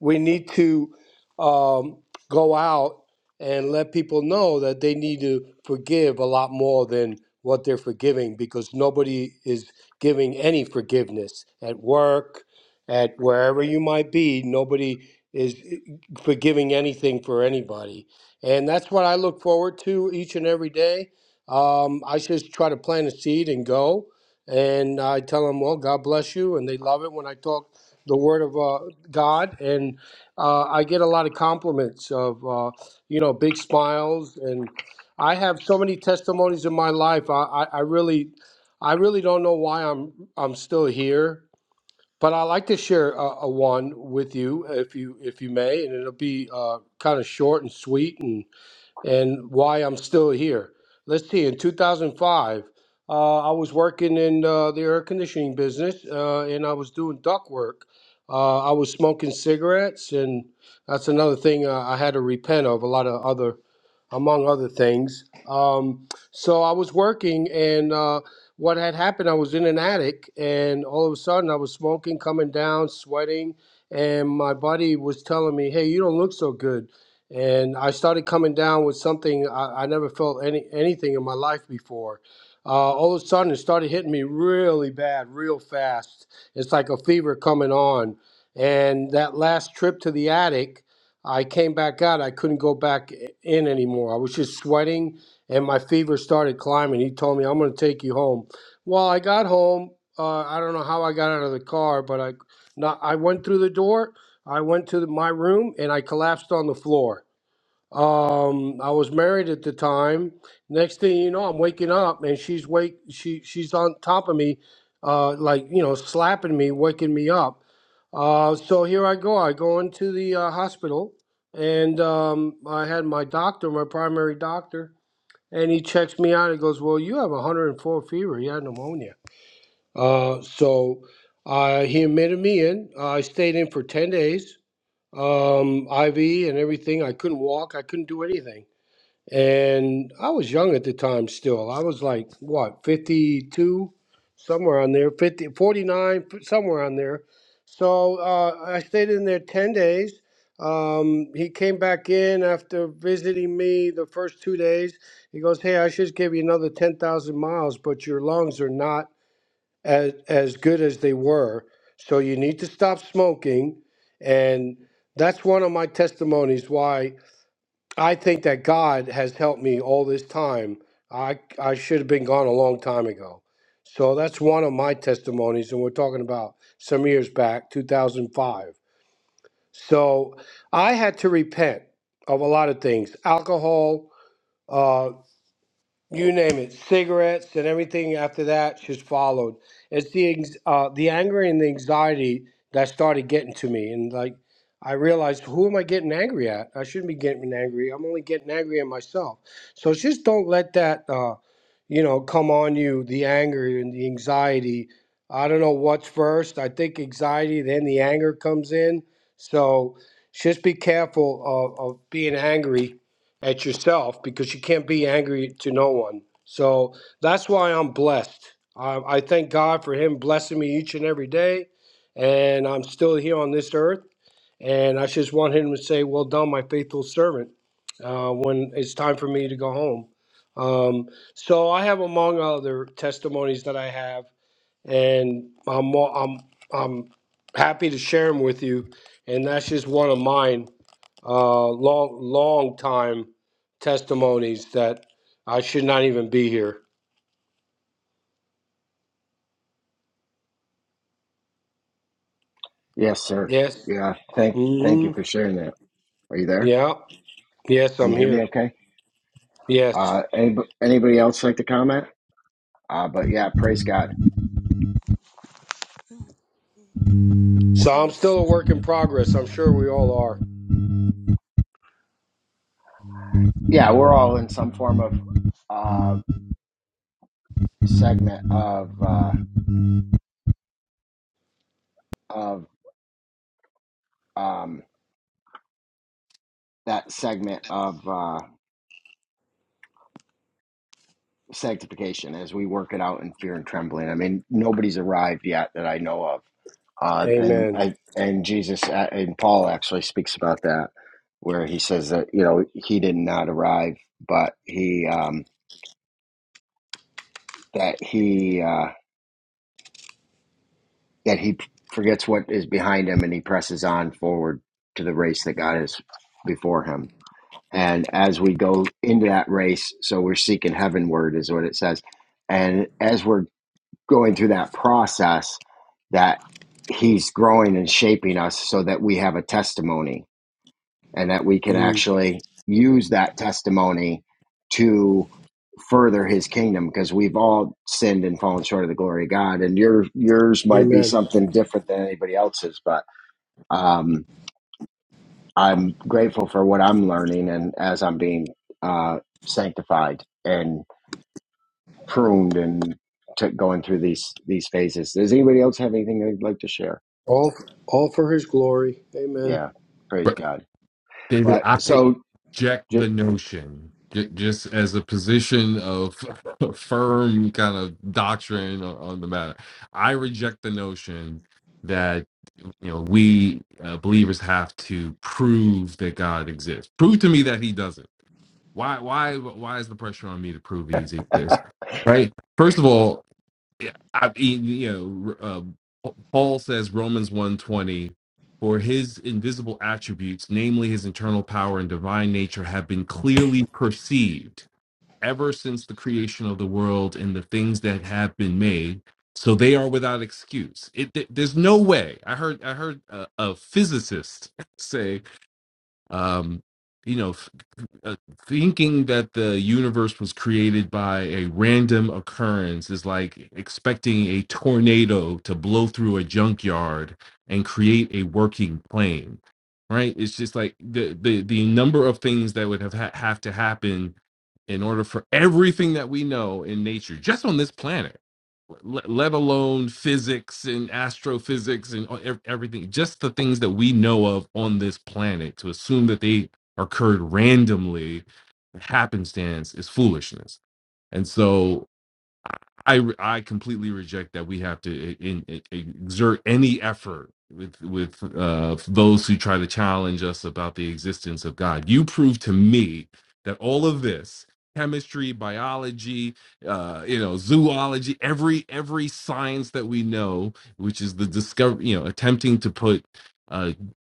S6: we need to um, go out and let people know that they need to forgive a lot more than what they're forgiving because nobody is giving any forgiveness at work, at wherever you might be. Nobody is eh, forgiving anything for anybody. And that's what I look forward to each and every day. Um, I just try to plant a seed and go and I tell them, "Well, God bless you," and they love it when I talk the word of uh, God, and uh, I get a lot of compliments of uh, you know big smiles, and I have so many testimonies in my life. I, I, I really, I really don't know why I'm I'm still here, but I like to share a, a one with you, if you if you may, and it'll be uh, kind of short and sweet, and and why I'm still here. Let's see, in 2005, uh, I was working in uh, the air conditioning business uh, and I was doing duct work. Uh, I was smoking cigarettes, and that's another thing uh, I had to repent of, a lot of other, among other things. Um, so I was working, and uh, what had happened, I was in an attic, and all of a sudden I was smoking, coming down, sweating, and my buddy was telling me, Hey, you don't look so good and I started coming down with something I, I never felt any anything in my life before. Uh, all of a sudden, it started hitting me really bad, real fast. It's like a fever coming on. And that last trip to the attic, I came back out. I couldn't go back i- in anymore. I was just sweating, and my fever started climbing. He told me, "I'm going to take you home." Well, I got home. Uh, I don't know how I got out of the car, but I, not, I went through the door. I went to the, my room, and I collapsed on the floor um, I was married at the time. Next thing you know, I'm waking up and she's wake she she's on top of me, uh, like you know, slapping me, waking me up. Uh, so here I go. I go into the uh, hospital and um, I had my doctor, my primary doctor, and he checks me out. He goes, "Well, you have 104 fever. You had pneumonia." Uh, so uh, he admitted me in. Uh, I stayed in for 10 days, um, IV and everything. I couldn't walk. I couldn't do anything and I was young at the time still. I was like, what, 52, somewhere on there, 50, 49, f- somewhere on there. So uh, I stayed in there 10 days. Um, he came back in after visiting me the first two days. He goes, Hey, I should give you another 10,000 miles, but your lungs are not as, as good as they were. So you need to stop smoking. And that's one of my testimonies why I think that God has helped me all this time. I I should have been gone a long time ago. So that's one of my testimonies, and we're talking about some years back, 2005. So I had to repent of a lot of things, alcohol. uh, you name it, cigarettes and everything after that just followed. It's the ex- uh, the anger and the anxiety that started getting to me, and like I realized, who am I getting angry at? I shouldn't be getting angry. I'm only getting angry at myself. So just don't let that, uh, you know, come on you. The anger and the anxiety. I don't know what's first. I think anxiety, then the anger comes in. So just be careful of, of being angry at yourself because you can't be angry to no one. So that's why I'm blessed. I, I thank God for Him blessing me each and every day, and I'm still here on this earth. And I just want Him to say, "Well done, my faithful servant," uh, when it's time for me to go home. Um, so I have, among other testimonies that I have, and I'm mo- I'm I'm happy to share them with you. And that's just one of mine uh, long, long time testimonies that I should not even be here.
S1: Yes, sir.
S6: Yes.
S1: Yeah. Thank. Thank you
S6: hmm
S1: for sharing that. Are you there?
S6: Yeah. Yes,
S1: Can
S6: I'm
S1: you hear me?
S6: here.
S1: Okay. Uh,
S6: Yes.
S1: anybody, anybody else like to comment? Uh, but yeah, praise God.
S9: Oh, yeah,
S6: So I'm
S9: Things
S6: still a
S9: um,
S6: work in progress. I'm sure we all are.
S1: Yeah, we're all in some form of uh, segment of uh, of um, that segment of uh, sanctification as we work it out in fear and trembling. I mean, nobody's arrived yet that I know of, uh, and
S6: Amen.
S1: I, and Jesus uh, and Paul actually speaks about that, where he says that you know he did not arrive, but he um, that he uh, that he forgets what is behind him and he presses on forward to the race that God is before him and as we go into that race so we're seeking heavenward is what it says and as we're going through that process that he's growing and shaping us so that we have a testimony and that we can
S6: Mm.
S1: actually use that testimony to further his kingdom because we've all sinned and fallen short of the glory of god and your yours might be
S6: Amen.
S1: something different than anybody else's but um, I'm grateful for what I'm learning and as I'm being uh, sanctified and pruned and t- going through these these phases. Does anybody else have anything they'd like to share?
S6: All, all for His glory. Amen.
S1: Yeah, praise God.
S7: David,
S1: But
S7: I
S1: so
S7: reject
S1: ju-
S7: the notion ju- just as a position of firm kind of doctrine on on the matter. I reject the notion that you know we uh, believers have to prove that God exists. Prove to me that He doesn't. Why? Why? Why is the pressure on me to prove He exists? Right. First of all, yeah, I mean, you know, uh, Paul says Romans 120, for his invisible attributes, namely his internal power and divine nature, have been clearly perceived ever since the creation of the world and the things that have been made. So they are without excuse. It, th- there's no way. I heard I heard a, a physicist say um, you know, f- uh, thinking that the universe was created by a random occurrence is like expecting a tornado to blow through a junkyard and create a working plane, right? It's just like the the the number of things that would have ha- have to happen in order for everything that we know in nature, just on this planet le- let alone physics and astrophysics and e- everything, just the things that we know of on this planet, to assume that they occurred randomly, happenstance, is foolishness. And so I I completely reject that we have to in, in- e, exert any effort with with uh, those who try to challenge us about the existence of God. You prove to me that all of this chemistry, biology, uh, you know, zoology, every every science that we know, which is the discover, you know, attempting to put uh,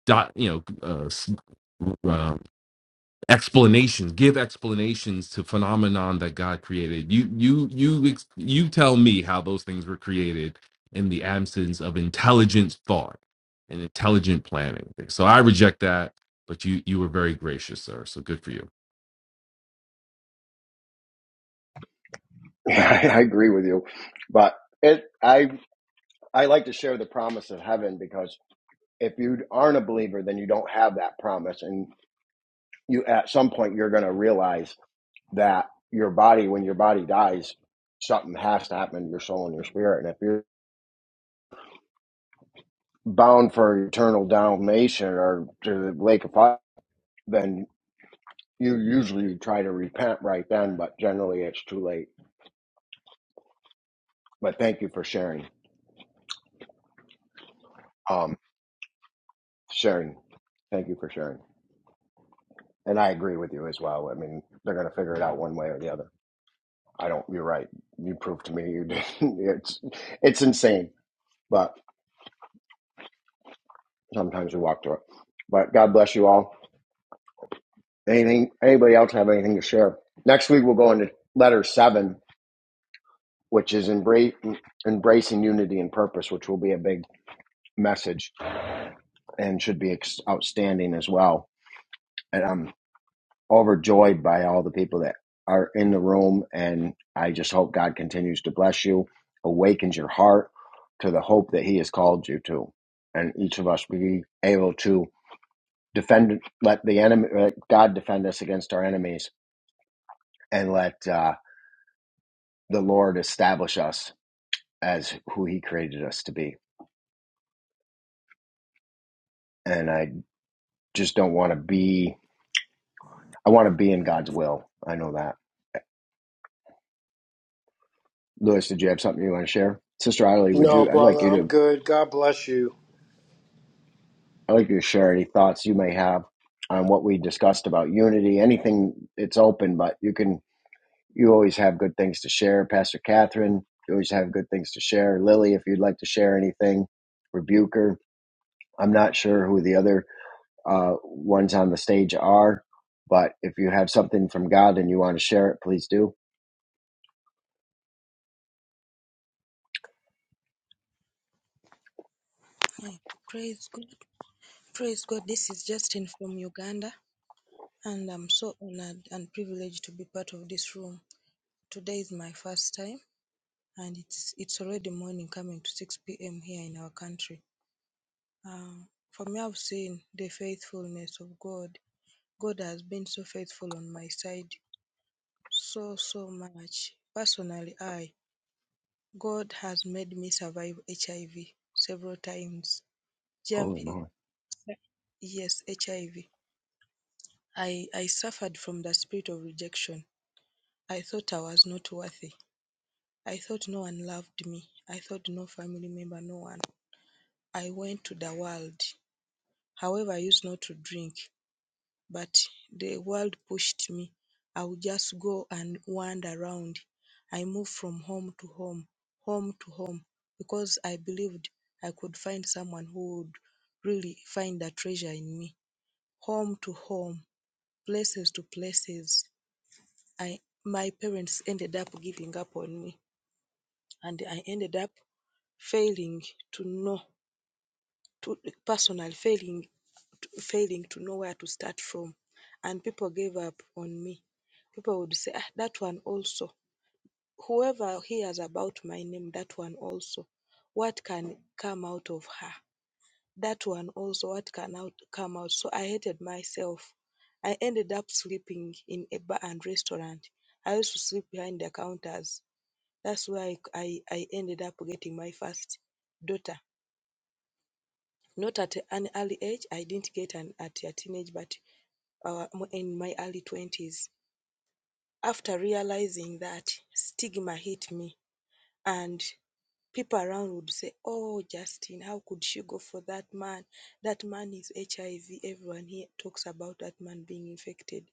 S7: dot, you know, uh, s- uh, explanations give explanations to phenomenon that god created you you you ex- you tell me how those things were created in the absence of intelligent thought and intelligent planning so i reject that but you you were very gracious sir so good for you
S1: I agree with you, but it I I like to share the promise of heaven because if you aren't a believer, then you don't have that promise, and you at some point you're going to realize that your body, when your body dies, something has to happen to your soul and your spirit. And if you're bound for eternal damnation or to the lake of fire, then you usually try to repent right then, but generally it's too late. But thank you for sharing. Um, sharing. Thank you for sharing. And I agree with you as well. I mean, they're going to figure it out one way or the other. I don't. You're right. You proved to me you did. It's it's insane, but sometimes we walk through it. But God bless you all. Anything? Anybody else have anything to share? Next week we'll go into letter seven, which is embrace, embracing unity and purpose, which will be a big message and should be ex- outstanding as well. And I'm overjoyed by all the people that are in the room, and I just hope God continues to bless you, awakens your heart to the hope that He has called you to, and each of us be able to defend, let the enemy, let God defend us against our enemies, and let. Uh, the Lord establish us as who He created us to be. And I just don't want to be, I want to be in God's will. I know that. Lewis, did you have something you want to share? Sister Eileen, would
S6: No,
S1: you, I'd like
S6: brother,
S1: you
S6: I'm
S1: to,
S6: good. God bless you.
S1: I'd like you to share any thoughts you may have on what we discussed about unity, anything it's open, but you can, you always have good things to share. Pastor Catherine, you always have good things to share. Lily, if you'd like to share anything, Rebuker. I'm not sure who the other uh, ones on the stage are. But if you have something from God and you want to share it, please do.
S9: yeah, praise God, praise God. This is Justin from Uganda, and I'm so honored and privileged to be part of this room. Today is my first time, and it's it's already morning, coming to 6 p.m. here in our country. Uh, for me, I've seen the faithfulness of God. God has been so faithful on my side, so so much. Personally, I God has made me survive HIV several times.
S1: Holy
S9: Jump.
S1: moly.
S9: Yes, HIV. I, V. I I suffered from the spirit of rejection. I thought I was not worthy. I thought no one loved me. I thought no family member, no one. I went to the world. However, I used not to drink, but the world pushed me. I would just go and wander around. I moved from home to home, home to home, because I believed I could find someone who would really find the treasure in me. Home to home, places to places. I my parents ended up giving up on me and I ended up failing to know to personal failing failing to know where to start from and people gave up on me. People would say, ah, that one also. Whoever hears about my name, that one also. What can come out of her? That one also, what can out come out? So I hated myself. I ended up sleeping in a bar and restaurant. I used to sleep behind the counters That's where I, I, I ended up getting my first daughter. Not at an early age. I didn't get an at a teenage, but uh, in my early 20s. After realizing that, stigma hit me and people around would say, "Oh, Justin, how could she go for that man? That man is HIV. Everyone here talks about that man being infected."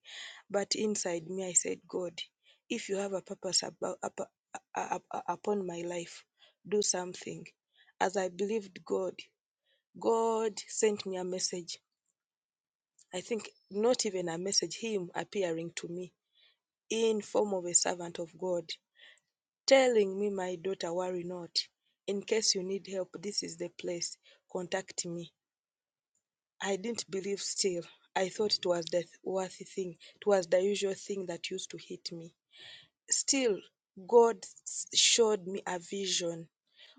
S9: But inside me, I said, "God, if you have a purpose about up, up- up- upon my life, do something." As I believed God, God sent me a message. I think not even a message, Him appearing to me in form of a servant of God telling me my daughter worry not in case you need help this is the place contact me i didn't believe still i thought it was the worthy thing it was the usual thing that used to hit me still god showed me a vision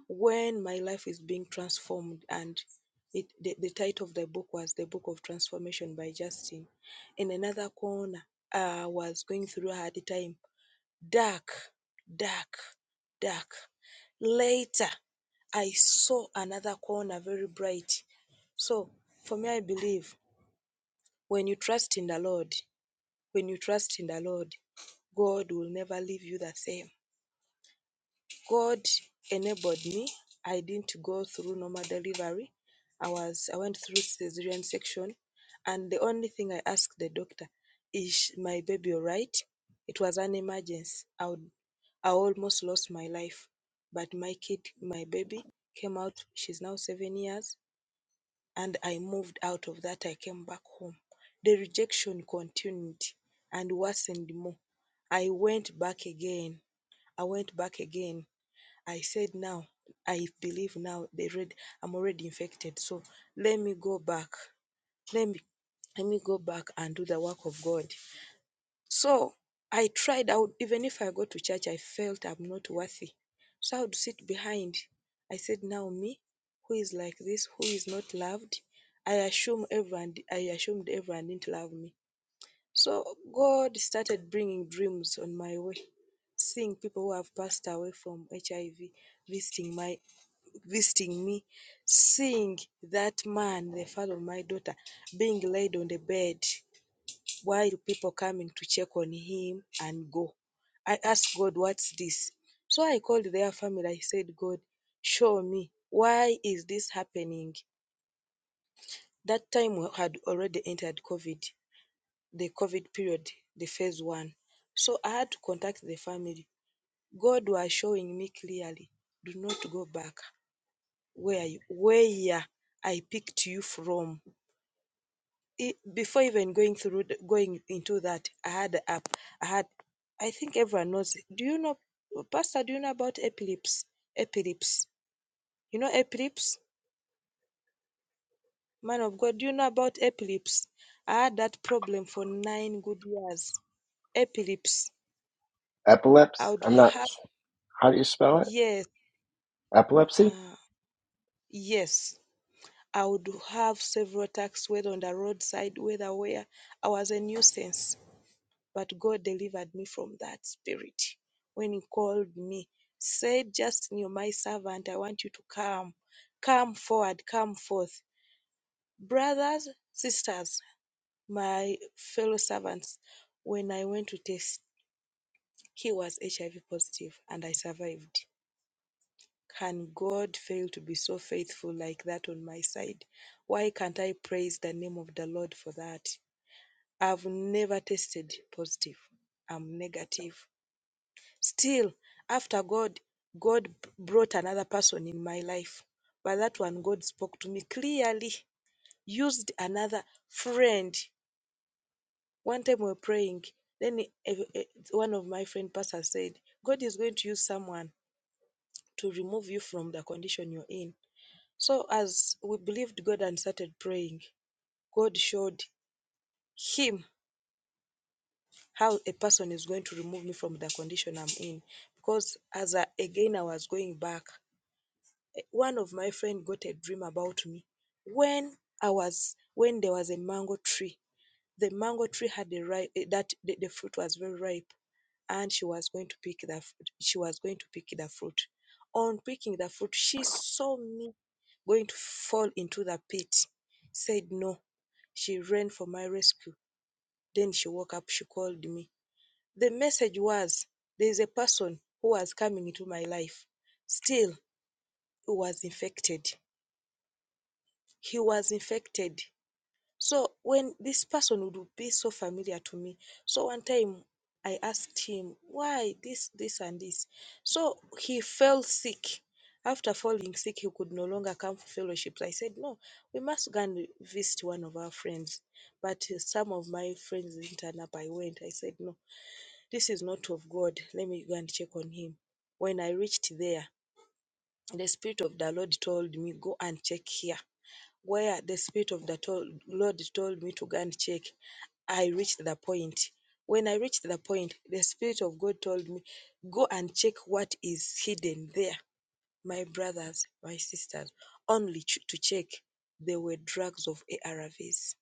S9: when my life is being transformed and it, the, the title of the book was the book of transformation by justin in another corner i was going through a hard time dark, dark, dark. Later, I saw another corner very bright. So, for me, I believe when you trust in the Lord, when you trust in the Lord, God will never leave you the same. God enabled me. I didn't go through normal delivery. I was I went through cesarean section, and the only thing I asked the doctor is my baby all right? It was an emergency. I would, I almost lost my life, but my kid, my baby, came out. She's now seven years, and I moved out of that. I came back home. The rejection continued and worsened more. I went back again. I went back again I said now, I believe now they read I'm already infected. So let me go back. Let me let me go back and do the work of God. So I tried out even if I go to church, I felt I'm not worthy. So I would sit behind. I said, Now me, who is like this, who is not loved, I assume everyone I assumed everyone didn't love me. So God started bringing dreams on my way, seeing people who have passed away from HIV visiting my visiting me, seeing that man, the father of my daughter, being laid on the bed while people coming to check on him and go. I asked God, what's this? So I called their family. I said, God, show me why is this happening? That time we had already entered COVID, the COVID period, the phase one. So I had to contact the family. God was showing me clearly, do not go back. where you, where I picked you from. E- before even going through the, going into that, I had a app. I had I think everyone knows. Do you know, Pastor? Do you know about epilepsy? Epilepsy. You know epilepsy, man of God. Do you know about epilepsy? I had that problem for nine good years. Epilepsy.
S1: Epilepsy?
S9: I would
S1: I'm not.
S9: have
S1: How do you spell it?
S9: yes,
S1: Epilepsy?
S9: uh, yes. I would have several attacks, whether on the roadside, whether where I was a nuisance. But God delivered me from that spirit when He called me. Said, Just you, my servant, I want you to come. Come forward, come forth. Brothers, sisters, my fellow servants, when I went to test, he was HIV positive and I survived. Can God fail to be so faithful like that on my side? Why can't I praise the name of the Lord for that? I've never tested positive. I'm negative. Still, after God, God brought another person in my life. But that one, God spoke to me clearly, used another friend. One time we were praying, then e, e, e, one of my friend pastor said, God is going to use someone to remove you from the condition you're in. So as we believed God and started praying, God showed him how a person is going to remove me from the condition I'm in. Because as I, again I was going back one of my friend got a dream about me when I was when there was a mango tree. The mango tree had a ripe that the, the fruit was very ripe, and she was going to pick the She was going to pick the fruit. On picking the fruit, she saw me going to fall into the pit. Said no. She ran for my rescue. Then she woke up. She called me. The message was there is a person who was coming into my life. Still, who was infected. he was infected. So when this person would be so familiar to me. So one time I asked him why this, this, and this. So he fell sick. After falling sick, he could no longer come for fellowships. I said, No, we must go and visit one of our friends. But uh, some of my friends didn't turn up. I went. I said, No, this is not of God. Let me go and check on him. When I reached there, the Spirit of the Lord told me, Go and check here where the Spirit of the to- Lord told me to go and check, I reached the point. When I reached the point, the Spirit of God told me, Go and check what is hidden there, my brothers, my sisters, only ch- to check. There were drugs of ARVs.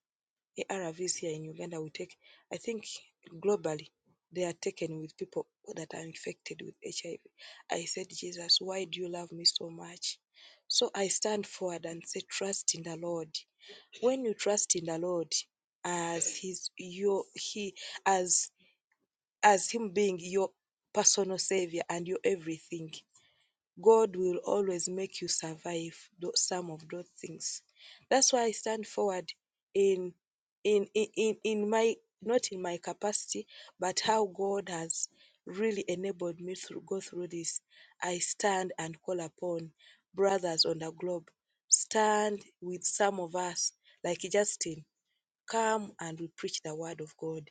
S9: ARVs here in Uganda, we take, I think globally, they are taken with people that are infected with HIV. I V. I said, Jesus, why do you love me so much? So I stand forward and say, Trust in the Lord. When you trust in the Lord as his your he as as him being your personal savior and your everything, God will always make you survive tho- some of those things. That's why I stand forward in in in in in my not in my capacity, but how God has really enabled me to go through this. I stand and call upon brothers on the globe. Stand with some of us, like Justin come and we preach the word of God.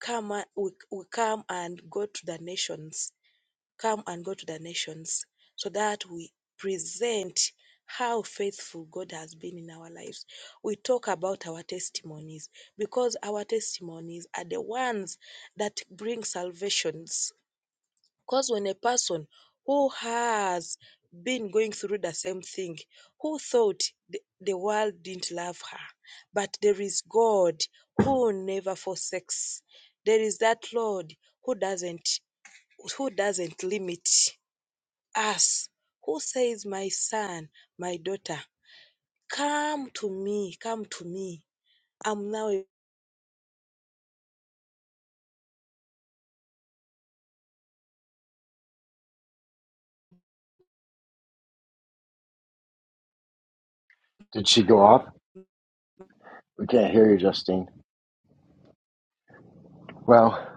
S9: Come and we, we come and go to the nations. Come and go to the nations so that we present how faithful God has been in our lives. We talk about our testimonies because our testimonies are the ones that bring salvations because when a person who has been going through the same thing, who thought the, the world didn't love her, but there is God who never forsakes. There is that Lord who doesn't who doesn't limit us, who says, My son, my daughter, come to me, come to me. I'm now a
S1: Did she go off? We can't hear you, Justine. Well,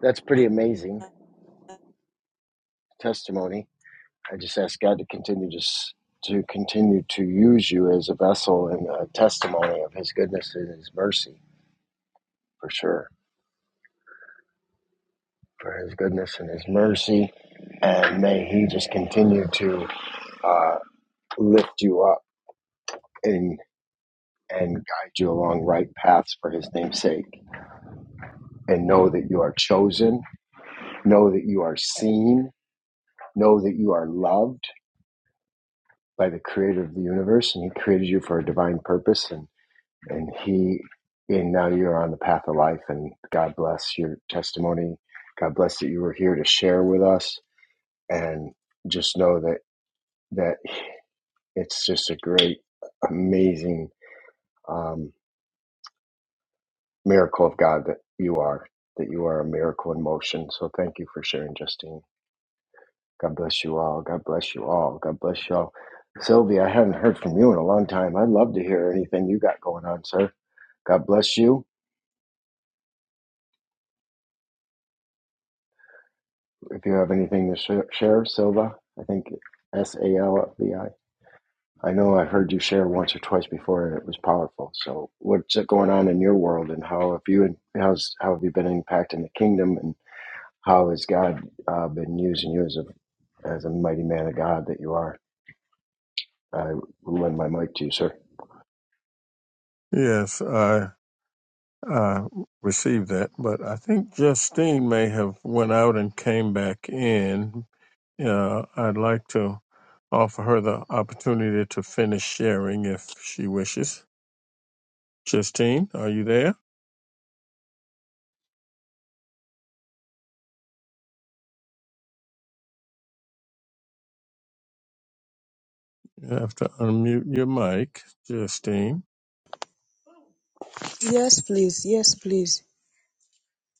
S1: that's pretty amazing testimony. I just ask God to continue to, to continue to use you as a vessel and a testimony of His goodness and His mercy, for sure. For His goodness and His mercy, and may He just continue to uh, lift you up and and guide you along right paths for his name's sake. And know that you are chosen, know that you are seen, know that you are loved by the creator of the universe and he created you for a divine purpose and and he and now you're on the path of life and God bless your testimony. God bless that you were here to share with us and just know that that it's just a great amazing um, miracle of God that you are, that you are a miracle in motion. So thank you for sharing, Justine. God bless you all. God bless you all. God bless you all. Sylvia, I haven't heard from you in a long time. I'd love to hear anything you got going on, sir. God bless you. If you have anything to sh- share, Silva, I think S A L V I. I know I heard you share once or twice before, and it was powerful. So, what's going on in your world, and how have you how's how have you been impacting the kingdom, and? How has God uh, been using you as a as a mighty man of God that you are? I will lend my mic to you, sir.
S10: Yes, I I received that, but I think Justine may have went out and came back in. Uh, I'd like to offer her the opportunity to finish sharing if she wishes. Justine, are you there? You have to unmute your mic, Justine.
S9: Yes, please. Yes, please.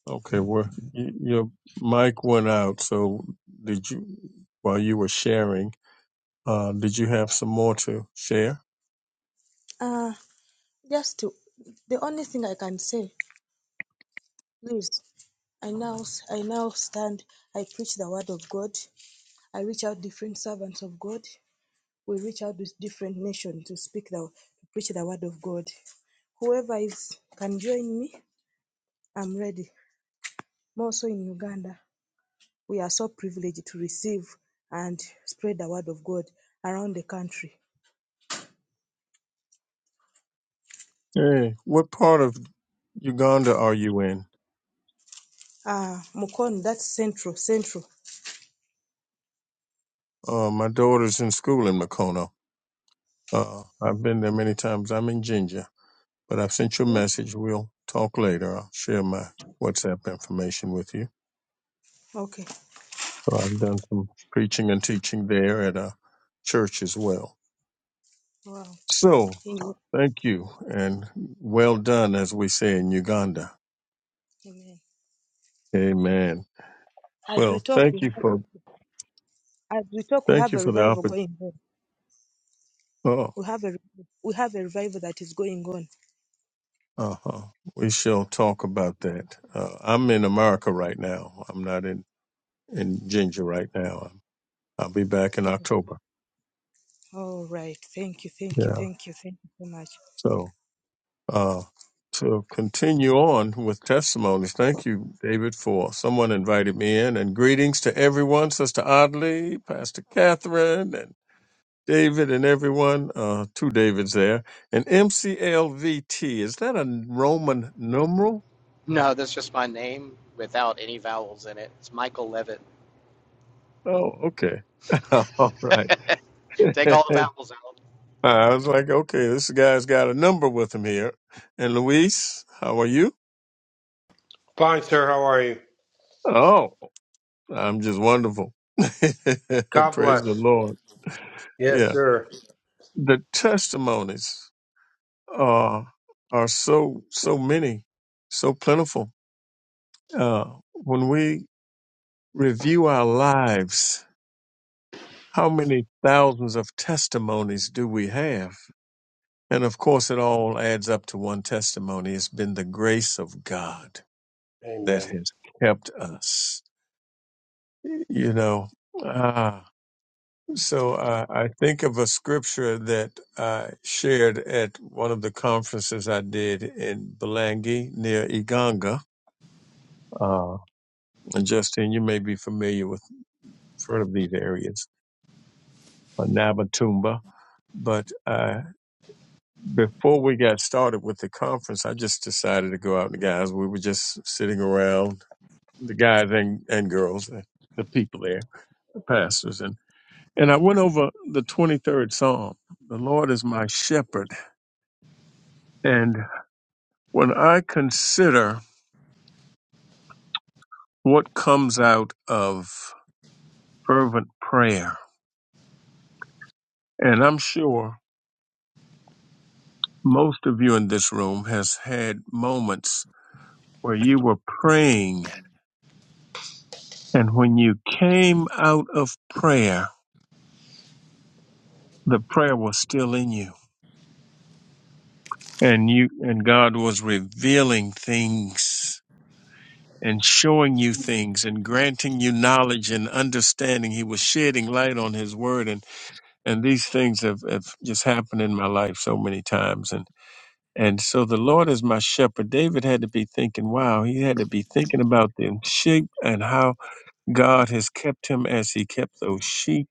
S10: Okay, well, y- your mic went out. So, did you while you were sharing? Uh, did you have some more to share?
S9: Ah. Just to, the only thing I can say, please, I now, I now stand, I preach the word of God. I reach out different servants of God. We reach out with different nations to speak the, to preach the word of God. Whoever is, can join me, I'm ready. More so in Uganda, we are so privileged to receive and spread the word of God around the country.
S10: Hey, what part of Uganda are you in?
S9: Ah, Mukon, that's central, central.
S10: Uh, my daughter's in school in Macono. Uh, I've been there many times. I'm in Ginger, but I've sent you a
S9: What?
S10: message. We'll talk later. I'll share my WhatsApp information with you.
S9: Okay.
S10: So I've done some preaching and teaching there at a church as well.
S9: Wow.
S10: So
S9: Amen.
S10: thank you and well done, as we say in Uganda.
S9: Amen.
S10: Amen.
S9: As we
S10: Well,
S9: talk, we
S10: thank
S9: have
S10: you for
S9: As we talk, we
S10: thank
S9: have
S10: you
S9: a
S10: for the
S9: revival
S10: opportunity.
S9: going on.
S10: Oh,
S9: We have a we have a revival that is going on.
S10: uh-huh. We shall
S9: That's
S10: talk about that. Uh, I'm in America right now. I'm not in. in Ginger right now. I'll be back in October.
S9: all right. Thank you, thank you,
S10: Yeah.
S9: thank you, thank you so much.
S10: So uh, to continue on with testimonies, thank you, David, for someone invited me in, and greetings to everyone, Sister Audley, Pastor Catherine, and David, and everyone. Uh, two Davids there, and MCLVT. Is that a Roman numeral?
S11: No, that's just my name without any vowels in it. It's Michael Levitt.
S10: Oh, okay. All right.
S11: Take all the vowels out.
S10: I was like, okay, this guy's got a number with him here. And Luis, how are you?
S6: Fine, sir. How are you?
S10: Oh, I'm just wonderful.
S6: God
S10: Praise the
S6: bless.
S10: Lord.
S6: Yes,
S10: Yeah.
S6: sir.
S10: The testimonies are are so so many, so plentiful. Uh when we review our lives, how many thousands of testimonies do we have? And of course it all adds up to one testimony. It's been the grace of God that
S6: Amen.
S10: has kept us. You know. ah, So uh, I think of a scripture that I shared at one of the conferences I did in Belangi near Iganga. Uh, and Justin, you may be familiar with sort of these areas, uh, Nabatumba. But uh, before we got started with the conference, I just decided to go out. The guys, we were just sitting around, the guys and, and girls, uh, the people there, the pastors, and and I went over the twenty third Psalm. The Lord is my shepherd, and When I consider what comes out of fervent prayer, and I'm sure most of you in this room has had moments where you were praying and when you came out of prayer, the prayer was still in you and you and God was revealing things and showing you things and granting you knowledge and understanding. He was shedding light on his word and and these things have, have just happened in my life so many times And so the Lord is my shepherd. David had to be thinking, wow, he had to be thinking about them sheep and how God has kept him as he kept those sheep.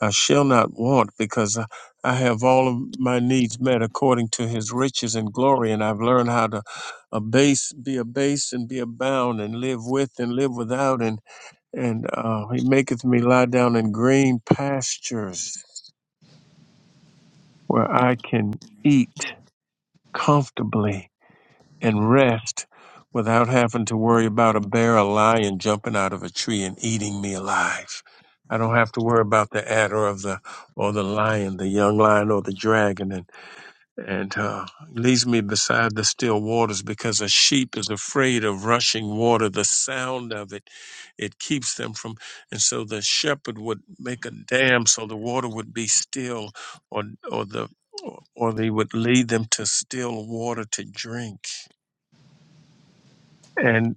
S10: I shall not want because I I have all of my needs met according to his riches and glory. And I've learned how to abase, be abased and be abound and live with and live without. And, and uh, he maketh me lie down in green pastures where I can eat comfortably and rest without having to worry about a bear, a lion jumping out of a tree and eating me alive. I don't have to worry about the adder of the or the lion, the young lion or the dragon, and and uh, leads me beside the still waters because a sheep is afraid of rushing water. The sound of it it keeps them from, and so the shepherd would make a dam so the water would be still, or or the or they would lead them to still water to drink and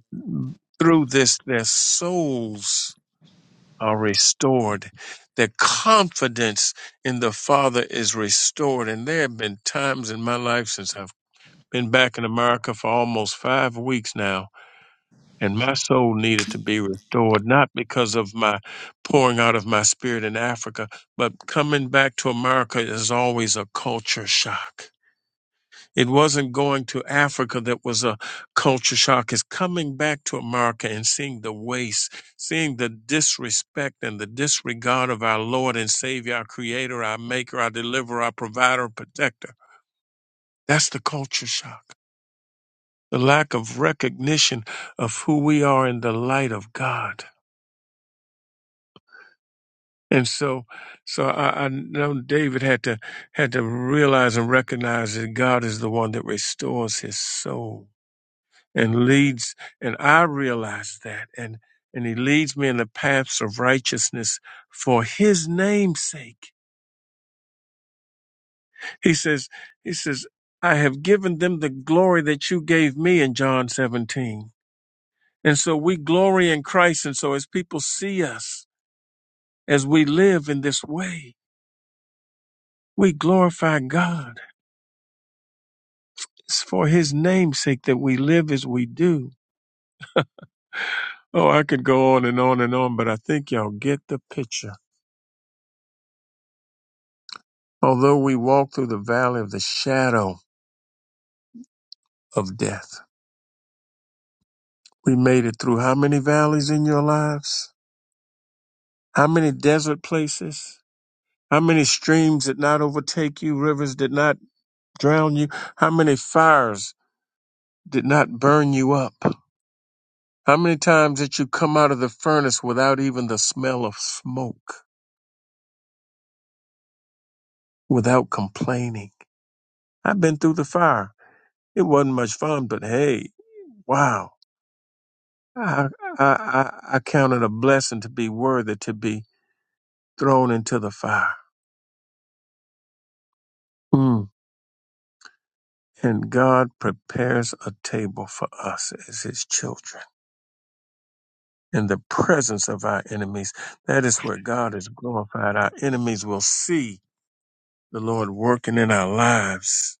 S10: through this, their souls are restored. Their confidence in the Father is restored. And there have been times in my life since I've been back in America for almost five weeks now, and my soul needed to be restored, not because of my pouring out of my spirit in Africa, but coming back to America is always a culture shock it wasn't going to Africa that was a culture shock. It's coming back to America and seeing the waste, seeing the disrespect and the disregard of our Lord and Savior, our Creator, our Maker, our Deliverer, our Provider, Protector. That's the culture shock. The lack of recognition of who we are in the light of God. And so, so I, I know David had to had to realize and recognize that God is the one that restores his soul and leads and I realize that and and he leads me in the paths of righteousness for his name's sake. He says he says I have given them the glory that you gave me in John 17. And so we glory in Christ and so as people see us as we live in this way, we glorify God. It's for his name's sake that we live as we do. Oh, I could go on and on and on, but I think y'all get the picture. Although we walk through the valley of the shadow of death, we made it through how many valleys in your lives? How many desert places? How many streams did not overtake you? Rivers did not drown you? How many fires did not burn you up? How many times did you come out of the furnace without even the smell of smoke, without complaining? I've been through the fire. It wasn't much fun, but hey, wow. I, I, I, I count it a blessing to be worthy to be thrown into the fire. Mm. And God prepares a table for us as his children in the presence of our enemies. That is where God is glorified. Our enemies will see the Lord working in our lives.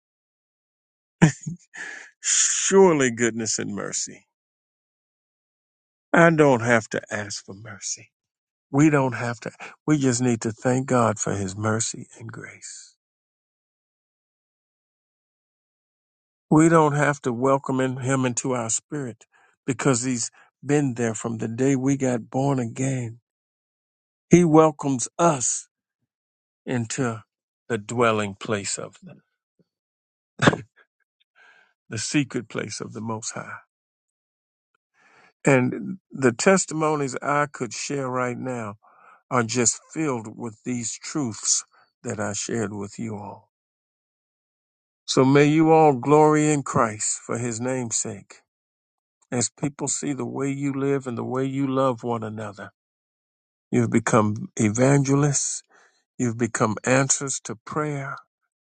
S10: Surely goodness and mercy. I don't have to ask for mercy. We don't have to. We just need to thank God for his mercy and grace. We don't have to welcome in- him into our spirit because he's been there from the day we got born again. He welcomes us into the dwelling place of the, the secret place of the Most High. And the testimonies I could share right now are just filled with these truths that I shared with you all. So may you all glory in Christ for his name's sake as people see the way you live and the way you love one another. You've become evangelists. You've become answers to prayer,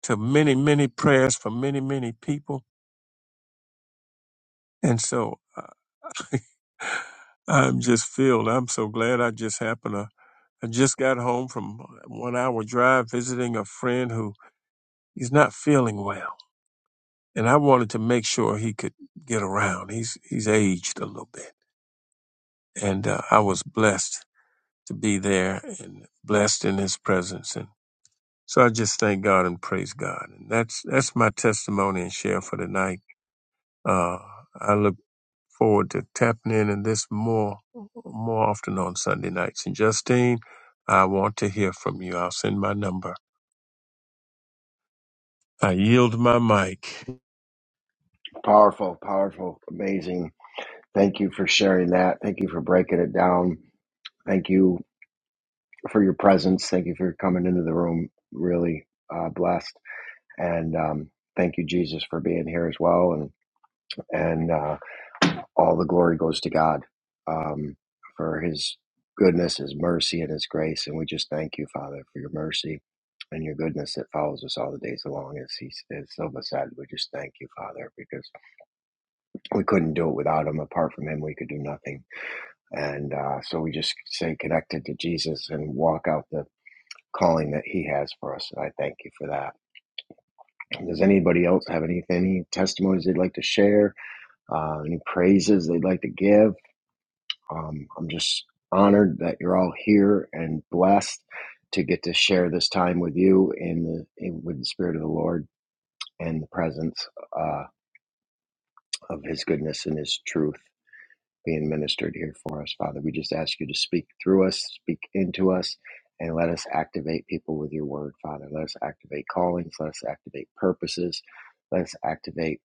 S10: to many, many prayers for many, many people. And so uh, I'm just filled. I'm so glad I just happened to. I just got home from one hour drive visiting a friend who he's not feeling well. And I wanted to make sure he could get around. He's, he's aged a little bit. And uh, I was blessed to be there and blessed in his presence. So I just thank God and praise God. And that's that's my testimony and share for tonight. Uh, I look forward to tapping in in this more more often on Sunday nights. And Justine, I want to hear from you. I'll send my number. I yield my mic.
S1: Powerful, powerful, amazing. Thank you for sharing that. Thank you for breaking it down. Thank you for your presence. Thank you for coming into the room. Really uh, blessed, and um, thank you, Jesus, for being here as well. And and uh, all the glory goes to God um, for His goodness, His mercy, and His grace. And we just thank you, Father, for your mercy and your goodness that follows us all the days along. As He, as Silva said, we just thank you, Father, because we couldn't do it without Him. Apart from Him, we could do nothing. And uh, so we just stay connected to Jesus and walk out the calling that He has for us. And I thank you for that. Does anybody else have any any testimonies they'd like to share? Uh, any praises they'd like to give? Um, I'm just honored that you're all here and blessed to get to share this time with you in the in, with the spirit of the Lord and the presence uh, of His goodness and His truth being ministered here for us, Father. We just ask you to speak through us, speak into us, and let us activate people with your word, Father. Let us activate callings, let us activate purposes, let us activate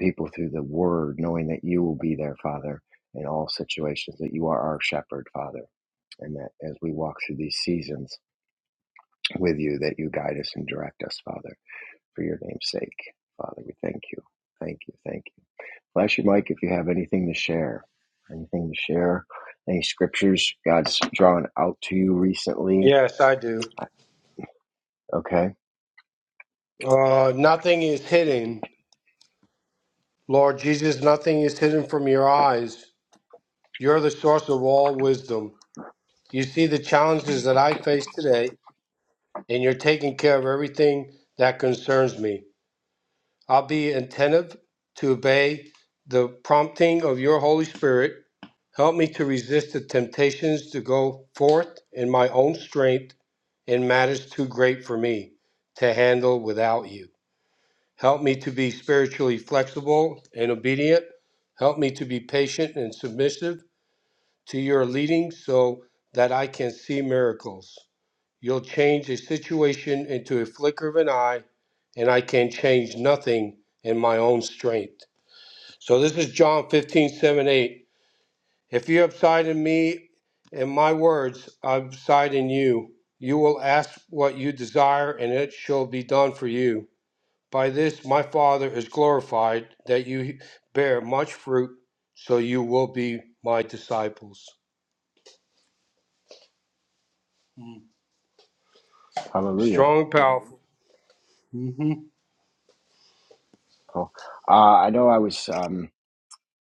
S1: people through the word, knowing that you will be there, Father, in all situations, that you are our shepherd, Father and that as we walk through these seasons with you, that you guide us and direct us, Father, for your name's sake. Father, we thank you. Thank you. Thank you. Flash your mic if you have anything to share. Anything to share? Any scriptures God's drawn out to you recently?
S6: Yes, I do.
S1: Okay.
S6: Uh, nothing is hidden Lord Jesus, nothing is hidden from your eyes. You're the source of all wisdom. You see the challenges that I face today, and you're taking care of everything that concerns me. I'll be attentive to obey the prompting of your Holy Spirit. Help me to resist the temptations to go forth in my own strength in matters too great for me to handle without you. Help me to be spiritually flexible and obedient. Help me to be patient and submissive to your leading so that I can see miracles. You'll change a situation into a flicker of an eye, and I can change nothing in my own strength. So this is John 157 8. If you abide in me and my words abide in you, you will ask what you desire, and it shall be done for you. By this my Father is glorified, that you bear much fruit, so you will be my disciples. Mm.
S1: Hallelujah.
S6: Strong, powerful. Mm-hmm.
S1: Cool. Uh, I know I was um,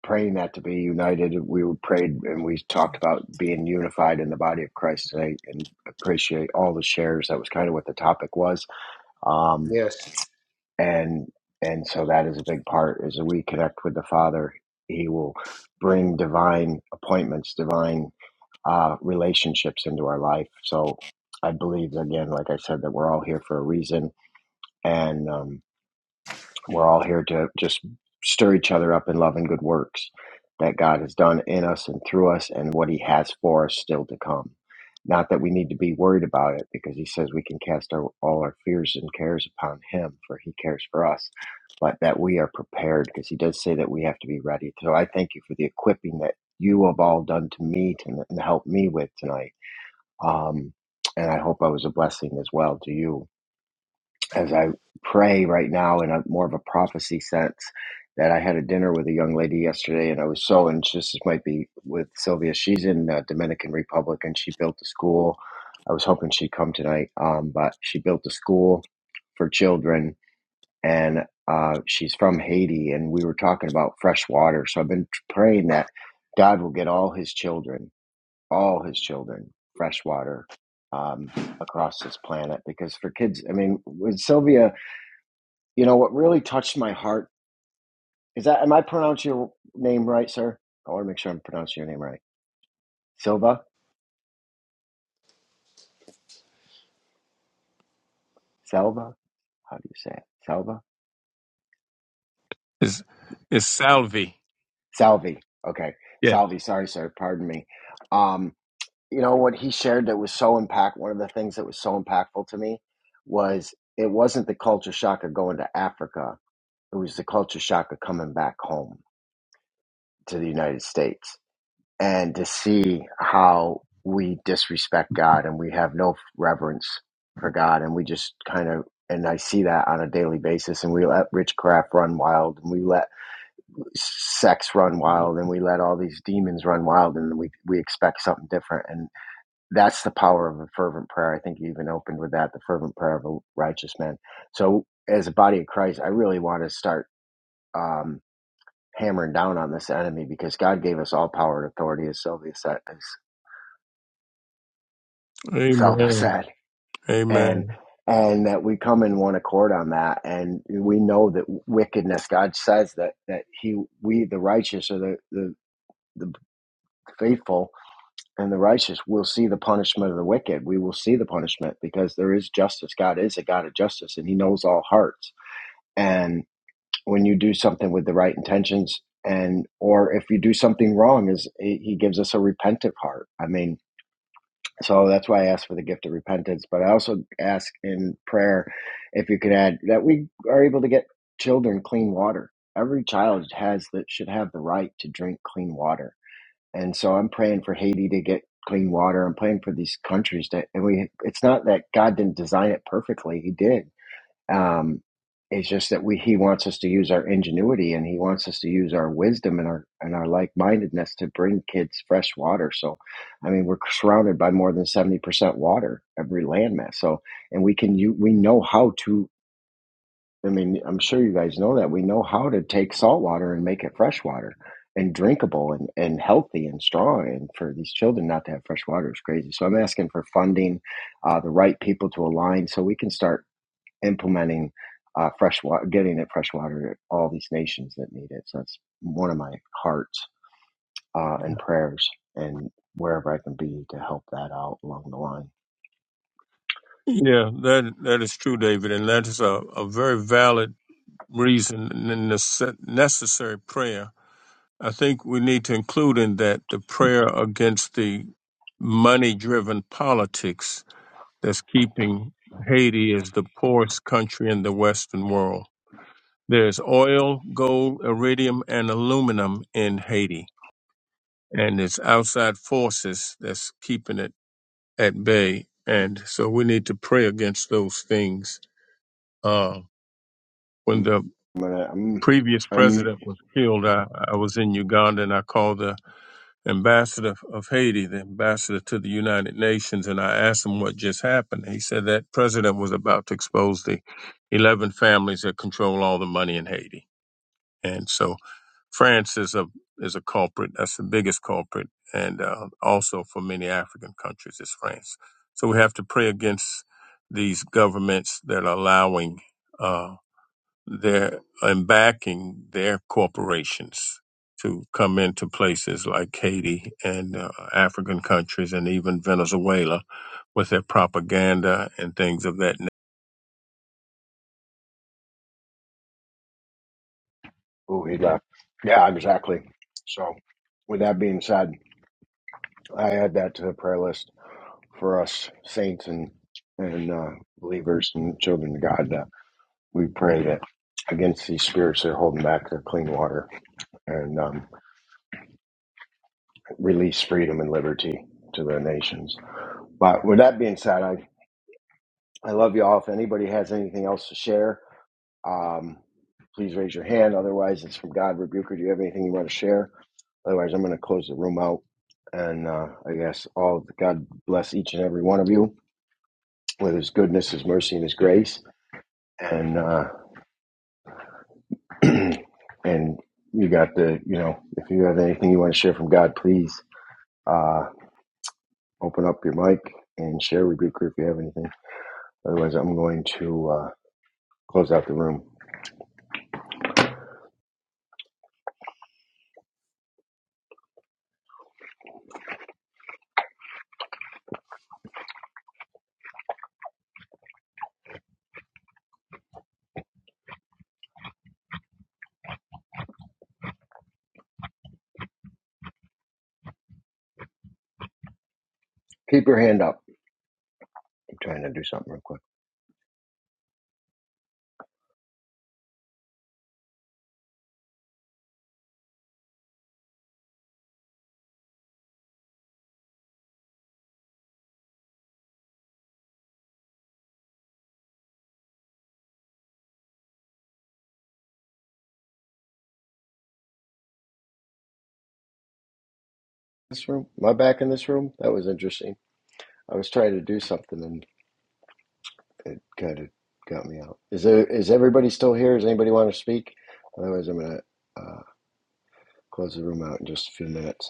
S1: praying that to be united. We were prayed and we talked about being unified in the body of Christ today and appreciate all the shares. That was kind of what the topic was. Um,
S6: Yes.
S1: and and so that is a big part as we connect with the father he will bring divine appointments divine uh, relationships into our life so i believe again like i said that we're all here for a reason and um, we're all here to just stir each other up in love and good works that God has done in us and through us and what he has for us still to come. Not that we need to be worried about it because he says we can cast our, all our fears and cares upon him for he cares for us, but that we are prepared because he does say that we have to be ready. So I thank you for the equipping that you have all done to me to and helped me with tonight. Um, and I hope I was a blessing as well to you as I pray right now in a more of a prophecy sense that I had a dinner with a young lady yesterday and I was so and just this might be with Sylvia she's in uh, Dominican Republic and she built a school I was hoping she'd come tonight um, but she built a school for children and uh, she's from Haiti and we were talking about fresh water so I've been praying that God will get all his children all his children fresh water um, across this planet because for kids I mean with Sylvia you know what really touched my heart is that. Am I pronouncing your name right, sir? I want to make sure I'm pronouncing your name right. Silva, Selva. How do you say it? Selva,
S10: It's, it's Salvi.
S1: Salvi. Okay,
S10: Yes.
S1: Salvi. Sorry, sir. Pardon me. Um, you know what he shared that was so impact. One of the things that was so impactful to me was it wasn't the culture shock of going to Africa. It was the culture shock of coming back home to the United States and to see how we disrespect God and we have no reverence for God and we just kind of and I see that on a daily basis and we let witchcraft run wild and we let sex run wild and we let all these demons run wild and we we expect something different and that's the power of a fervent prayer. I think you even opened with that the fervent prayer of a righteous man. So as a body of Christ, I really want to start um hammering down on this enemy because God gave us all power and authority, as Sylvia said, as Salva
S10: Amen.
S1: said, and
S10: Amen.
S1: and that we come in one accord on that, and we know that wickedness. God says that that He, we, the righteous, or the the, the faithful and the righteous, will see the punishment of the wicked. We will see the punishment because there is justice. God is a God of justice, and He knows all hearts. And when you do something with the right intentions, and or if you do something wrong, is He He gives us a repentant heart. I mean So that's why I ask for the gift of repentance. But I also ask in prayer if you could add that we are able to get children clean water. Every child has that should have the right to drink clean water. And so I'm praying for Haiti to get clean water. I'm praying for these countries that and we it's not that God didn't design it perfectly. He did um, it's just that we he wants us to use our ingenuity and he wants us to use our wisdom and our and our like mindedness to bring kids fresh water. So, I mean, we're surrounded by more than seventy percent water every landmass. So, and we can you we know how to. I mean, I'm sure you guys know that we know how to take salt water and make it fresh water and drinkable and, and healthy and strong. And for these children not to have fresh water is crazy. So I'm asking for funding, uh, the right people to align so we can start implementing uh, fresh water, getting it fresh water to all these nations that need it. So that's one of my hearts uh, and prayers, and wherever I can be to help that out along the line.
S10: Yeah, that that is true, David, and that is a, a very valid reason and a nece- necessary prayer I think we need to include in that the prayer against the money driven politics that's keeping Haiti as the poorest country in the Western world. There's oil, gold, iridium, and aluminum in Haiti, and it's outside forces that's keeping it at bay. And so we need to pray against those things. Uh, when
S1: I'm,
S10: the
S1: gonna, I'm,
S10: previous
S1: I'm
S10: president was killed, I, I was in Uganda and I called the ambassador of Haiti, the ambassador to the United Nations, and I asked him what just happened. He said that president was about to expose the 11 families that control all the money in Haiti. And so France is a is a culprit. That's the biggest culprit, and uh, also for many African countries is France. So we have to pray against these governments that are allowing. Uh, their and backing their corporations to come into places like Haiti and uh, African countries and even Venezuela with their propaganda and things of that nature.
S1: oh, he left. Yeah, exactly. So, with that being said, I add that to the prayer list for us saints and and uh, believers and children of God. that we pray that against these spirits that are holding back their clean water and um, release freedom and liberty to the nations. But with that being said, I, I love you all. If anybody has anything else to share, um, please raise your hand. Otherwise, it's from God. Rebuker, do you have anything you want to share? Otherwise, I'm going to close the room out. And uh, I guess all God bless each and every one of you with his goodness, his mercy, and his grace. And uh, and you got the, you know, if you have anything you want to share from God, please uh, open up your mic and share with Rebuker if you have anything. Otherwise, I'm going to uh, close out the room. Keep your hand up. I'm trying to do something real quick. This room, my back in this room, that was interesting. I was trying to do something and it kind of got me out. Is there, is everybody still here? Does anybody want to speak? Otherwise, I'm going to uh, close the room out in just a few minutes.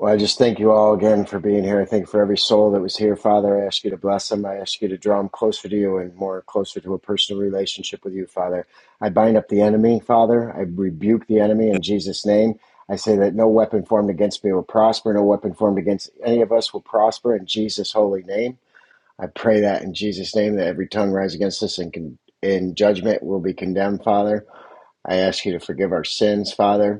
S1: Well, I just thank you all again for being here. I thank you for every soul that was here, Father. I ask you to bless them. I ask you to draw them closer to you and more closer to a personal relationship with you, Father. I bind up the enemy, Father. I rebuke the enemy in Jesus' name. I say that no weapon formed against me will prosper. No weapon formed against any of us will prosper in Jesus' holy name. I pray that in Jesus' name that every tongue rise against us and con- in judgment will be condemned, Father. I ask you to forgive our sins, Father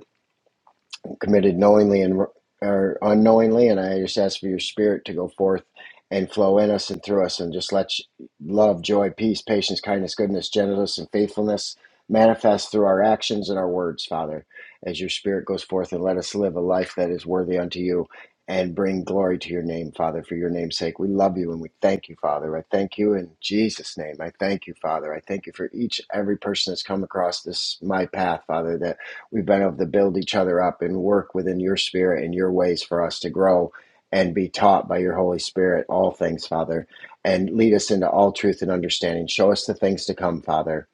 S1: committed knowingly and or unknowingly and i just ask for your spirit to go forth and flow in us and through us and just let you- love joy peace patience kindness goodness gentleness and faithfulness manifest through our actions and our words father as your spirit goes forth and let us live a life that is worthy unto you and bring glory to your name father for your name's sake we love you and we thank you father i thank you in jesus name i thank you father i thank you for each every person that's come across this my path father that We've been able to build each other up and work within your spirit and your ways for us to grow and be taught by your Holy Spirit all things, Father. And lead us into all truth and understanding. Show us the things to come, Father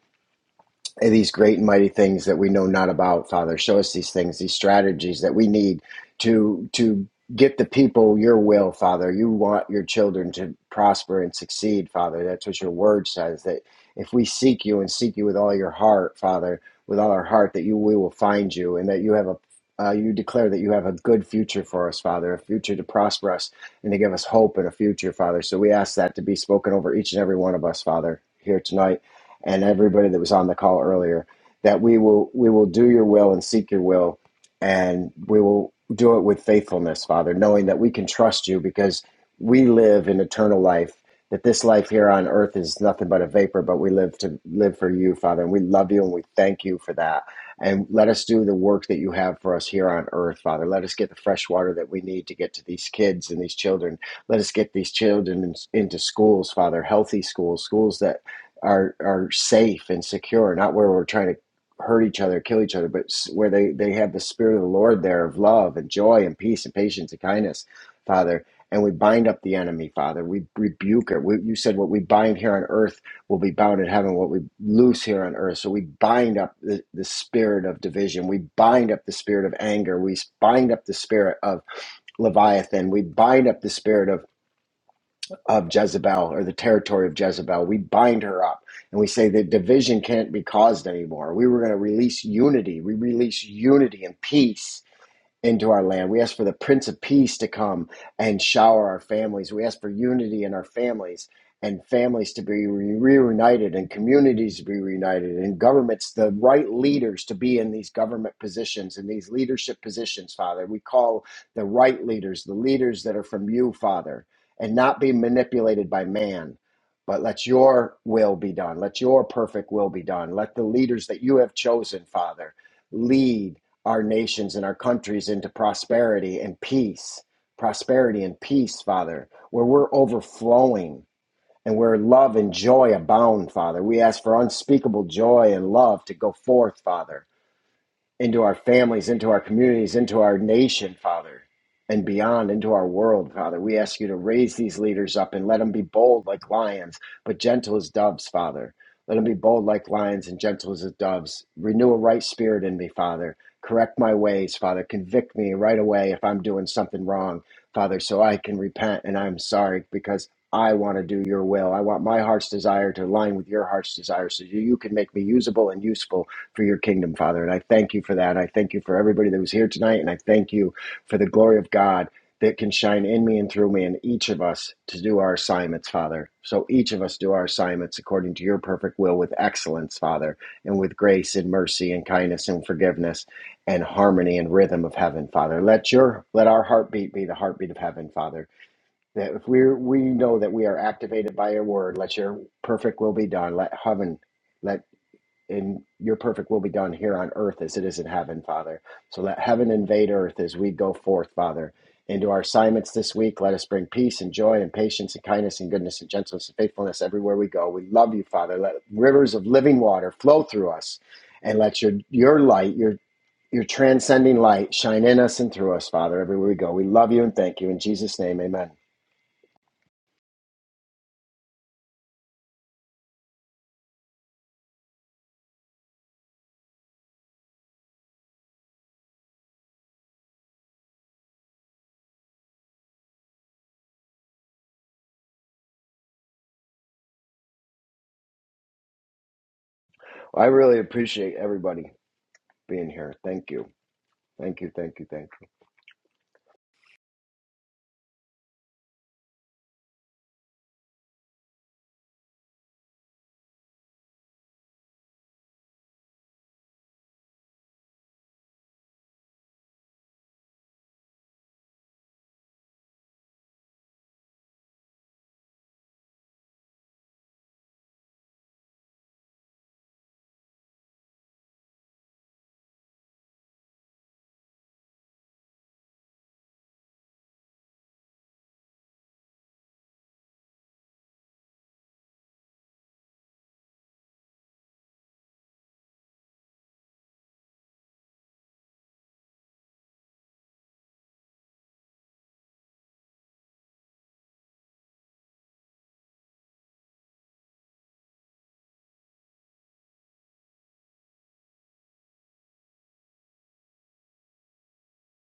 S1: these great and mighty things that we know not about father show us these things these strategies that we need to to get the people your will father you want your children to prosper and succeed father that's what your word says that if we seek you and seek you with all your heart father with all our heart that you we will find you and that you have a uh, you declare that you have a good future for us, Father, a future to prosper us and to give us hope and a future, Father. So we ask that to be spoken over each and every one of us, Father, here tonight and everybody that was on the call earlier that we will we will do your will and seek your will and we will do it with faithfulness father knowing that we can trust you because we live in eternal life that this life here on earth is nothing but a vapor but we live to live for you father and we love you and we thank you for that and let us do the work that you have for us here on earth father let us get the fresh water that we need to get to these kids and these children let us get these children in- into schools father healthy schools schools that are are safe and secure, not where we're trying to hurt each other, kill each other, but where they they have the spirit of the Lord there of love and joy and peace and patience and kindness, Father. And we bind up the enemy, Father. We rebuke it. We, you said what we bind here on earth will be bound in heaven. What we loose here on earth. So we bind up the, the spirit of division. We bind up the spirit of anger. We bind up the spirit of Leviathan. We bind up the spirit of of Jezebel or the territory of Jezebel. We bind her up and we say that division can't be caused anymore. We were going to release unity. We release unity and peace into our land. We ask for the Prince of Peace to come and shower our families. We ask for unity in our families and families to be re- reunited and communities to be reunited and governments, the right leaders to be in these government positions and these leadership positions, Father. We call the right leaders, the leaders that are from you, Father, and not be manipulated by man. But let your will be done. Let your perfect will be done. Let the leaders that you have chosen, Father, lead our nations and our countries into prosperity and peace, prosperity and peace, Father, where we're overflowing and where love and joy abound, Father. We ask for unspeakable joy and love to go forth, Father into our families, into our communities, into our nation, Father, and beyond, into our world, Father. We ask you to raise these leaders up and let them be bold like lions, but gentle as doves, Father. Let them be bold like lions and gentle as doves. Renew a right spirit in me, Father. Correct my ways, Father. Convict me right away if I'm doing something wrong, Father, so I can repent and I'm sorry because I want to do your will. I want my heart's desire to align with your heart's desire so you can make me usable and useful for your kingdom, Father. And I thank you for that. I thank you for everybody that was here tonight. And I thank you for the glory of God that can shine in me and through me and each of us to do our assignments, Father. So each of us do our assignments according to your perfect will with excellence, Father, and with grace and mercy and kindness and forgiveness and harmony and rhythm of heaven, Father. Let your let our heartbeat be the heartbeat of heaven, Father. That if we we know that we are activated by your word, let your perfect will be done. Let heaven let and your perfect will be done here on earth as it is in heaven, Father. So let heaven invade earth as we go forth, Father. Into our assignments this week, let us bring peace and joy and patience and kindness and goodness and gentleness and faithfulness everywhere we go. We love you, Father. Let rivers of living water flow through us and let your, your light, your, your transcending light shine in us and through us, Father, everywhere we go. We love you and thank you. In Jesus' name, amen. Well, I really appreciate everybody being here. Thank you. Thank you. Thank you. Thank you.